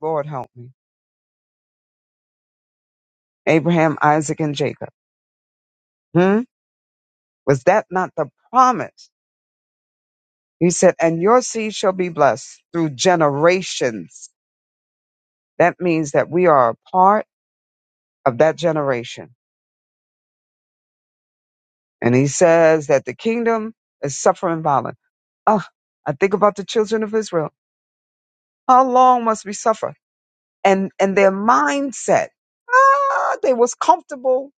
Speaker 3: Lord help me. Abraham, Isaac, and Jacob. Hmm? Was that not the promise? He said, and your seed shall be blessed through generations. That means that we are a part of that generation And he says that the kingdom is suffering violence. Oh, I think about the children of Israel. How long must we suffer? And and their mindset. Ah, they was comfortable.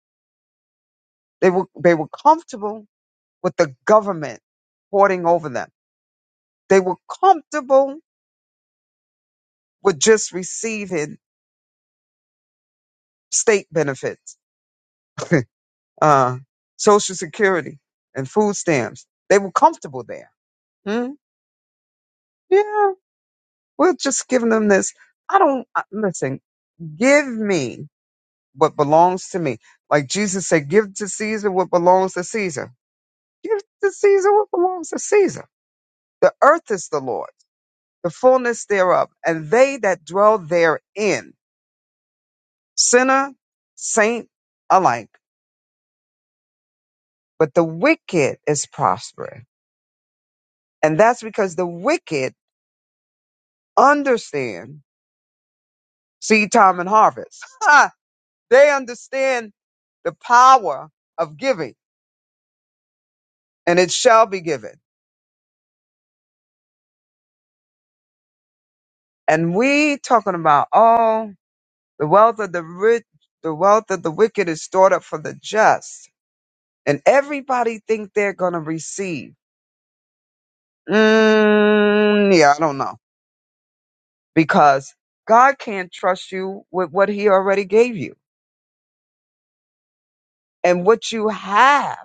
Speaker 3: They were they were comfortable with the government hoarding over them. They were comfortable with just receiving state benefits, uh, social security, and food stamps. They were comfortable there. Hmm? Yeah, we're just giving them this. I don't I- listen. Give me what belongs to me. Like Jesus said, give to Caesar what belongs to Caesar. Give to Caesar what belongs to Caesar. The earth is the Lord's, the fullness thereof, and they that dwell therein, sinner, saint alike. But the wicked is prospering. And that's because the wicked understand seed time and harvest. they understand the power of giving, and it shall be given. And we talking about all the wealth of the rich, the wealth of the wicked is stored up for the just, and everybody think they're gonna receive. Mm, yeah, I don't know because God can't trust you with what He already gave you and what you have.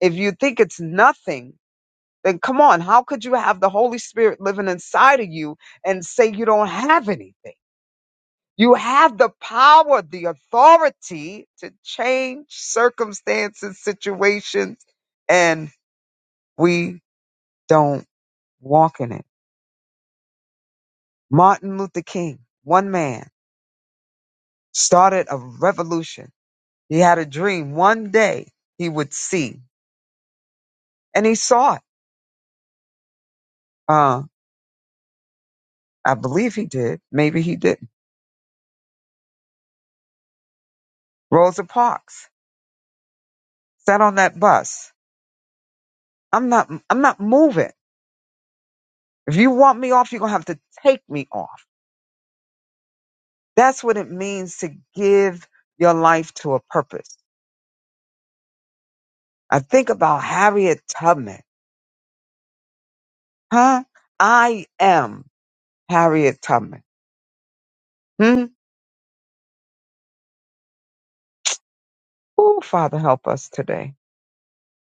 Speaker 3: If you think it's nothing, then come on, how could you have the Holy Spirit living inside of you and say you don't have anything? You have the power, the authority to change circumstances, situations, and we don't walk in it. Martin Luther King, one man, started a revolution. He had a dream one day he would see, and he saw it. Uh, I believe he did. Maybe he didn't. Rosa Parks sat on that bus. I'm not, I'm not moving. If you want me off, you're going to have to take me off. That's what it means to give your life to a purpose. I think about Harriet Tubman, huh? I am Harriet Tubman. Hmm? Oh, Father, help us today.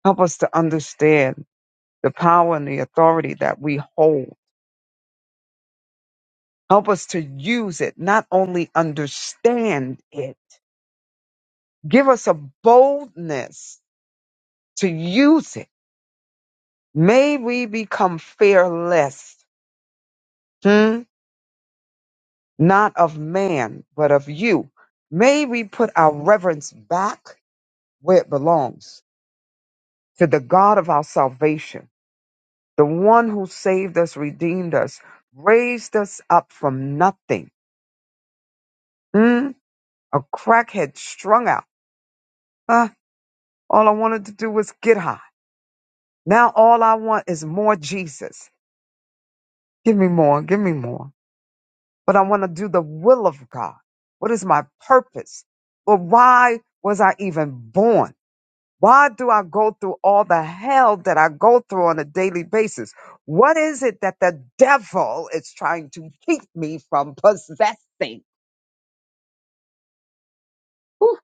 Speaker 3: Help us to understand the power and the authority that we hold. Help us to use it, not only understand it. Give us a boldness to use it. May we become fearless. Hmm? not of man, but of you. May we put our reverence back where it belongs to the God of our salvation, the one who saved us, redeemed us, raised us up from nothing. Mm, a crackhead strung out. Huh? All I wanted to do was get high. Now all I want is more Jesus. Give me more, give me more. But I want to do the will of God. What is my purpose? But why was I even born? Why do I go through all the hell that I go through on a daily basis? What is it that the devil is trying to keep me from possessing? Whew.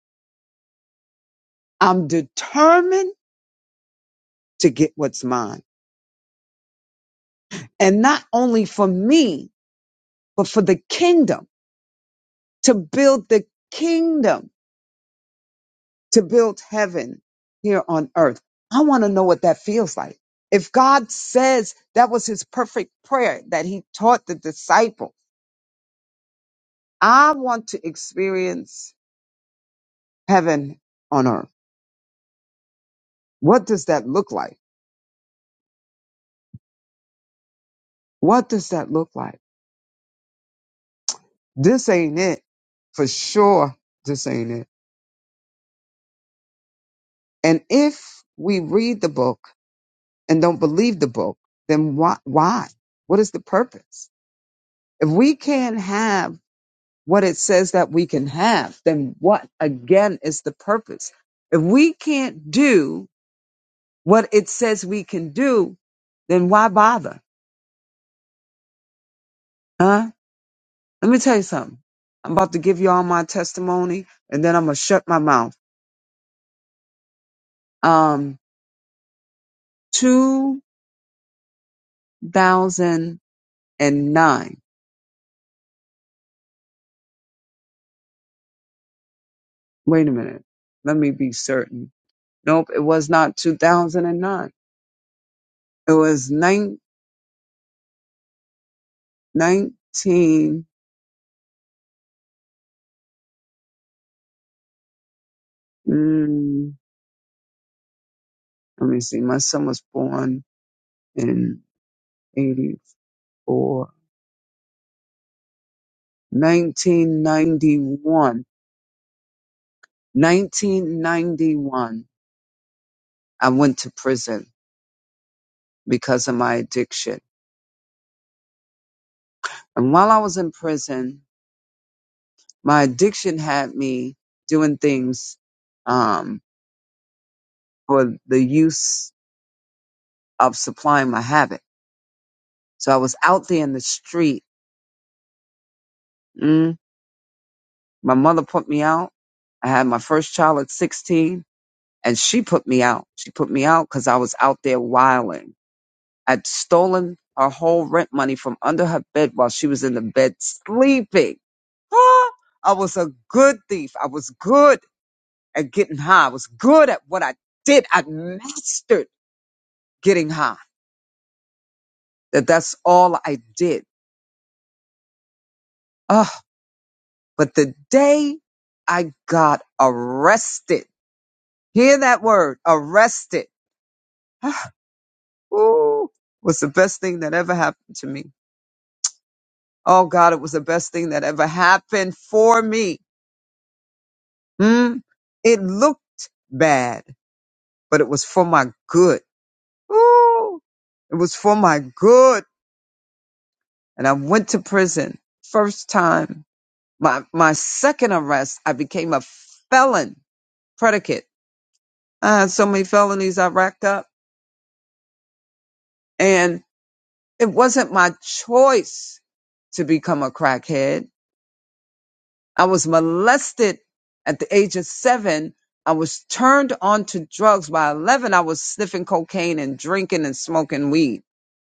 Speaker 3: I'm determined to get what's mine. And not only for me, but for the kingdom, to build the kingdom, to build heaven here on earth. I want to know what that feels like. If God says that was his perfect prayer that he taught the disciples, I want to experience heaven on earth. What does that look like? What does that look like? This ain't it. For sure, this ain't it. And if we read the book and don't believe the book, then why? why? What is the purpose? If we can't have what it says that we can have, then what again is the purpose? If we can't do what it says we can do, then why bother? Huh? Let me tell you something. I'm about to give y'all my testimony and then I'm going to shut my mouth. Um, 2009. Wait a minute. Let me be certain. Nope. It was not 2009. It was nine nineteen. Mm, let me see. My son was born in 84. 1991. 1991. I went to prison because of my addiction And while I was in prison, my addiction had me doing things um, for the use of supplying my habit. So I was out there in the street. Mm, my mother put me out. I had my first child at 16, and she put me out. She put me out because I was out there wilding. I'd stolen her whole rent money from under her bed while she was in the bed sleeping. Ah, I was a good thief. I was good. at getting high. I was good at what I did. I mastered getting high. That that's all I did. Oh, but the day I got arrested, hear that word, arrested. Ooh, was the best thing that ever happened to me. Oh God, it was the best thing that ever happened for me. Mm, it looked bad, but it was for my good. Ooh, it was for my good. And I went to prison first time My my second arrest, I became a felon predicate. I had so many felonies I racked up, and it wasn't my choice to become a crackhead. I was molested at the age of seven. I was turned on to drugs. By 11, I was sniffing cocaine and drinking and smoking weed,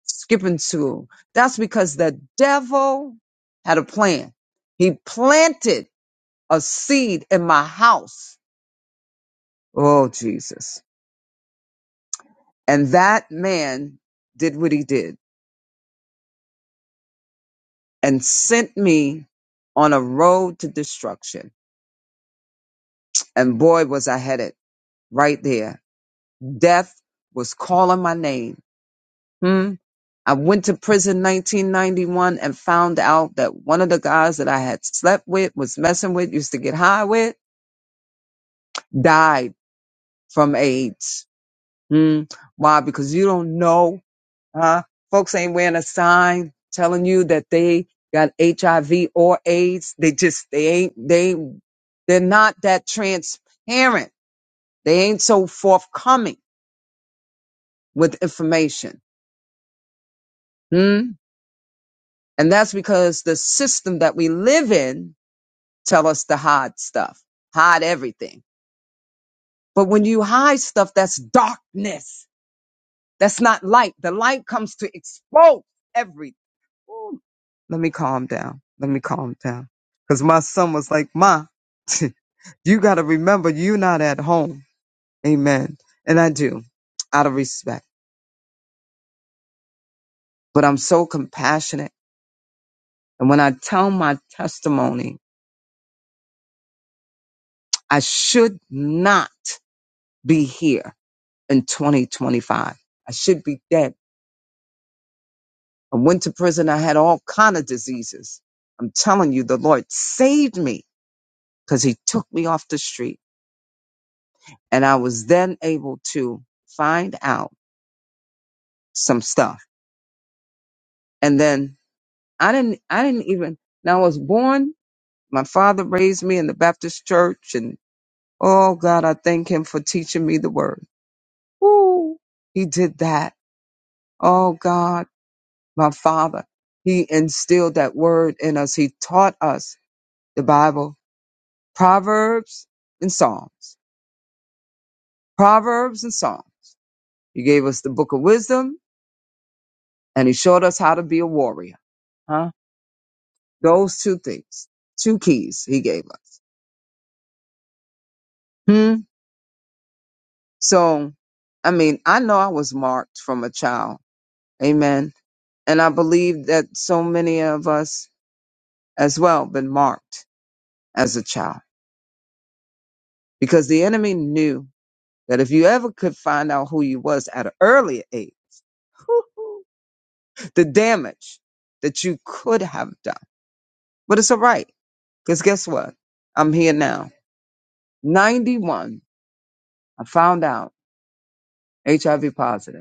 Speaker 3: skipping school. That's because the devil had a plan. He planted a seed in my house. Oh, Jesus. And that man did what he did and sent me on a road to destruction. And boy, was I headed right there. Death was calling my name. Hmm. I went to prison 1991 and found out that one of the guys that I had slept with, was messing with, used to get high with, died from AIDS. Hmm. Why? Because you don't know Uh, folks ain't wearing a sign telling you that they got HIV or AIDS. They just, they ain't, they, they're not that transparent. They ain't so forthcoming with information. Hmm? And that's because the system that we live in tell us to hide stuff, hide everything. But when you hide stuff, that's darkness. That's not light. The light comes to expose everything. Ooh, Let me calm down. Let me calm down. Because my son was like, Ma, you got to remember you're not at home. Amen. And I do out of respect, but I'm so compassionate. And when I tell my testimony, I should not be here in 2025. I should be dead. I went to prison. I had all kind of diseases. I'm telling you, the Lord saved me because he took me off the street. And I was then able to find out some stuff. And then I didn't, I didn't even, now I was born, my father raised me in the Baptist church and oh God, I thank him for teaching me the word. Woo! He did that. Oh God, my father, he instilled that word in us. He taught us the Bible, Proverbs and Psalms, Proverbs and Psalms. He gave us the book of wisdom and he showed us how to be a warrior. Huh. Those two things, two keys he gave us. Hmm. So, I mean, I know I was marked from a child. Amen. And I believe that so many of us as well been marked as a child because the enemy knew that if you ever could find out who you was at an earlier age, the damage that you could have done. But it's all right. Because guess what? I'm here now. 91. I found out HIV positive.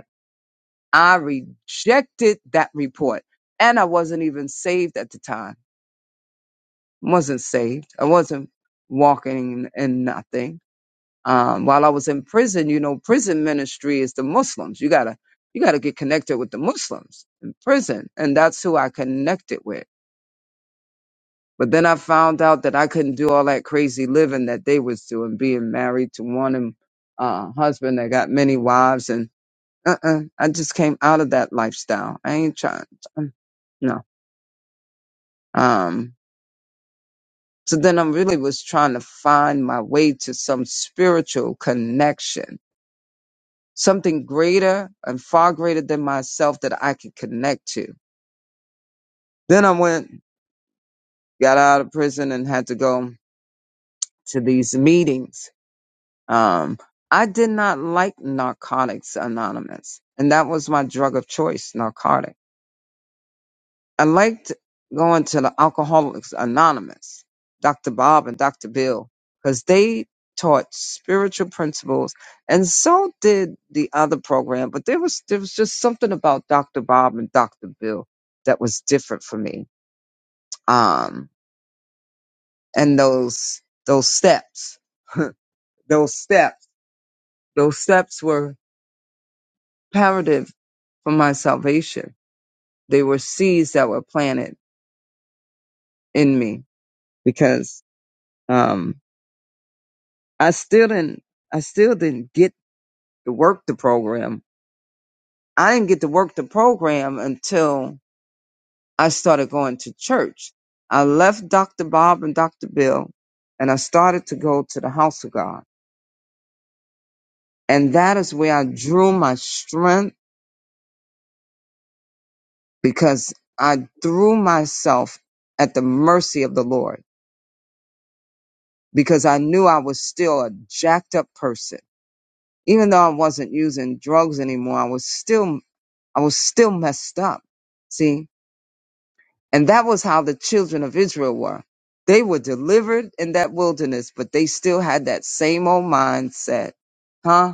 Speaker 3: I rejected that report. And I wasn't even saved at the time. Wasn't saved. I wasn't walking in nothing. Um, while I was in prison, you know, prison ministry is the Muslims. You gotta, you gotta get connected with the Muslims in prison. And that's who I connected with. But then I found out that I couldn't do all that crazy living that they was doing, being married to one and, uh, husband that got many wives. And, uh-uh, I just came out of that lifestyle. I ain't trying. Um, so then I really was trying to find my way to some spiritual connection, something greater and far greater than myself that I could connect to. Then I went, got out of prison and had to go to these meetings. Um, I did not like Narcotics Anonymous, and that was my drug of choice, narcotics. I liked going to the Alcoholics Anonymous, Dr. Bob and Dr. Bill, because they taught spiritual principles, and so did the other program. But there was there was just something about Dr. Bob and Dr. Bill that was different for me. Um, and those those steps, those steps, those steps were imperative for my salvation. They were seeds that were planted in me because. um. I still didn't I still didn't get to work the program. I didn't get to work the program until I started going to church. I left Dr. Bob and Dr. Bill and I started to go to the house of God. And that is where I drew my strength because I threw myself at the mercy of the Lord because I knew I was still a jacked up person. Even though I wasn't using drugs anymore, I was still I was still messed up. See? And that was how the children of Israel were. They were delivered in that wilderness, but they still had that same old mindset. Huh?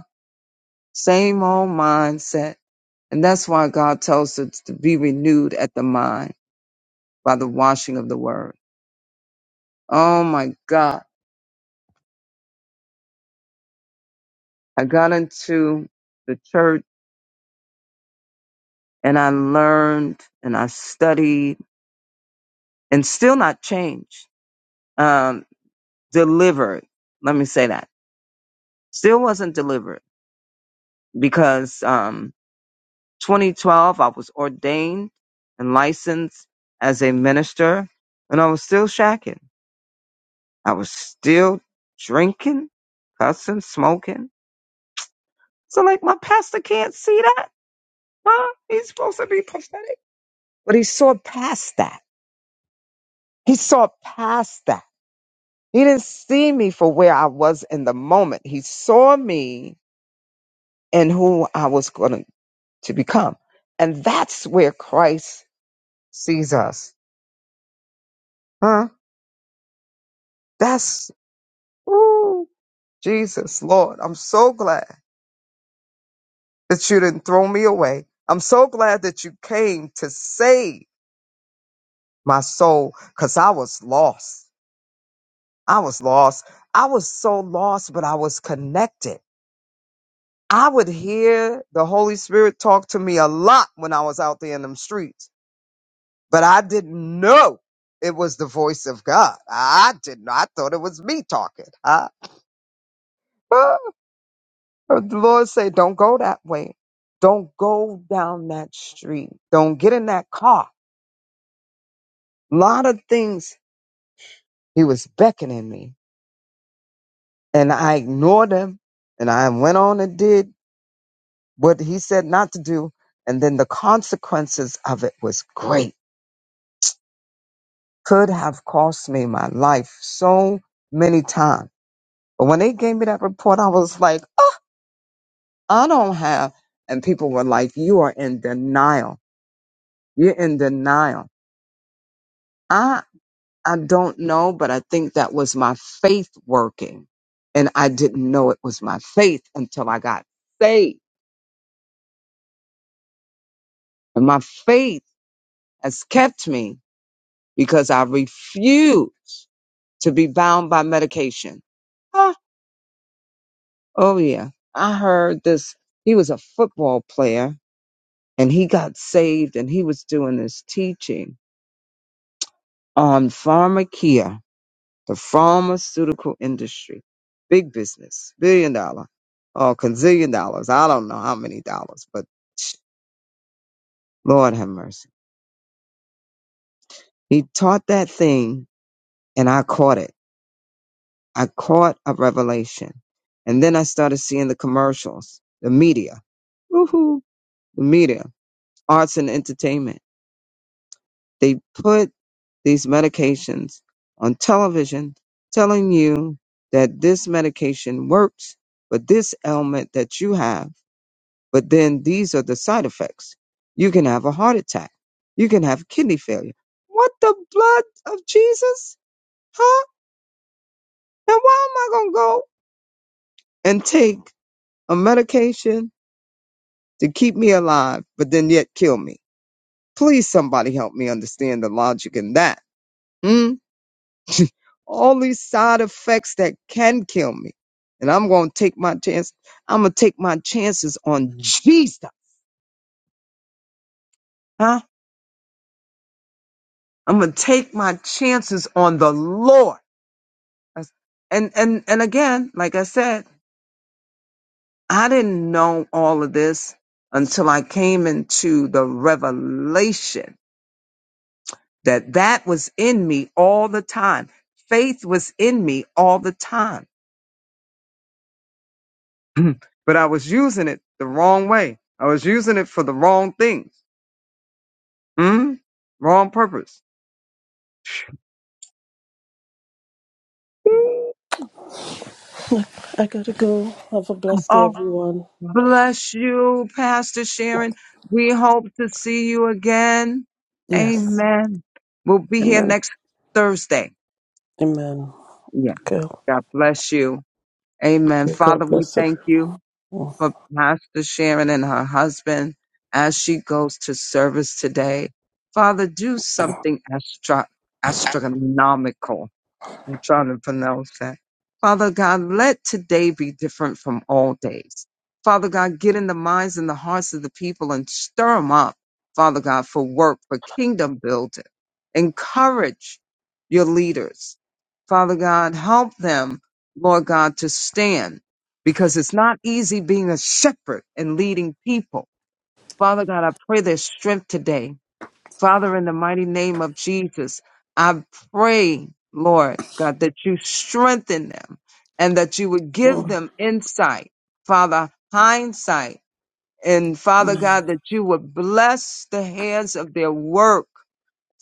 Speaker 3: Same old mindset. And that's why God tells us to be renewed at the mind by the washing of the word. Oh my God. I got into the church and I learned and I studied and still not changed. Um, delivered. Let me say that. Still wasn't delivered because, um, 2012, I was ordained and licensed as a minister, and I was still shacking. I was still drinking, cussing, smoking. So, like, my pastor can't see that, huh? He's supposed to be prophetic. But he saw past that. He saw past that. He didn't see me for where I was in the moment. He saw me and who I was going to to become. And that's where Christ sees us. Huh? That's Ooh, Jesus, Lord, I'm so glad that you didn't throw me away. I'm so glad that you came to save my soul because I was lost. I was lost. I was so lost, but I was connected. I would hear the Holy Spirit talk to me a lot when I was out there in them streets, but I didn't know it was the voice of God. I didn't. I thought it was me talking. Huh? But The Lord said, don't go that way. Don't go down that street. Don't get in that car. A lot of things he was beckoning me and I ignored him and I went on and did what he said not to do. And then the consequences of it was great. Could have cost me my life so many times. But when they gave me that report, I was like, "Oh, I don't have. And people were like, you are in denial. You're in denial. I don't know, but I think that was my faith working. And I didn't know it was my faith until I got saved. And my faith has kept me because I refuse to be bound by medication. Huh? Oh, yeah. I heard this. He was a football player and he got saved and he was doing this teaching on pharmakia the pharmaceutical industry, big business, billion dollar or gazillion dollars. I don't know how many dollars, but Lord have mercy. He taught that thing and I caught it. I caught a revelation. And then I started seeing the commercials, the media, woohoo, the media, arts and entertainment. They put these medications on television telling you that this medication works for this ailment that you have But then these are the side effects. You can have a heart attack. You can have kidney failure. What the blood of Jesus? Huh? Now why am I going to go and take a medication to keep me alive, but then yet kill me? Please somebody help me understand the logic in that. Hmm? All these side effects that can kill me. And I'm going to take my chance. I'm going to take my chances on Jesus. Huh? I'm going to take my chances on the Lord. That's- And and and again, like I said, I didn't know all of this until I came into the revelation that that was in me all the time. Faith was in me all the time, but I was using it the wrong way. I was using it for the wrong things, mm? wrong purpose.
Speaker 7: I gotta go. Have a blessed day,
Speaker 3: Oh,
Speaker 7: everyone.
Speaker 3: bless you, Pastor Sharon. We hope to see you again.
Speaker 7: Yes.
Speaker 3: Amen. We'll be here
Speaker 7: Amen.
Speaker 3: next Thursday.
Speaker 7: Amen.
Speaker 3: Yeah.
Speaker 7: Okay.
Speaker 3: God bless you. Amen.
Speaker 7: May God
Speaker 3: Father, we
Speaker 7: bless
Speaker 3: thank you
Speaker 7: everyone.
Speaker 3: for Pastor Sharon and her husband as she goes to service today. Father, do something astro- astronomical I'm trying to pronounce that. Father God, let today be different from all days. Father God, get in the minds and the hearts of the people and stir them up, Father God, for work, for kingdom building. Encourage your leaders. Father God, help them, Lord God, to stand because it's not easy being a shepherd and leading people. Father God, I pray their strength today. Father, in the mighty name of Jesus, I pray, Lord God, that you strengthen them and that you would give
Speaker 7: Oh,
Speaker 3: them insight, Father, hindsight. And Father
Speaker 7: Amen.
Speaker 3: God, that you would bless the hands of their work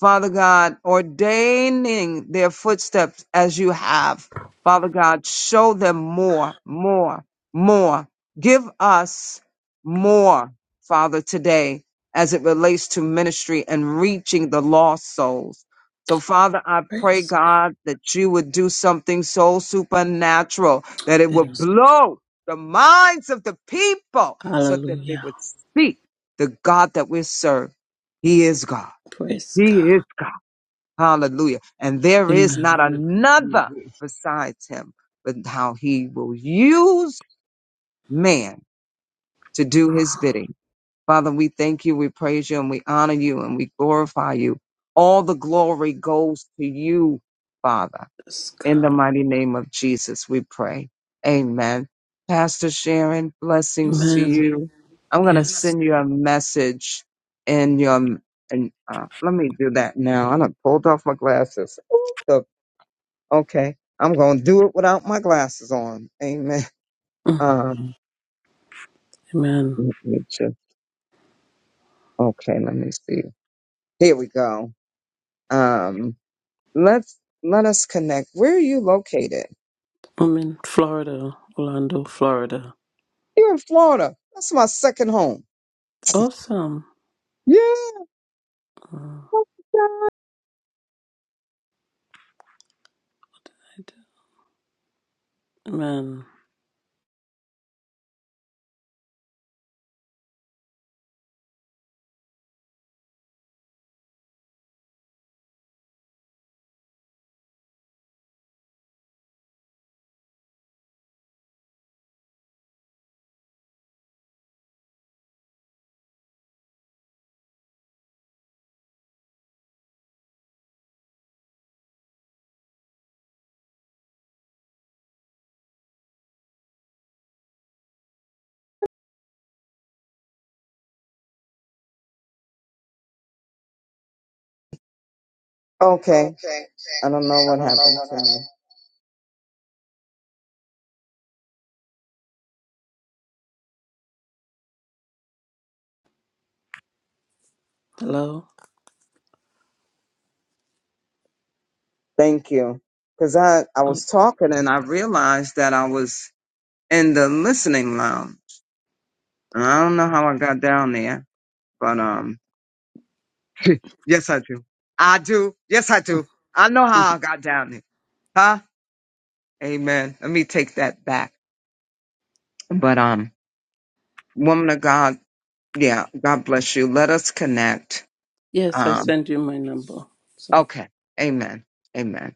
Speaker 3: Father God, ordaining their footsteps as you have. Father God, show them more, more, more. Give us more, Father, today as it relates to ministry and reaching the lost souls. So, Father, I pray,
Speaker 7: Praise
Speaker 3: God, that you would do something so supernatural that it
Speaker 7: God.
Speaker 3: would
Speaker 7: Yes.
Speaker 3: blow the minds of the people so that they
Speaker 7: Hallelujah.
Speaker 3: would see the God that we serve. He is God.
Speaker 7: Praise
Speaker 3: He
Speaker 7: God.
Speaker 3: is Hallelujah. And there is
Speaker 7: Amen.
Speaker 3: not another
Speaker 6: Jesus.
Speaker 3: besides him, but how he will use man to do his bidding. Father, we thank you, we praise you, and we honor you, and we glorify you. All the glory goes to you, Father.
Speaker 7: Praise God.
Speaker 3: In the mighty name of Jesus, we pray. Amen. Pastor Sharon, blessings to
Speaker 7: Amen.
Speaker 3: you. I'm going to
Speaker 7: Yes.
Speaker 3: send you a message in your, and uh, let me do that now. I done pulled off my glasses Okay. I'm going to do it without my glasses on. Amen.
Speaker 7: Mm.
Speaker 3: Um,
Speaker 7: Amen.
Speaker 3: let me just, okay, let me see. Here we go. Um, let's, let us connect. Where are you located?
Speaker 7: I'm in Florida, Orlando, Florida.
Speaker 3: You're in Florida. That's my second home.
Speaker 7: Awesome.
Speaker 3: Yeah.
Speaker 7: Mm. I do- Amen.
Speaker 3: Okay. I don't know what happened to me.
Speaker 7: Hello.
Speaker 3: Thank you. Cause I, I
Speaker 7: Oh,
Speaker 3: was talking and I realized that I was in the listening lounge. And I don't know how I got down there, but, um, yes, I do. I do. Yes, I do.
Speaker 7: mm.
Speaker 3: I know how I got down there. Huh? Amen. Let me take that back. But um, woman of God, yeah, God bless you. Let us connect.
Speaker 7: yes, I
Speaker 3: Um,
Speaker 7: send you my number. So,
Speaker 3: okay. Amen. Amen.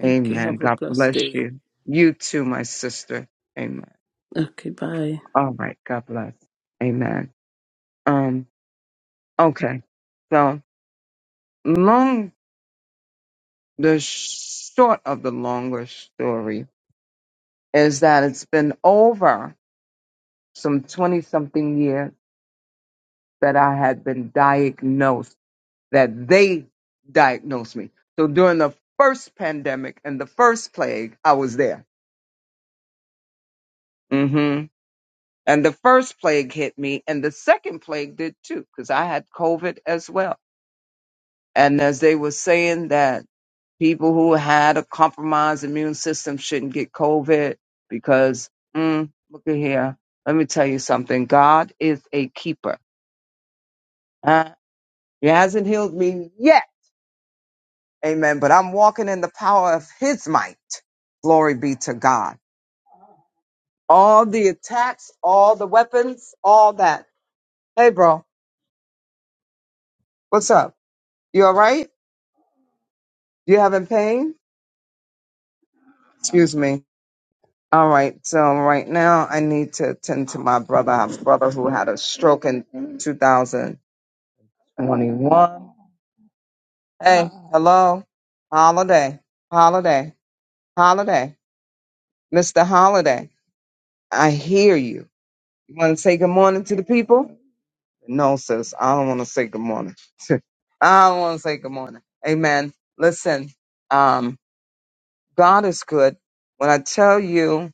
Speaker 7: okay.
Speaker 3: Amen.
Speaker 7: Have a
Speaker 3: God
Speaker 7: blessed
Speaker 3: bless
Speaker 7: day.
Speaker 3: you. You too, my sister. Amen.
Speaker 7: Okay. Bye.
Speaker 3: All right. God bless. Amen. Um, okay. So long the short of the longer story is that it's been over some 20 something years that I had been diagnosed, that they diagnosed me. So during the first pandemic and the first plague, I was there. hmm And the first plague hit me, and the second plague did too, because I had COVID as well. And as they were saying that people who had a compromised immune system shouldn't get COVID because, mm, look at here, let me tell you something God is a keeper. Uh, he hasn't healed me yet Amen. But I'm walking in the power of his might. Glory be to God. All the attacks, all the weapons, all that. Hey, bro, what's up? You all right? You having pain? Excuse me. All right. So right now I need to attend to my brother, my brother who had a stroke in 2021. Hey, hello. Holiday. Holiday. Holiday. Mr. Holiday, I hear you. You want to say good morning to the people? No, sis, I don't want to say good morning. I don't want to say good morning. Amen. Listen, um, God is good. When I tell you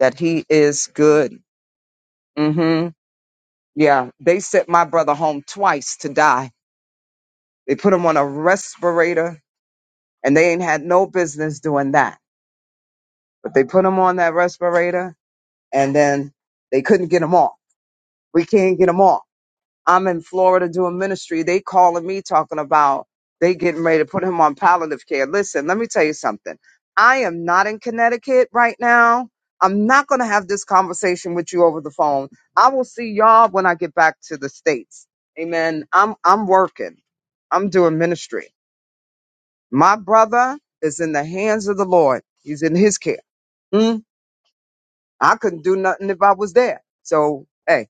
Speaker 3: that He is good, mm hmm yeah, they sent my brother home twice to die. They put him on a respirator, and they ain't had no business doing that. But they put him on that respirator, and then they couldn't get him off. We can't get him off. I'm in Florida doing ministry. They calling me talking about they getting ready to put him on palliative care. Listen, let me tell you something. I am not in Connecticut right now. I'm not going to have this conversation with you over the phone. I will see y'all when I get back to the states. Amen. I'm I'm working. I'm doing ministry. My brother is in the hands of the Lord. He's in his care. Mm, I couldn't do nothing if I was there. So, hey,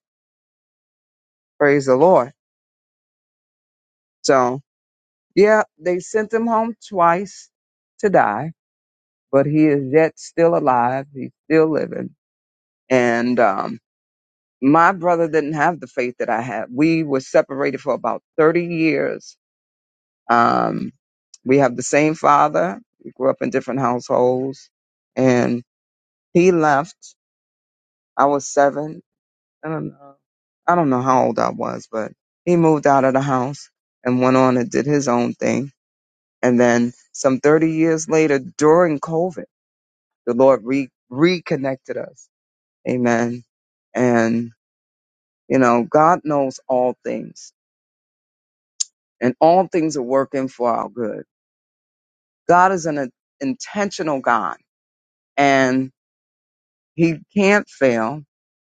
Speaker 3: praise the Lord. So. Yeah, they sent him home twice to die, but he is yet still alive. He's still living. And um, my brother didn't have the faith that I had. We were separated for about 30 years. Um, we have the same father. We grew up in different households. And he left. I was seven. I don't know. I don't know how old I was, but he moved out of the house and went on and did his own thing And then some 30 years later, during COVID, the Lord re- reconnected us. Amen. And, you know, God knows all things and all things are working for our good. God is an intentional God and he can't fail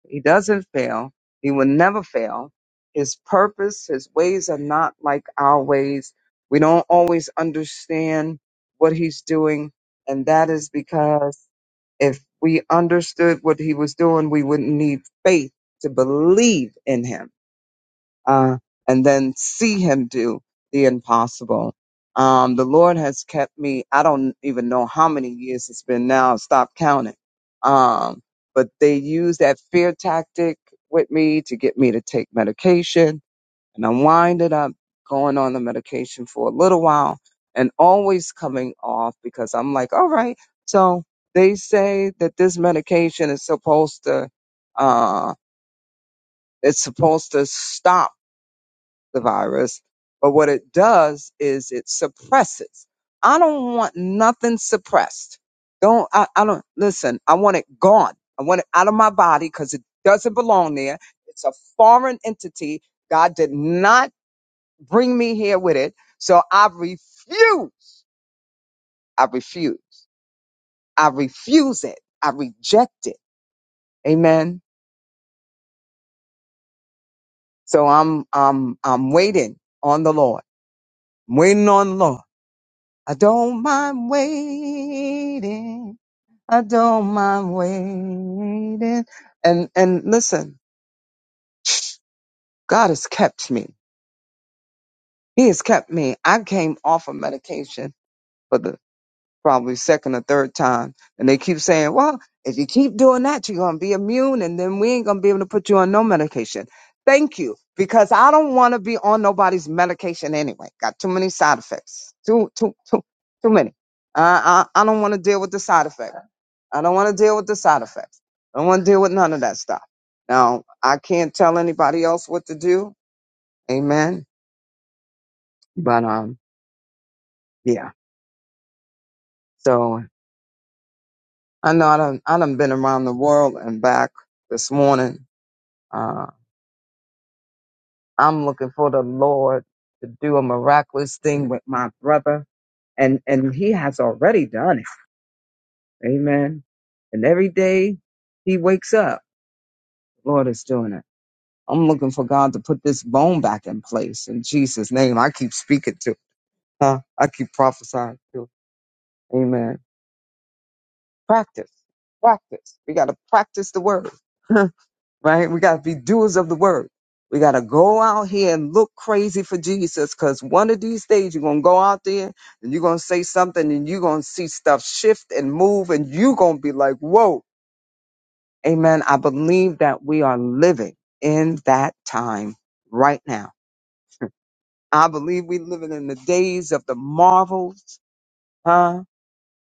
Speaker 3: He doesn't fail. He will never fail. His purpose, his ways are not like our ways. We don't always understand what he's doing. And that is because if we understood what he was doing, we wouldn't need faith to believe in him uh, and then see him do the impossible. Um, the Lord has kept me. I don't even know how many years it's been now. Stop counting. Um, but they use that fear tactic with me to get me to take medication. And I winded up going on the medication for a little while and always coming off because I'm like, all right. So they say that this medication is supposed to, uh, it's supposed to stop the virus, but what it does is it suppresses. I don't want nothing suppressed. Don't I, I don't listen, I want it gone. I want it out of my body because it doesn't belong there. It's a foreign entity. God did not bring me here with it. So I refuse. I refuse. I refuse it. I reject it. Amen. So I'm I'm I'm waiting on the Lord. I'm waiting on the Lord. I don't mind waiting. I don't mind waiting. And and listen, God has kept me. He has kept me. I came off of medication for the probably second or third time. And they keep saying, well, if you keep doing that, you're going to be immune and then we ain't going to be able to put you on no medication. Thank you, because I don't want to be on nobody's medication anyway. Got too many side effects. Too, too, too, too many. I, I, I don't want to deal with the side effect. I don't want to deal with the side effects. I don't want to deal with none of that stuff. Now, I can't tell anybody else what to do. Amen. But, um, yeah. So. I know I done, I done been around the world and back this morning. Uh, I'm looking for the Lord to do a miraculous thing with my brother. And, and he has already done it. Amen. And every day he wakes up, the Lord is doing it. I'm looking for God to put this bone back in place in Jesus' name. I keep speaking to, huh? I keep prophesying to. Amen. Practice, practice. We got to practice the word. right? We got to be doers of the word. We got to go out here and look crazy for Jesus because one of these days you're going to go out there and you're going to say something and you're going to see stuff shift and move and you're going to be like, whoa, amen. I believe that we are living in that time right now. I believe we're living in the days of the marvels, huh?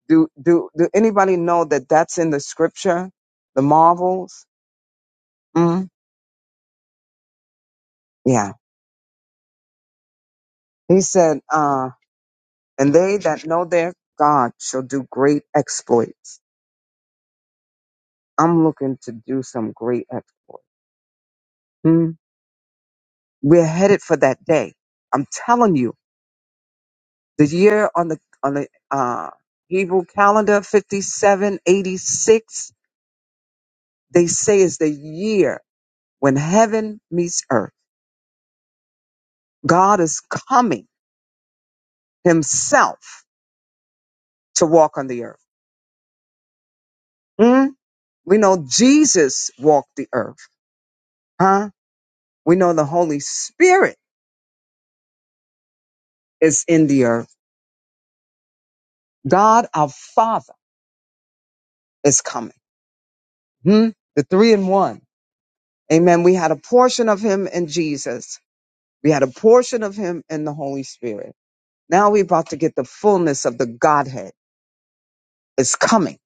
Speaker 3: Do, do, do anybody know that that's in the scripture? The marvels? Mm, yeah. He said, uh, And they that know their God shall do great exploits. I'm looking to do some great exploits. Hmm. We're headed for that day. I'm telling you, the year on the on the uh, Hebrew calendar, 5786, they say is the year when heaven meets earth. God is coming himself to walk on the earth. Hmm. We know Jesus walked the earth, huh? We know the Holy Spirit is in the earth God our Father is coming. Hmm? The three in one. Amen. We had a portion of him in Jesus. We had a portion of him in the Holy Spirit. Now we're about to get the fullness of the Godhead. It's coming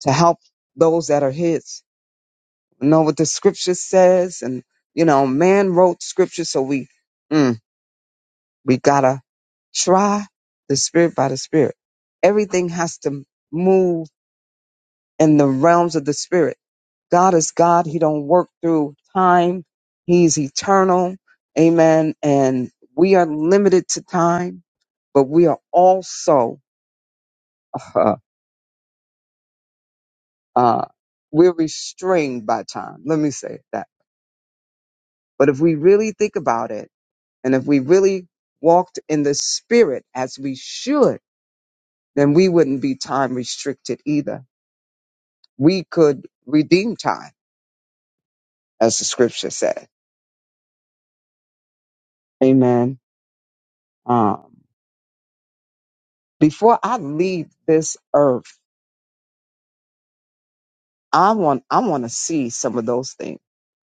Speaker 3: to help those that are his. You know what the scripture says? And you know, man wrote scripture, so we mm, we gotta try the spirit by the spirit. Everything has to move in the realms of the spirit. God is God. He don't work through time. He's eternal. Amen. And we are limited to time, but we are also, uh, uh, we're restrained by time. Let me say that. But if we really think about it and if we really walked in the spirit as we should, then we wouldn't be time restricted either. We could redeem time as the scripture said. Amen. Um, before I leave this earth, I want I want to see some of those things.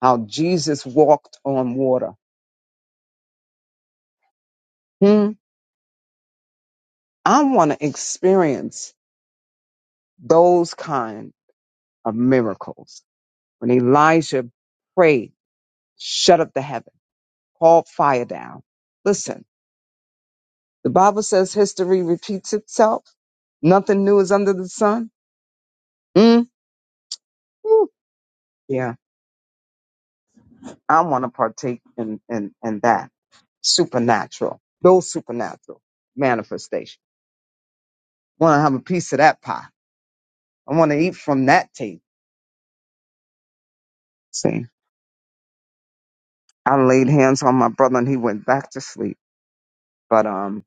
Speaker 3: How Jesus walked on water. Hmm. I want to experience those kind of miracles. When Elijah prayed, shut up the heaven, called fire down. Listen, the Bible says history repeats itself. Nothing new is under the sun. Hmm. Woo. Yeah. I want to partake in, in, in that supernatural, those supernatural manifestations. Want to have a piece of that pie. I want to eat from that table. See, I laid hands on my brother and he went back to sleep. But um,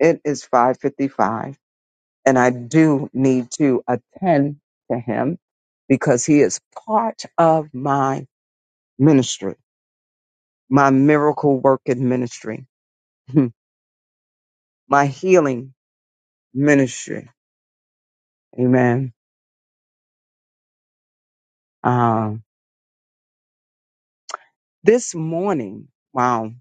Speaker 3: it is 5:55, and I do need to attend to him because he is part of my ministry, my miracle working ministry, my healing ministry. Amen. Um, This morning, wow,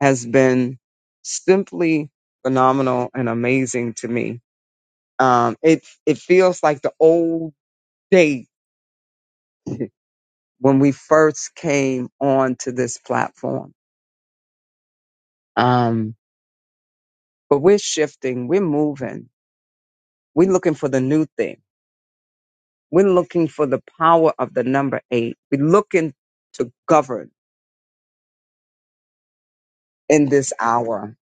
Speaker 3: has been simply phenomenal and amazing to me. Um, it it feels like the old day when we first came onto this platform. Um, but we're shifting, we're moving, we're looking for the new thing. We're looking for the power of the number eight. We're looking to govern in this hour.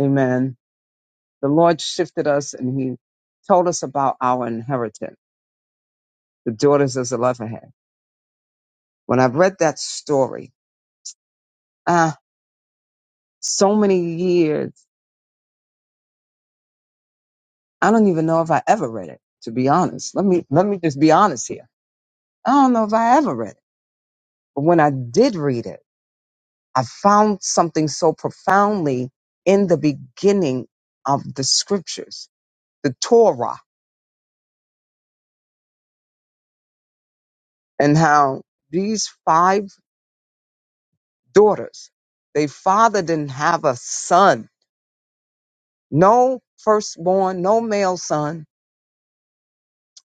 Speaker 3: Amen. The Lord shifted us and He told us about our inheritance. the daughters of Zelophehad. When I read that story, ah, so many years, I don't even know if I ever read it, to be honest. Let me, let me just be honest here. I don't know if I ever read it. But when I did read it, I found something so profoundly in the beginning of the scriptures, the Torah, and how these five daughters, their father didn't have a son, no firstborn, no male son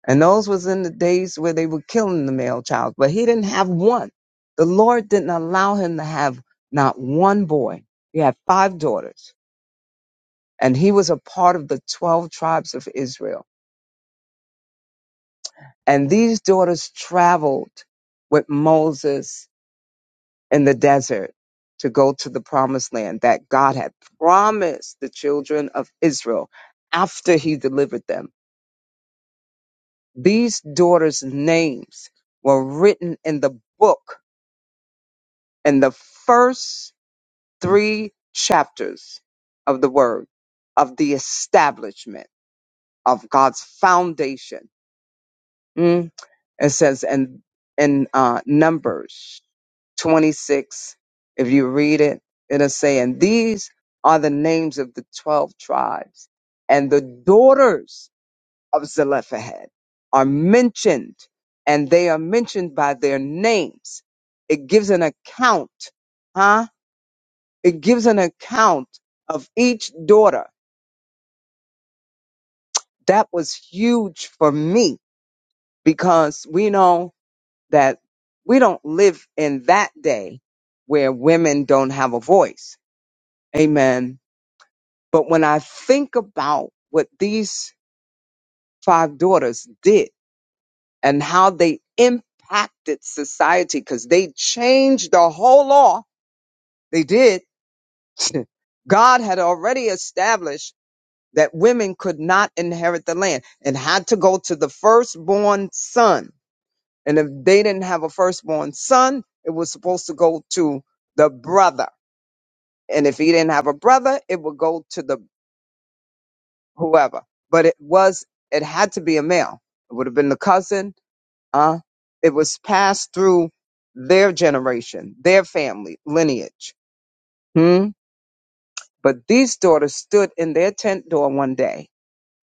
Speaker 3: And those was in the days where they were killing the male child, but he didn't have one. The Lord didn't allow him to have not one boy. He had five daughters and he was a part of the 12 tribes of Israel. And these daughters traveled with Moses in the desert to go to the promised land that God had promised the children of Israel after he delivered them. These daughters' names were written in the book in the first three chapters of the word of the establishment of God's foundation. Mm. It says in in uh, Numbers 26, if you read it, it'll say, and these are the names of the 12 tribes and the daughters of Zelophehad are mentioned and they are mentioned by their names. It gives an account, huh? It gives an account of each daughter. That was huge for me because we know that we don't live in that day where women don't have a voice. Amen. But when I think about what these five daughters did and how they impacted society, because they changed the whole law, they did. God had already established that women could not inherit the land and had to go to the firstborn son. And if they didn't have a firstborn son, it was supposed to go to the brother. And if he didn't have a brother, it would go to the whoever. But it was, it had to be a male. It would have been the cousin. Uh, it was passed through their generation, their family lineage. Hmm? But these daughters stood in their tent door one day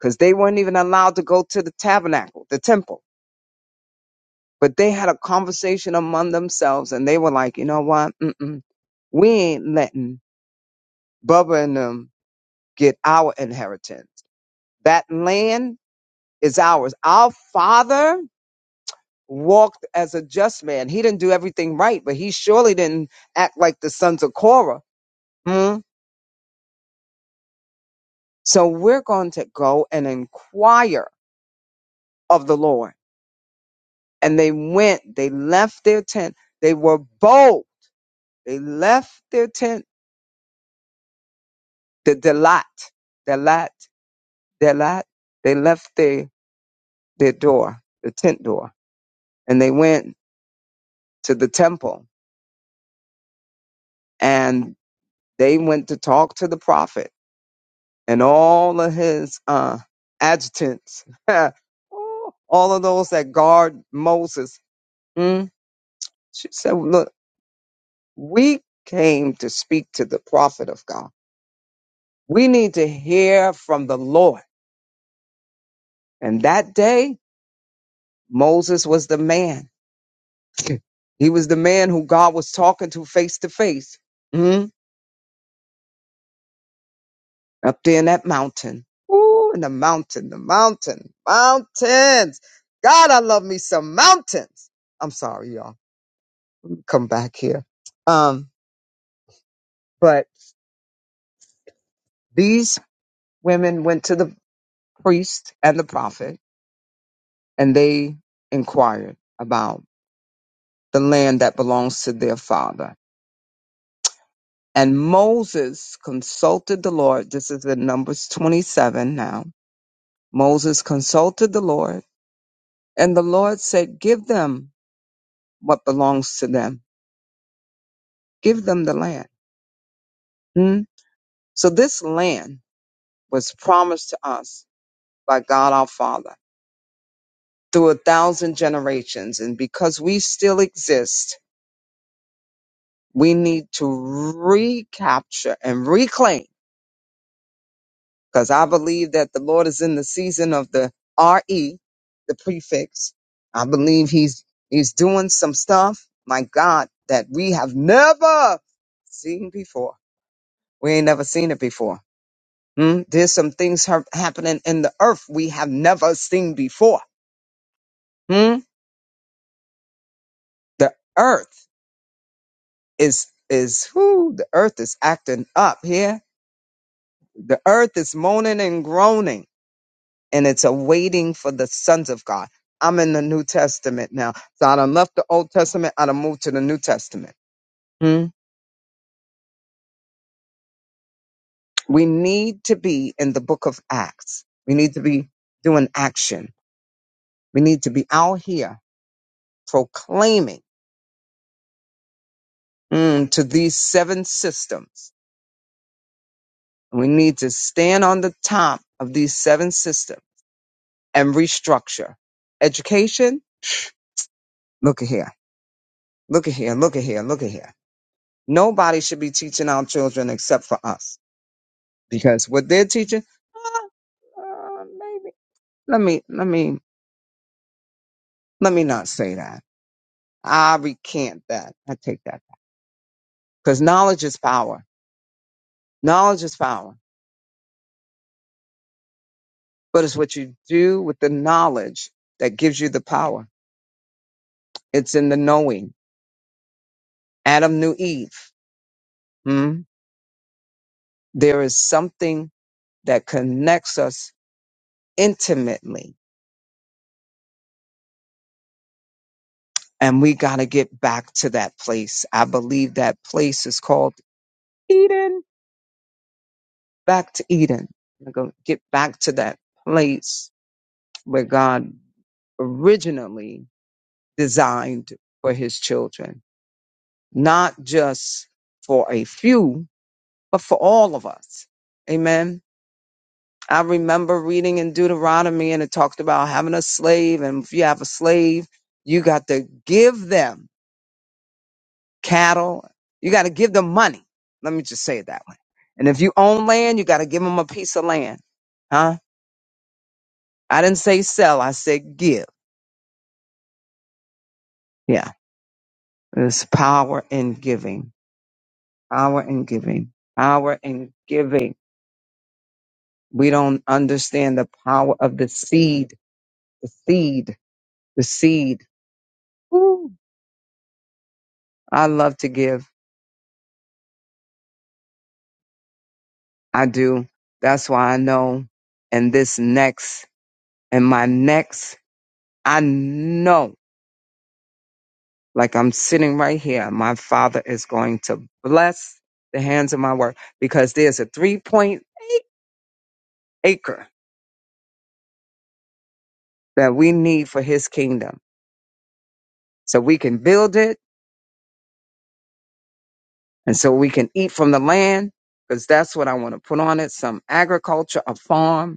Speaker 3: because they weren't even allowed to go to the tabernacle, the temple But they had a conversation among themselves and they were like, you know what? Mm-mm. We ain't letting Bubba and them get our inheritance. That land is ours. Our father walked as a just man. He didn't do everything right, but he surely didn't act like the sons of Korah. Hmm? So we're going to go and inquire of the Lord. And they went, they left their tent. They were bold. They left their tent, the Delat, Delat their lot, they left their, their door, the tent door, and they went to the temple and they went to talk to the prophet and all of his uh, adjutants, all of those that guard Moses. Mm. She said, Look, we came to speak to the prophet of God. We need to hear from the Lord. And that day, Moses was the man. He was the man who God was talking to face to face. Mm. up there in that mountain. Ooh, in the mountain, the mountain, mountains. God, I love me some mountains. I'm sorry, y'all. Come back here. Um, but these women went to the priest and the prophet and they inquired about the land that belongs to their father. And Moses consulted the Lord. This is in Numbers 27 now. Moses consulted the Lord and the Lord said, give them what belongs to them Give them the land. Hmm? So this land was promised to us by God our Father through a thousand generations. And because we still exist, we need to recapture and reclaim. Because I believe that the Lord is in the season of the RE, the prefix. I believe He's He's doing some stuff, my God, that we have never seen before. We ain't never seen it before. Hmm? There's some things hap- happening in the earth we have never seen before. Hmm? The earth is is who the earth is acting up here. The earth is moaning and groaning, and it's awaiting for the sons of God. I'm in the New Testament now, so I done left the Old Testament. I done moved to the New Testament. Hmm? We need to be in the Book of Acts. We need to be doing action. We need to be out here proclaiming mm, to these seven systems We need to stand on the top of these seven systems and restructure. Education, look at here, look at here, look at here, look at here. Nobody should be teaching our children except for us because what they're teaching, uh, uh, maybe. Let me, let me, let me not say that. I recant that. I take that because knowledge is power. Knowledge is power, but it's what you do with the knowledge that gives you the power. It's in the knowing. Adam knew Eve. Hmm. There is something that connects us intimately, and we got to get back to that place. I believe that place is called Eden. Back to Eden. We're going to get back to that place where God originally designed for his children, not just for a few, but for all of us. Amen I remember reading in Deuteronomy and it talked about having a slave. And if you have a slave, you got to give them cattle. You got to give them money. Let me just say it that way. And if you own land, you got to give them a piece of land. Huh? I didn't say sell. I said give. Yeah. There's power in giving. Power in giving. Power in giving. We don't understand the power of the seed. The seed. The seed. Woo. I love to give. I do. That's why I know And this next, and my next, I know, like I'm sitting right here, my father is going to bless the hands of my work because there's a 3.8 acre that we need for his kingdom. So we can build it and so we can eat from the land because that's what I want to put on it. Some agriculture, a farm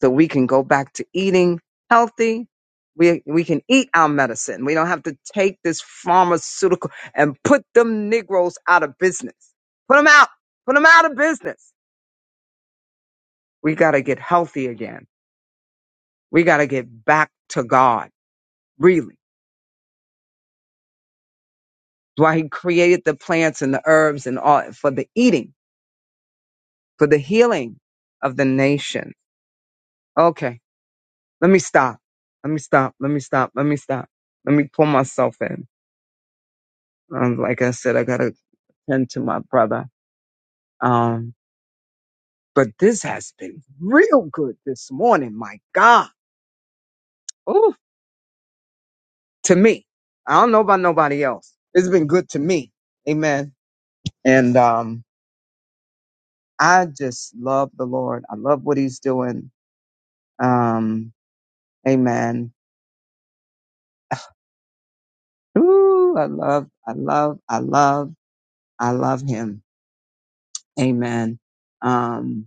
Speaker 3: so we can go back to eating healthy. We, we can eat our medicine. We don't have to take this pharmaceutical and put them Negroes out of business. Put them out. Put them out of business. We got to get healthy again. We got to get back to God, really. That's why he created the plants and the herbs and all for the eating, for the healing of the nation. Okay. Let me stop. Let me stop. Let me stop. Let me stop. Let me pull myself in. Um, like I said, I gotta and to my brother. Um, but this has been real good this morning. My God. Ooh, to me. I don't know about nobody else. It's been good to me. Amen. And, um, I just love the Lord. I love what he's doing. Um, amen. Ooh, I love, I love, I love, I love him. Amen. Um,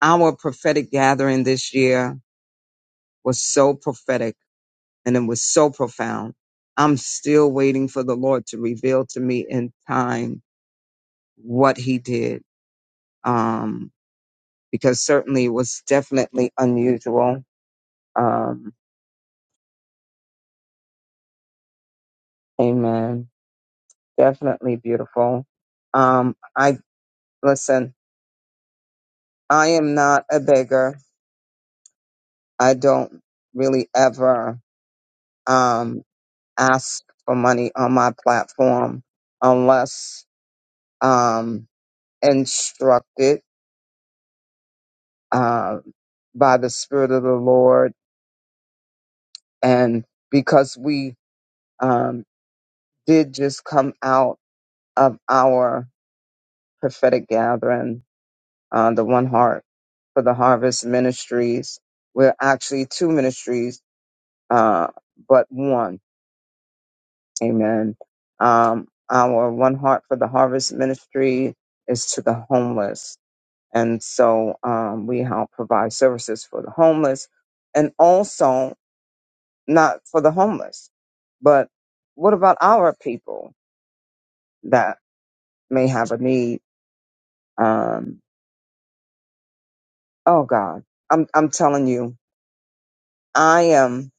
Speaker 3: our prophetic gathering this year was so prophetic and it was so profound. I'm still waiting for the Lord to reveal to me in time what He did, um, because certainly it was definitely unusual. Um, amen. Definitely beautiful. Um, I listen. I am not a beggar. I don't really ever um, ask for money on my platform unless um, instructed uh, by the Spirit of the Lord, and because we um, did just come out of our prophetic gathering, uh, the One Heart for the Harvest Ministries. We're actually two ministries, uh, but one. Amen. Um, our One Heart for the Harvest Ministry is to the homeless. And so um, we help provide services for the homeless. And also, not for the homeless. But what about our people that may have a need? Um, oh God, I'm I'm telling you, I am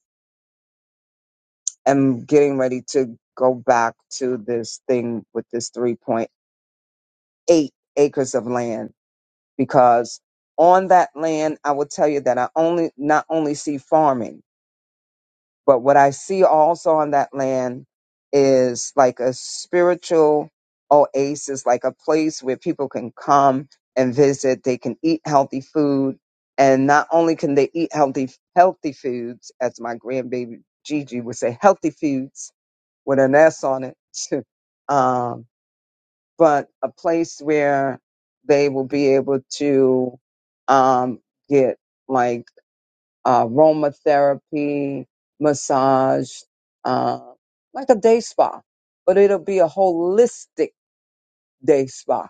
Speaker 3: am getting ready to go back to this thing with this 3.8 acres of land because on that land, I will tell you that I only not only see farming. But what I see also on that land is like a spiritual oasis, like a place where people can come and visit. They can eat healthy food. And not only can they eat healthy, healthy foods, as my grandbaby Gigi would say, healthy foods with an S on it, um, but a place where they will be able to um, get like uh, aromatherapy, massage, uh, like a day spa, but it'll be a holistic day spa.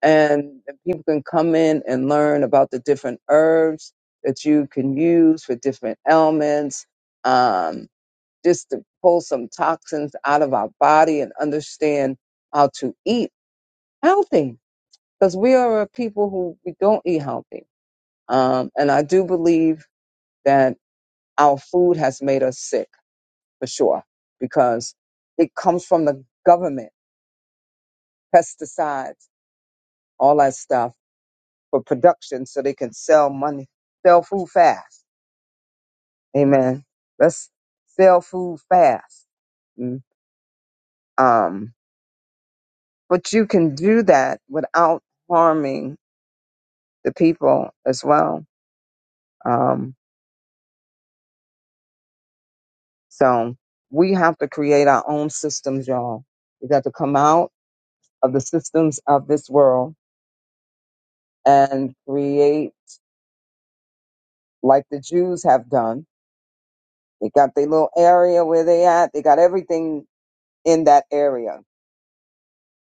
Speaker 3: And people can come in and learn about the different herbs that you can use for different ailments, um, just to pull some toxins out of our body and understand how to eat healthy. Because we are a people who we don't eat healthy. Um, and I do believe that our food has made us sick for sure because it comes from the government, pesticides, all that stuff for production so they can sell money, sell food fast. Amen. Let's sell food fast. Mm. Um, but you can do that without harming the people as well. Um, so we have to create our own systems, y'all. We got to come out of the systems of this world and create like the Jews have done They got their little area where they at. They got everything in that area.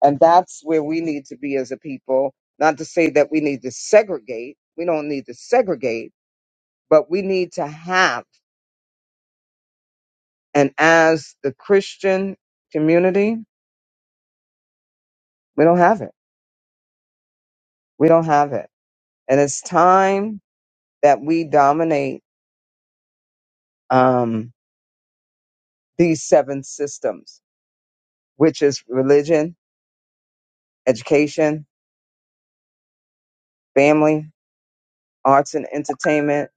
Speaker 3: And that's where we need to be as a people. Not to say that we need to segregate. We don't need to segregate, but we need to have. And as the Christian community, we don't have it. We don't have it. And it's time that we dominate um, these seven systems, which is religion, education, family, arts and entertainment,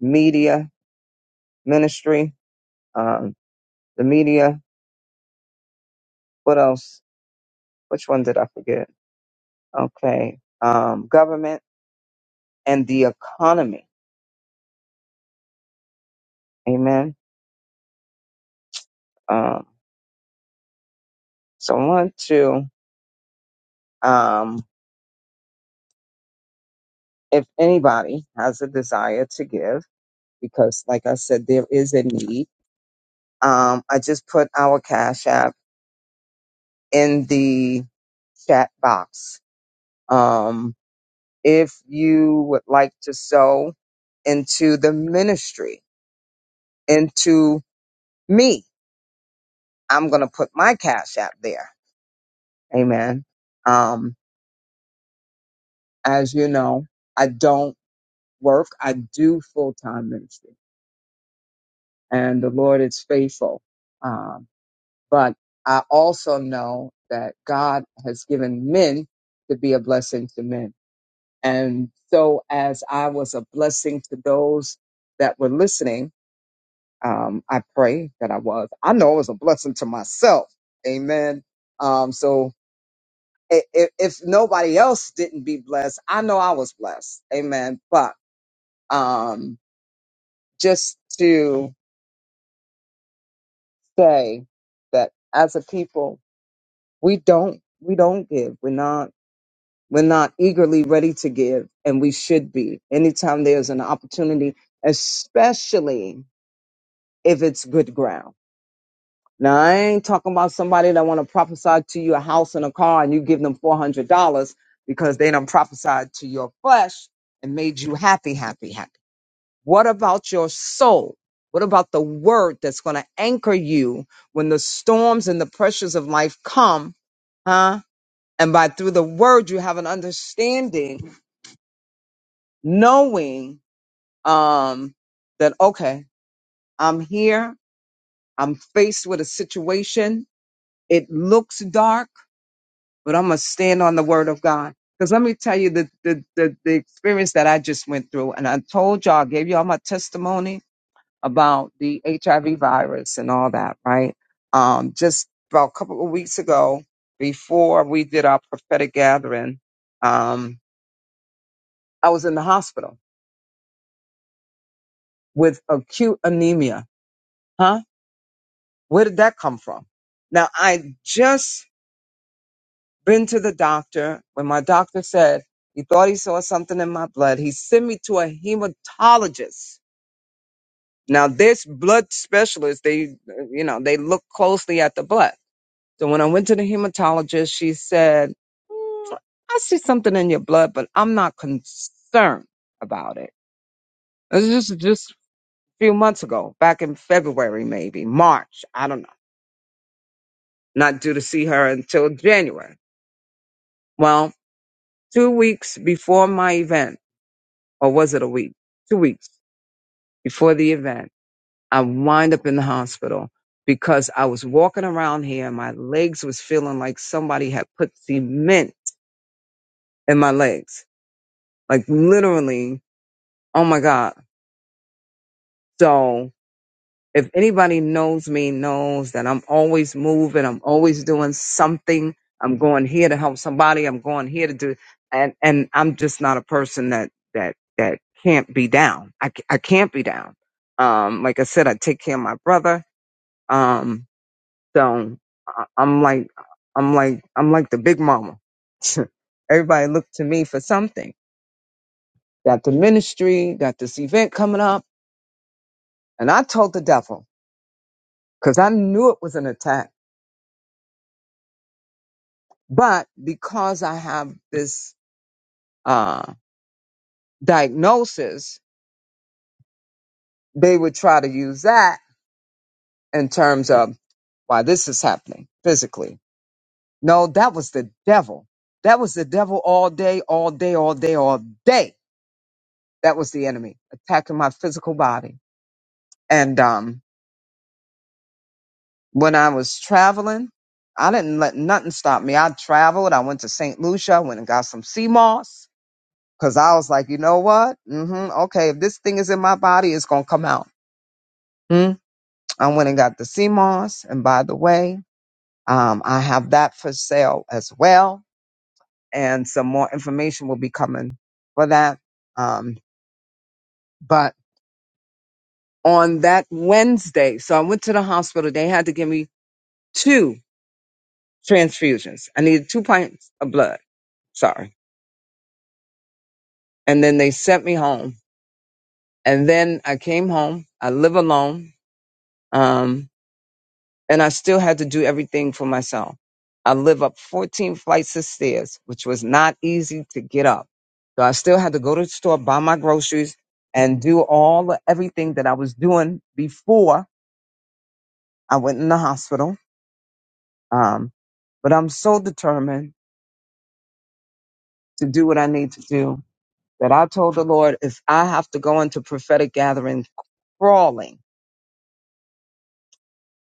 Speaker 3: media, ministry, um, the media. What else? Which one did I forget? Okay, um, government and the economy. Amen. Um, so I want to, um, if anybody has a desire to give, because like I said, there is a need. Um, I just put our cash app in the chat box. Um, if you would like to sow into the ministry, into me, I'm going to put my cash app there. Amen. Um, as you know, I don't work. I do full time ministry and the Lord is faithful. Um, but I also know that God has given men to be a blessing to men. And so as I was a blessing to those that were listening, um, I pray that I was. I know I was a blessing to myself. Amen. Um, so i- i- if nobody else didn't be blessed, I know I was blessed. Amen. But um, just to say that as a people, we don't we don't give. We're not we're not eagerly ready to give, and we should be. Anytime there's an opportunity, especially if it's good ground. Now I ain't talking about somebody that want to prophesy to you a house and a car, and you give them four hundred dollars because they done prophesied to your flesh and made you happy, happy, happy. What about your soul? What about the word that's going to anchor you when the storms and the pressures of life come? Huh? And by through the word, you have an understanding, knowing um, that, okay, I'm here. I'm faced with a situation. It looks dark, but I'm going to stand on the word of God. Because let me tell you the, the, the, the experience that I just went through. And I told y'all, I gave y'all my testimony about the HIV virus and all that, right? Um, just about a couple of weeks ago, before we did our prophetic gathering, um, I was in the hospital with acute anemia. Huh? Where did that come from? Now, I just been to the doctor when my doctor said he thought he saw something in my blood. He sent me to a hematologist. Now, this blood specialist, they, you know, they look closely at the blood. So when I went to the hematologist, she said, "Mm, I see something in your blood, but I'm not concerned about it. This is just, just a few months ago, back in February, maybe March. I don't know. Not due to see her until January. Well, two weeks before my event, or was it a week? Two weeks before the event, I wind up in the hospital because I was walking around here and my legs was feeling like somebody had put cement in my legs Like literally, oh my God. So if anybody knows me, knows that I'm always moving, I'm always doing something. I'm going here to help somebody. I'm going here to do, and and I'm just not a person that that that can't be down. I c- I can't be down. Um, like I said, I take care of my brother. Um, so I- I'm like I'm like I'm like the big mama. Everybody look to me for something. Got the ministry, got this event coming up And I told the devil because I knew it was an attack. But because I have this uh, diagnosis, they would try to use that in terms of why this is happening physically. No, that was the devil. That was the devil all day, all day, all day, all day. That was the enemy attacking my physical body. And um, when I was traveling, I didn't let nothing stop me. I traveled. I went to St. Lucia. I went and got some sea moss. Cause I was like, you know what? hmm Okay, if this thing is in my body, it's gonna come out. Mm. I went and got the CMOS, and by the way, um, I have that for sale as well, and some more information will be coming for that. Um, but on that Wednesday, so I went to the hospital. They had to give me two transfusions. I needed two pints of blood. Sorry, and then they sent me home. And then I came home. I live alone. Um, and I still had to do everything for myself. I live up 14 flights of stairs, which was not easy to get up. So I still had to go to the store, buy my groceries, and do all the- everything that I was doing before I went in the hospital. Um, but I'm so determined to do what I need to do that I told the Lord, if I have to go into prophetic gatherings crawling,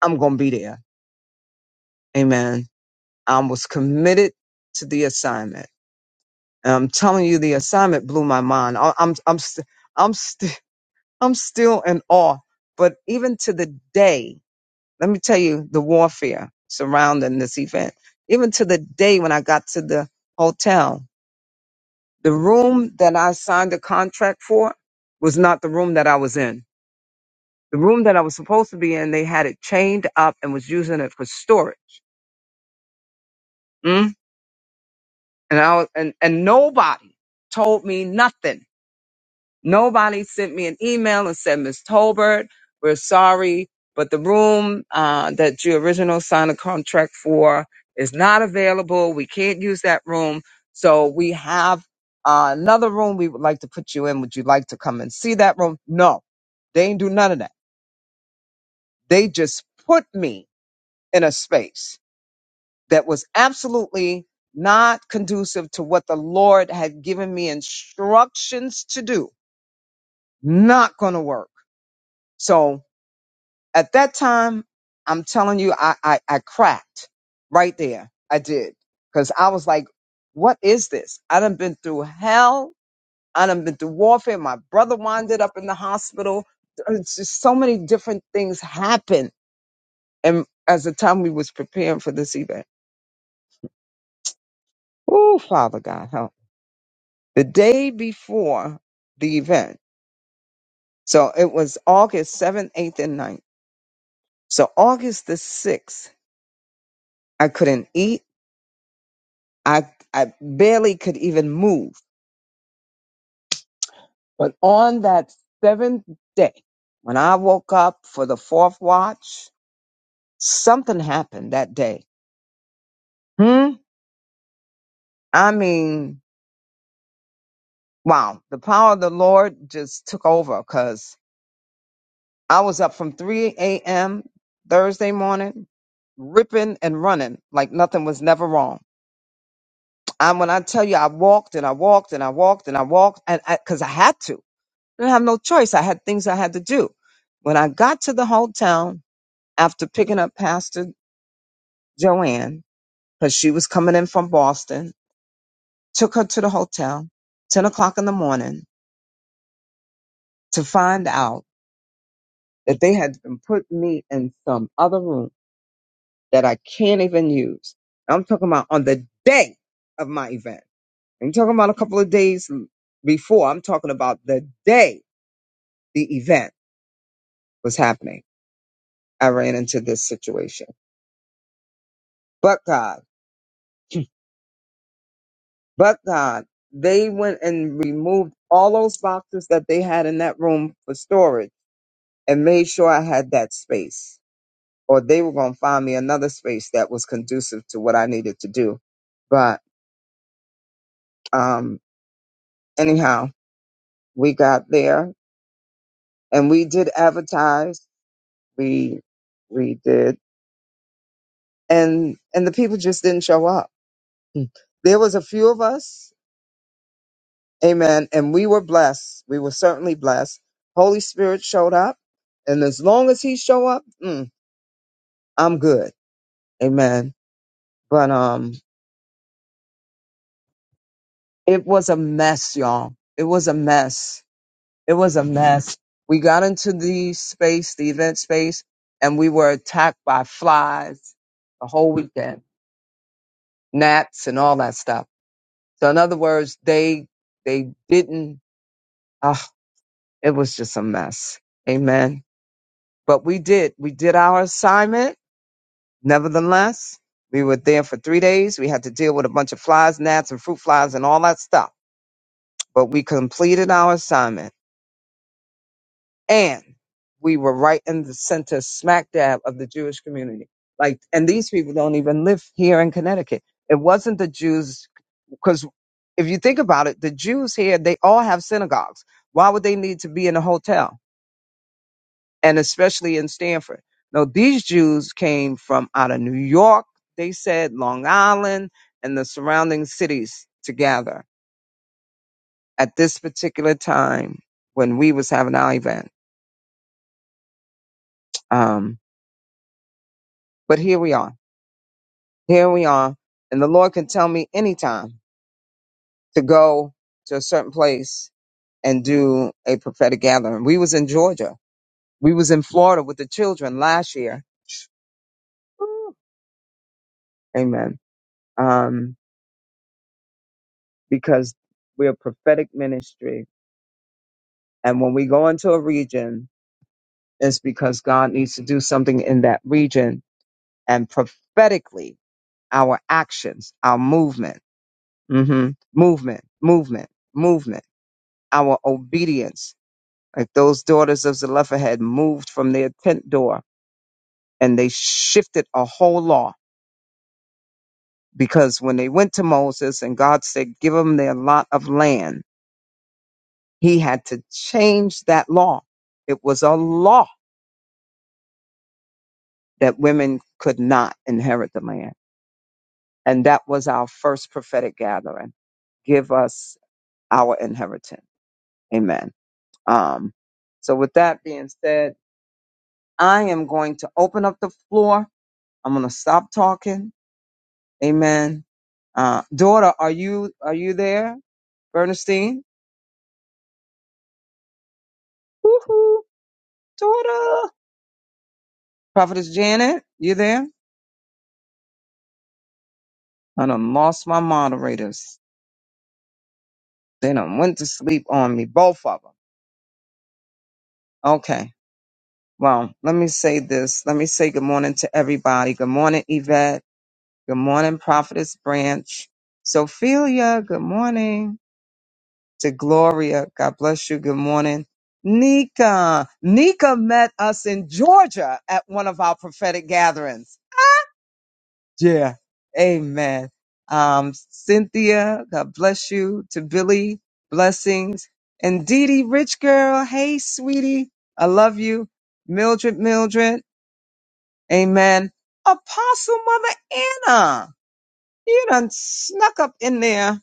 Speaker 3: I'm going to be there. Amen. I was committed to the assignment. And I'm telling you, the assignment blew my mind. I, I'm I'm st- I'm st- I'm still in awe. But even to the day, let me tell you the warfare surrounding this event. Even to the day when I got to the hotel, the room that I signed the contract for was not the room that I was in. The room that I was supposed to be in, they had it chained up and was using it for storage. Mm? And I was, and and nobody told me nothing Nobody sent me an email and said, Miss Tolbert, we're sorry, but the room uh, that you originally signed a contract for is not available. We can't use that room. So we have uh, another room we would like to put you in. Would you like to come and see that room? No, they didn't do none of that. They just put me in a space that was absolutely not conducive to what the Lord had given me instructions to do. Not going to work. So At that time, I'm telling you, I, I, I cracked right there. I did. Cause I was like, what is this? I done been through hell. I done been through warfare. My brother wounded up in the hospital. It's just so many different things happened. And as the time we was preparing for this event, oh, Father God, help. The day before the event, so it was August 7th, 8th, and ninth. So August the 6th, I couldn't eat. I, I barely could even move. But on that seventh day, when I woke up for the fourth watch, something happened that day. Hmm? I mean, wow, the power of the Lord just took over because I was up from 3 a.m. Thursday morning, ripping and running like nothing was never wrong. And when I tell you, I walked and I walked and I walked and I walked and because I 'cause I had to. didn't have no choice. I had things I had to do. When I got to the hotel after picking up Pastor Joanne, because she was coming in from Boston, took her to the hotel, 10 o'clock in the morning, to find out that they had been putting me in some other room that I can't even use. I'm talking about on the day of my event. I'm talking about a couple of days before. I'm talking about the day the event was happening. I ran into this situation. But God. But God, they went and removed all those boxes that they had in that room for storage and made sure I had that space. Or they were going to find me another space that was conducive to what I needed to do. But um, anyhow, we got there and we did advertise. We we did, and and the people just didn't show up. Hmm. There was a few of us Amen. And we were blessed. We were certainly blessed. Holy Spirit showed up, and as long as He show up, mm, I'm good. Amen. But um, it was a mess, y'all. It was a mess. It was a mess. We got into the space, the event space, and we were attacked by flies the whole weekend, gnats, and all that stuff. So in other words, they they didn't. ah, it was just a mess. Amen. But we did. We did our assignment Nevertheless, we were there for three days. We had to deal with a bunch of flies, gnats, and fruit flies and all that stuff. But we completed our assignment and we were right in the center, smack dab of the Jewish community. Like, and these people don't even live here in Connecticut. It wasn't the Jews, because if you think about it, the Jews here, they all have synagogues. Why would they need to be in a hotel? and especially in Stanford. Now, these Jews came from out of New York, they said Long Island and the surrounding cities together at this particular time when we was having our event. Um, but here we are. Here we are. And the Lord can tell me anytime to go to a certain place and do a prophetic gathering. We was in Georgia. We was in Florida with the children last year. Woo. Amen. Um, because we're a prophetic ministry. And when we go into a region, it's because God needs to do something in that region. And prophetically, our actions, our movement, mhm, movement, movement, movement, our obedience, like those daughters of Zelophehad moved from their tent door and they shifted a whole law because when they went to Moses and God said, give them their lot of land, he had to change that law. It was a law that women could not inherit the land. And that was our first prophetic gathering. Give us our inheritance. Amen. Um, so with that being said, I am going to open up the floor. I'm going to stop talking. Amen. Uh, daughter, are you, are you there? Bernstein? Woohoo. Daughter. Prophetess Janet, you there? I done lost my moderators. They done went to sleep on me, both of them. Okay. Well, let me say this. Let me say good morning to everybody. Good morning, Yvette. Good morning, Prophetess Branch. Sophia, good morning. To Gloria, God bless you. Good morning. Nika. Nika met us in Georgia at one of our prophetic gatherings. Yeah. Amen. Um, Cynthia, God bless you. To Billy, blessings. And Dee Dee, rich girl. Hey, sweetie. I love you. Mildred, Mildred. Amen. Apostle Mother Anna, you done snuck up in there.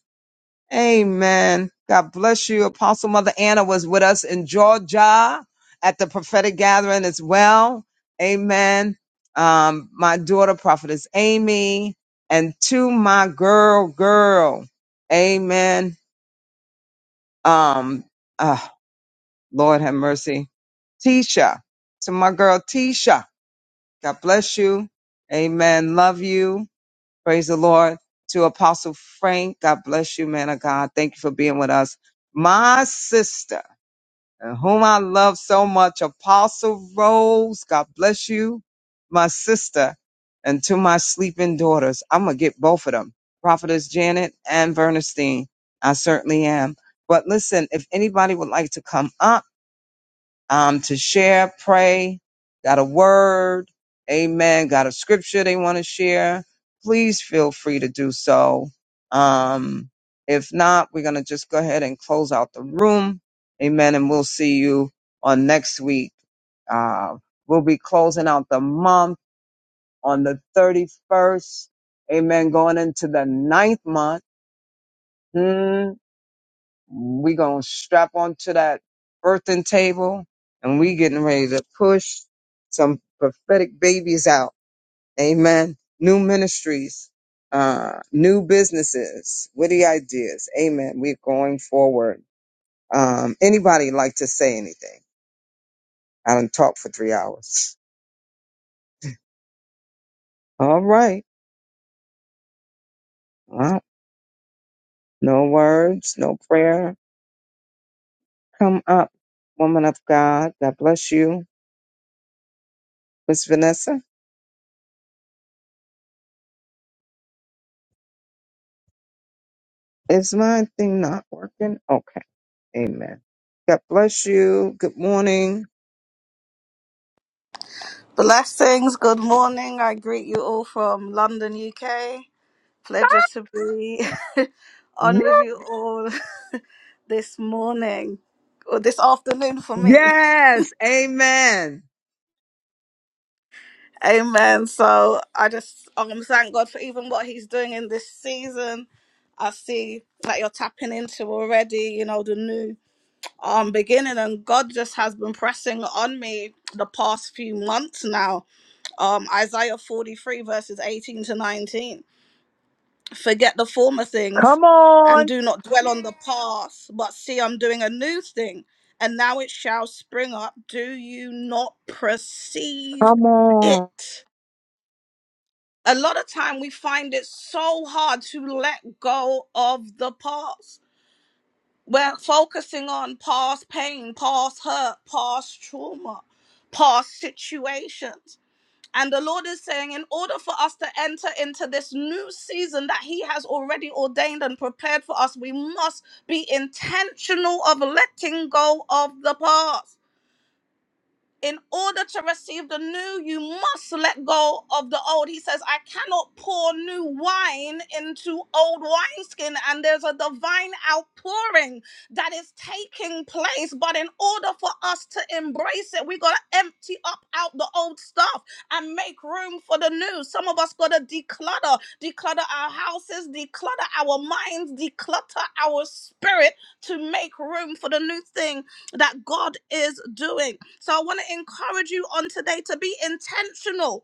Speaker 3: Amen. God bless you. Apostle Mother Anna was with us in Georgia at the prophetic gathering as well. Amen. Um, my daughter, prophetess Amy, and to my girl, girl. Amen. Um, ah, Lord have mercy. Tisha, to my girl, Tisha. God bless you. Amen. Love you Praise the Lord. To Apostle Frank, God bless you, man of God. Thank you for being with us. My sister, and whom I love so much, Apostle Rose, God bless you, my sister. And to my sleeping daughters, I'm going to get both of them, Prophetess Janet and Bernstein. I certainly am. But listen, if anybody would like to come up, um, to share, pray, got a word, amen, got a scripture they want to share, please feel free to do so. Um, if not, we're going to just go ahead and close out the room. Amen. And we'll see you on next week. Uh, we'll be closing out the month on the 31st. Amen. Going into the ninth month. Hmm we gonna strap onto that birthing table and we getting ready to push some prophetic babies out. Amen. New ministries, uh, new businesses, witty ideas. Amen. We're going forward. Um, anybody like to say anything? I done talk for three hours. All right. Well, no words, no prayer. Come up, woman of God. God bless you. Miss Vanessa, is my thing not working? Okay. Amen. God bless you. Good morning.
Speaker 8: Blessings, good morning. I greet you all from London, UK. Pleasure to be on with you all this morning or this afternoon for me.
Speaker 3: Yes, amen.
Speaker 8: Amen. So I just um, thank God for even what He's doing in this season. I see that you're tapping into already, you know, the new um beginning and God just has been pressing on me the past few months now. Um Isaiah 43 verses 18 to 19. forget the former things
Speaker 3: Come
Speaker 8: and
Speaker 3: on,
Speaker 8: do not dwell on the past but see i'm doing a new thing and now it shall spring up do you not perceive
Speaker 3: Come on.
Speaker 8: it a lot of time we find it so hard to let go of the past we're focusing on past pain past hurt past trauma past situations and the Lord is saying, in order for us to enter into this new season that He has already ordained and prepared for us, we must be intentional of letting go of the past in order to receive the new, you must let go of the old. He says, I cannot pour new wine into old wineskin. And there's a divine outpouring that is taking place. But in order for us to embrace it, we got to empty up out the old stuff and make room for the new. Some of us got to declutter, declutter our houses, declutter our minds, declutter our spirit to make room for the new thing that God is doing. So I want to encourage you on today to be intentional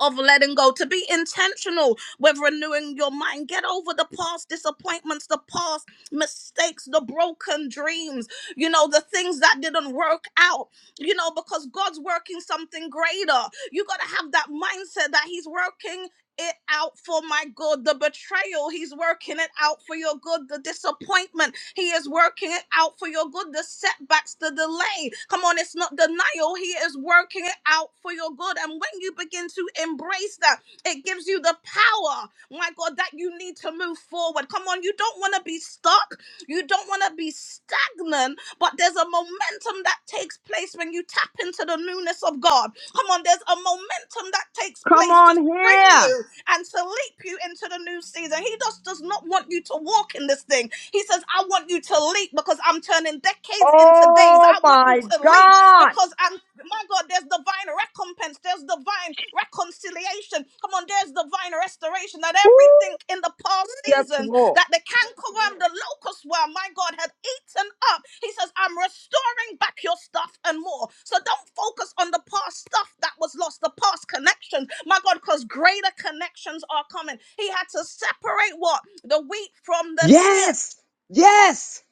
Speaker 8: of letting go, to be intentional with renewing your mind. Get over the past disappointments, the past mistakes, the broken dreams, you know, the things that didn't work out, you know, because God's working something greater. You got to have that mindset that He's working. It out for my good, the betrayal, he's working it out for your good, the disappointment he is working it out for your good. The setbacks, the delay. Come on, it's not denial. He is working it out for your good. And when you begin to embrace that, it gives you the power, my God, that you need to move forward. Come on, you don't want to be stuck. You don't want to be stagnant, but there's a momentum that takes place when you tap into the newness of God. Come on, there's a momentum that takes
Speaker 3: come
Speaker 8: place to
Speaker 3: on
Speaker 8: spring
Speaker 3: here.
Speaker 8: you and to leap you into the new season. He just does not want you to walk in this thing. He says, I want you to leap because I'm turning decades into days.
Speaker 3: Oh
Speaker 8: I want you
Speaker 3: my
Speaker 8: to leap
Speaker 3: God.
Speaker 8: because I'm my God, there's divine recompense, there's divine reconciliation. Come on, there's divine restoration that
Speaker 3: Woo,
Speaker 8: everything in the past
Speaker 3: yes,
Speaker 8: seasons
Speaker 3: Lord.
Speaker 8: that the cankerworm, the locust worm, my God, had eaten up. He says, I'm restoring back your stuff and more. So don't focus on the past stuff that was lost, the past connections, my God, because greater connections are coming. He had to separate what? The wheat from the tear.
Speaker 3: Yes. Yes.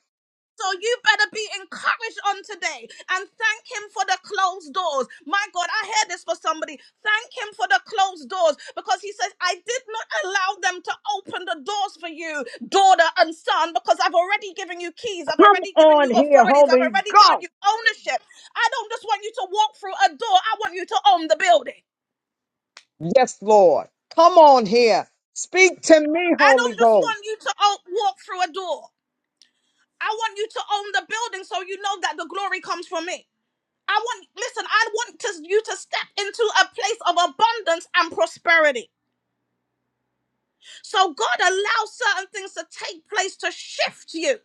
Speaker 8: So you better be encouraged on today and thank him for the closed doors. My God, I hear this for somebody. Thank him for the closed doors because he says, I did not allow them to open the doors for you, daughter and son, because I've already given you keys. I've
Speaker 3: Come
Speaker 8: already given
Speaker 3: on
Speaker 8: you
Speaker 3: here,
Speaker 8: authorities. I've
Speaker 3: Holy
Speaker 8: already given
Speaker 3: Ghost.
Speaker 8: you ownership. I don't just want you to walk through a door. I want you to own the building.
Speaker 3: Yes, Lord. Come on here. Speak to me,
Speaker 8: I
Speaker 3: Holy
Speaker 8: don't just
Speaker 3: Ghost.
Speaker 8: want you to o- walk through a door. I want you to own the building so you know that the glory comes from me. I want, listen, I want to, you to step into a place of abundance and prosperity. So God allows certain things to take place to shift you.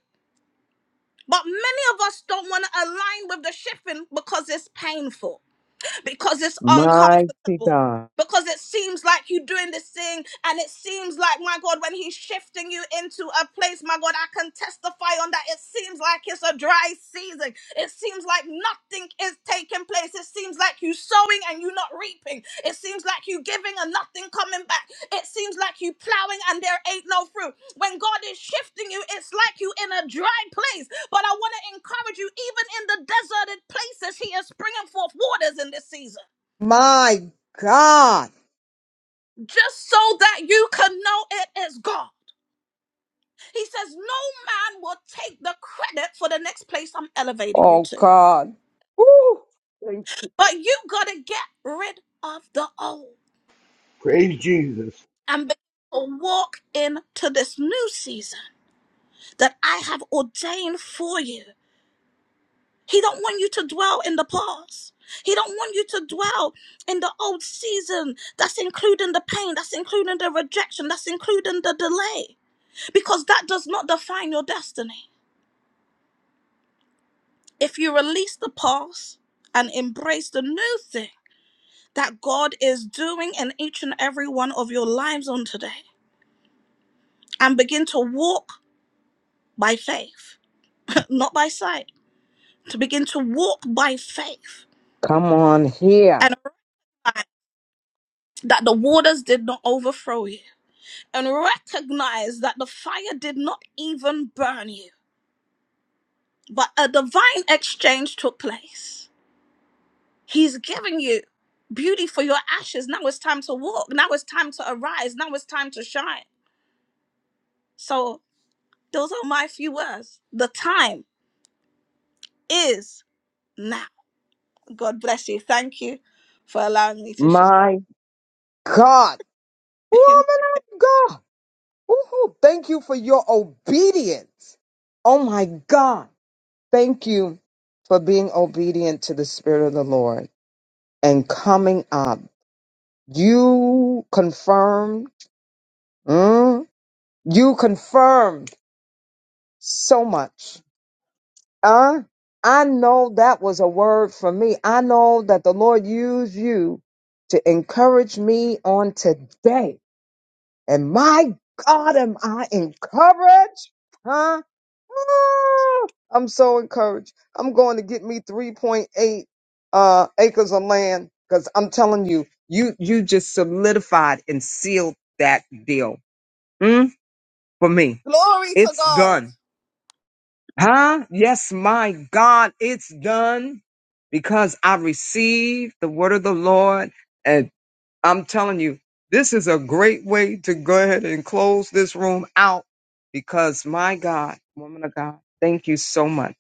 Speaker 8: But many of us don't want to align with the shifting because it's painful. because it's
Speaker 3: Mighty
Speaker 8: uncomfortable.
Speaker 3: God.
Speaker 8: Because it seems like you're doing this thing, and it seems like, my God, when He's shifting you into a place, my God, I can testify on that. It seems like it's a dry season. It seems like nothing is taking place. It seems like you're sowing and you're not reaping. It seems like you're giving and nothing coming back. It seems like you're plowing and there ain't no fruit. When God is shifting you, it's like you in a dry place but I want to encourage you, even in the deserted places, He is bringing forth waters in this season,
Speaker 3: My God.
Speaker 8: just so that you can know it is God. He says, No man will take the credit for the next place I'm elevating you
Speaker 3: Oh,
Speaker 8: to,
Speaker 3: God. Woo.
Speaker 8: but you got to get rid of the old
Speaker 6: praise Jesus.
Speaker 8: and begin to walk into this new season that I have ordained for you. He don't want you to dwell in the past. He don't want you to dwell in the old season. That's including the pain, that's including the rejection, that's including the delay because that does not define your destiny. If you release the past and embrace the new thing that God is doing in each and every one of your lives on today and begin to walk by faith, not by sight, to begin to walk by faith
Speaker 3: Come on here.
Speaker 8: and realize that the waters did not overthrow you and recognize that the fire did not even burn you, but a divine exchange took place. He's giving you beauty for your ashes. Now it's time to walk. Now it's time to arise. Now it's time to shine. So, those are my few words. The time is now. God bless you. Thank you for allowing me to share.
Speaker 3: My God. Woman of God. Woo-hoo. Thank you for your obedience. Oh my God. Thank you for being obedient to the Spirit of the Lord and coming up. You confirmed. mm, you confirmed so much. Huh? I know that was a word for me. I know that the Lord used you to encourage me on today And my God, am I encouraged? Huh? Ah, I'm so encouraged. I'm going to get me 3.8 uh, acres of land because I'm telling you, you you just solidified and sealed that deal mm, for me.
Speaker 8: Glory to
Speaker 3: It's
Speaker 8: God.
Speaker 3: done. Huh? Yes, my God, it's done because I received the word of the Lord I'm telling you, this is a great way to go ahead and close this room out because my God, woman of God, thank you so much.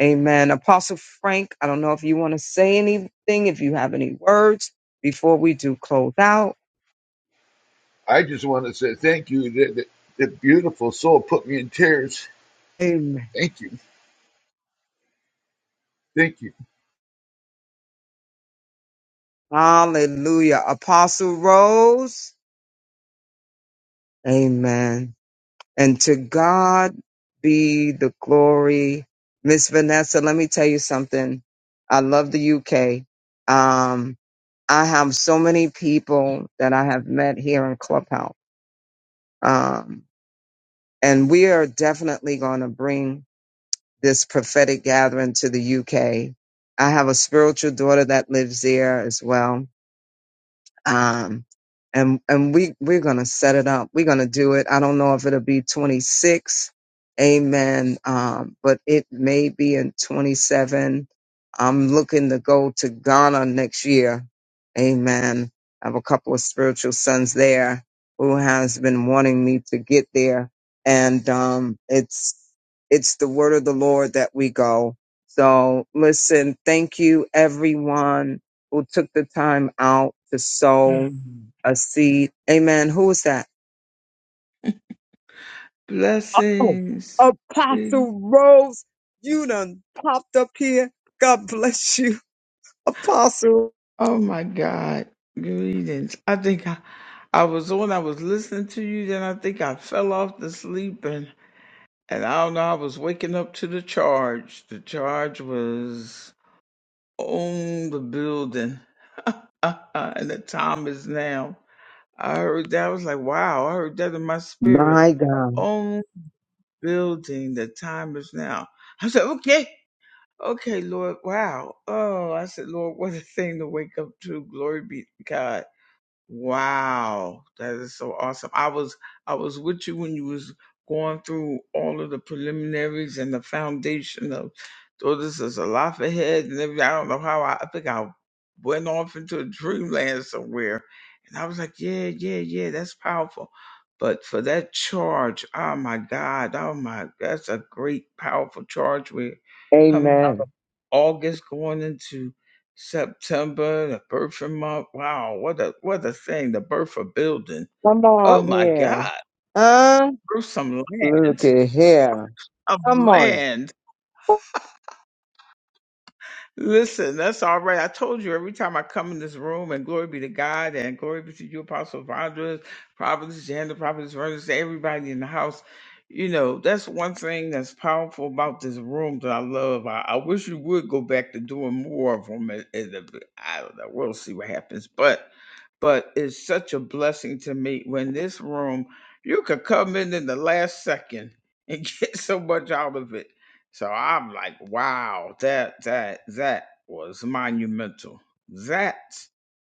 Speaker 3: Amen. Apostle Frank, I don't know if you want to say anything, if you have any words before we do close out.
Speaker 6: I just want to say thank you. That, that, that beautiful soul put me in tears.
Speaker 3: Amen.
Speaker 6: Thank you. Thank you.
Speaker 3: Hallelujah. Apostle Rose. Amen. And to God be the glory. Miss Vanessa, let me tell you something. I love the UK. Um, I have so many people that I have met here in Clubhouse. Um, and we are definitely going to bring this prophetic gathering to the UK. I have a spiritual daughter that lives there as well um, and and we we're gonna set it up. We're gonna do it. I don't know if it'll be 26, amen. Um, but it may be in 27. I'm looking to go to Ghana next year, amen. I have a couple of spiritual sons there who has been wanting me to get there, and um, it's it's the word of the Lord that we go. So listen, thank you everyone who took the time out to sow
Speaker 9: Mm.
Speaker 3: a seed. Amen. Who is that? Oh,
Speaker 9: Blessings. Gee.
Speaker 3: Apostle Rose, you done popped up here. God bless you, Apostle.
Speaker 9: Oh my God. Greetings. I think I, I was on, I was listening to you, then I think I fell off to sleep and, and I don't know, I was waking up to the charge. The charge was on the building. and the time is now. I heard that. I was like, wow, I heard that in my spirit.
Speaker 3: My God.
Speaker 9: On building, the time is now. I said, okay. Okay, Lord. Wow. Oh, I said, Lord, what a thing to wake up to. Glory be to God. Wow. That is so awesome. I was I was with you when you was going through all of the preliminaries and the foundation of oh, this is a life ahead and everything. I don't know how I, I think I went off into a dreamland somewhere. And I was like, Yeah, yeah, yeah, that's powerful. But for that charge, oh my God, oh my that's a great powerful charge we're coming
Speaker 3: Amen.
Speaker 9: August going into September, the birthing month. Wow, what a what a thing, the birth of building.
Speaker 3: Come
Speaker 9: Oh
Speaker 3: on
Speaker 9: my
Speaker 3: here.
Speaker 9: God.
Speaker 3: Huh?
Speaker 9: Birth some
Speaker 3: Look
Speaker 9: land.
Speaker 3: at here.
Speaker 9: Of
Speaker 3: Come on.
Speaker 9: land. Listen, that's all right. I told you every time I come in this room, and glory be to God, and glory be to you, Apostle Vondras, Providence Janet, Providence Vernon, to everybody in the house. You know, that's one thing that's powerful about this room that I love. I, I wish you would go back to doing more of them. It, it, I don't know. We'll see what happens. But but it's such a blessing to me when this room you could come in in the last second and get so much out of it so i'm like wow that that that was monumental that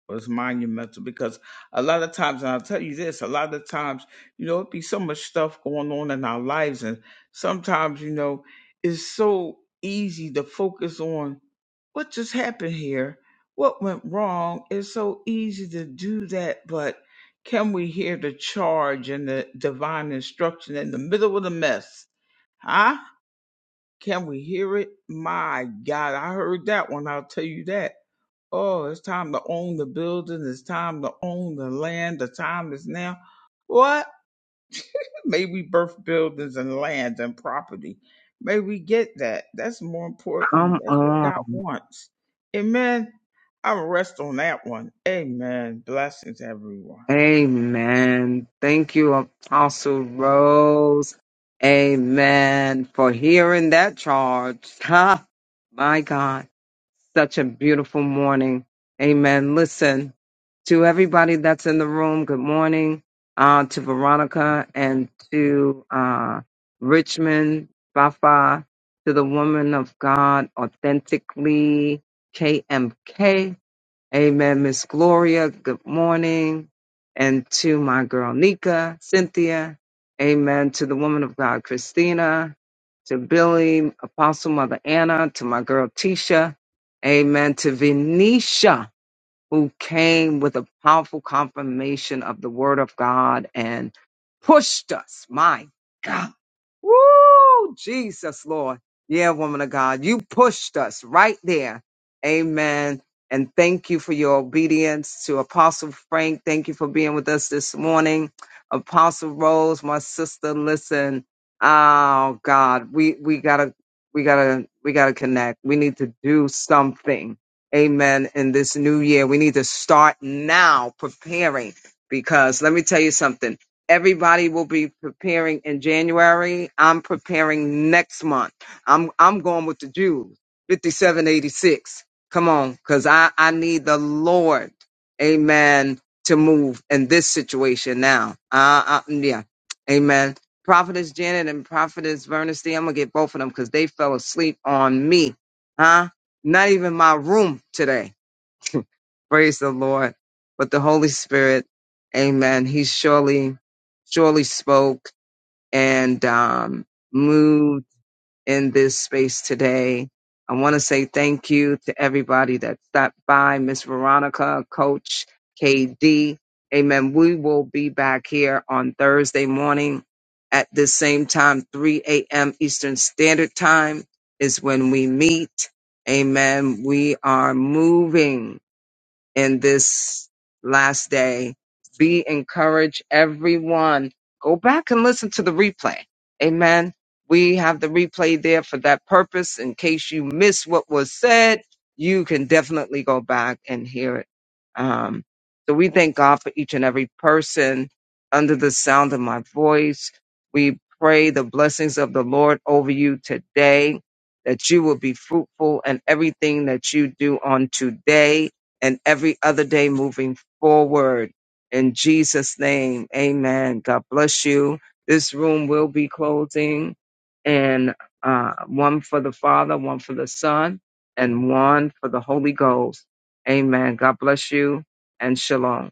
Speaker 9: was monumental because a lot of times and i'll tell you this a lot of times you know it be so much stuff going on in our lives and sometimes you know it's so easy to focus on what just happened here? What went wrong? It's so easy to do that, but can we hear the charge and the divine instruction in the middle of the mess? Huh? Can we hear it? My God, I heard that one. I'll tell you that. Oh, it's time to own the building. It's time to own the land. The time is now. What? May we birth buildings and land and property. May we get that. That's more important.
Speaker 3: Come
Speaker 9: That's what
Speaker 3: on.
Speaker 9: God wants. Amen. I'll rest on that one. Amen. Blessings, everyone.
Speaker 3: Amen. Thank you, Apostle Rose. Amen. For hearing that charge. Ha! My God. Such a beautiful morning. Amen. Listen, to everybody that's in the room, good morning. Uh, to Veronica and to uh, Richmond, Fafa, to the woman of God, authentically, KMK. Amen, Miss Gloria. Good morning. And to my girl Nika, Cynthia. Amen. To the woman of God, Christina. To Billy, Apostle Mother Anna. To my girl Tisha. Amen. To Venetia who came with a powerful confirmation of the word of God and pushed us. My God. Woo! Jesus, Lord. Yeah, woman of God, you pushed us right there. Amen. And thank you for your obedience to Apostle Frank. Thank you for being with us this morning. Apostle Rose, my sister, listen. Oh God, we we gotta we gotta we gotta connect. We need to do something Amen. In this new year, we need to start now preparing because let me tell you something. Everybody will be preparing in January. I'm preparing next month. I'm I'm going with the Jews. 5786. Come on, because I, I need the Lord, amen, to move in this situation now. Uh, uh yeah. Amen. Prophetess Janet and Prophetess Vernestine, I'm gonna get both of them because they fell asleep on me. Huh? not even my room today. Praise the Lord. But the Holy Spirit, amen. He surely, surely spoke and um, moved in this space today. I want to say thank you to everybody that stopped by, Miss Veronica, Coach KD. Amen. We will be back here on Thursday morning at the same time, 3 a.m. Eastern Standard Time is when we meet. Amen. We are moving in this last day. Be encouraged, everyone. Go back and listen to the replay. Amen. We have the replay there for that purpose. In case you miss what was said, you can definitely go back and hear it. Um, so we thank God for each and every person under the sound of my voice. We pray the blessings of the Lord over you today, that you will be fruitful in everything that you do on today and every other day moving forward. In Jesus' name, amen. God bless you. This room will be closing, and uh, one for the Father, one for the Son, and one for the Holy Ghost. Amen. God bless you, and shalom.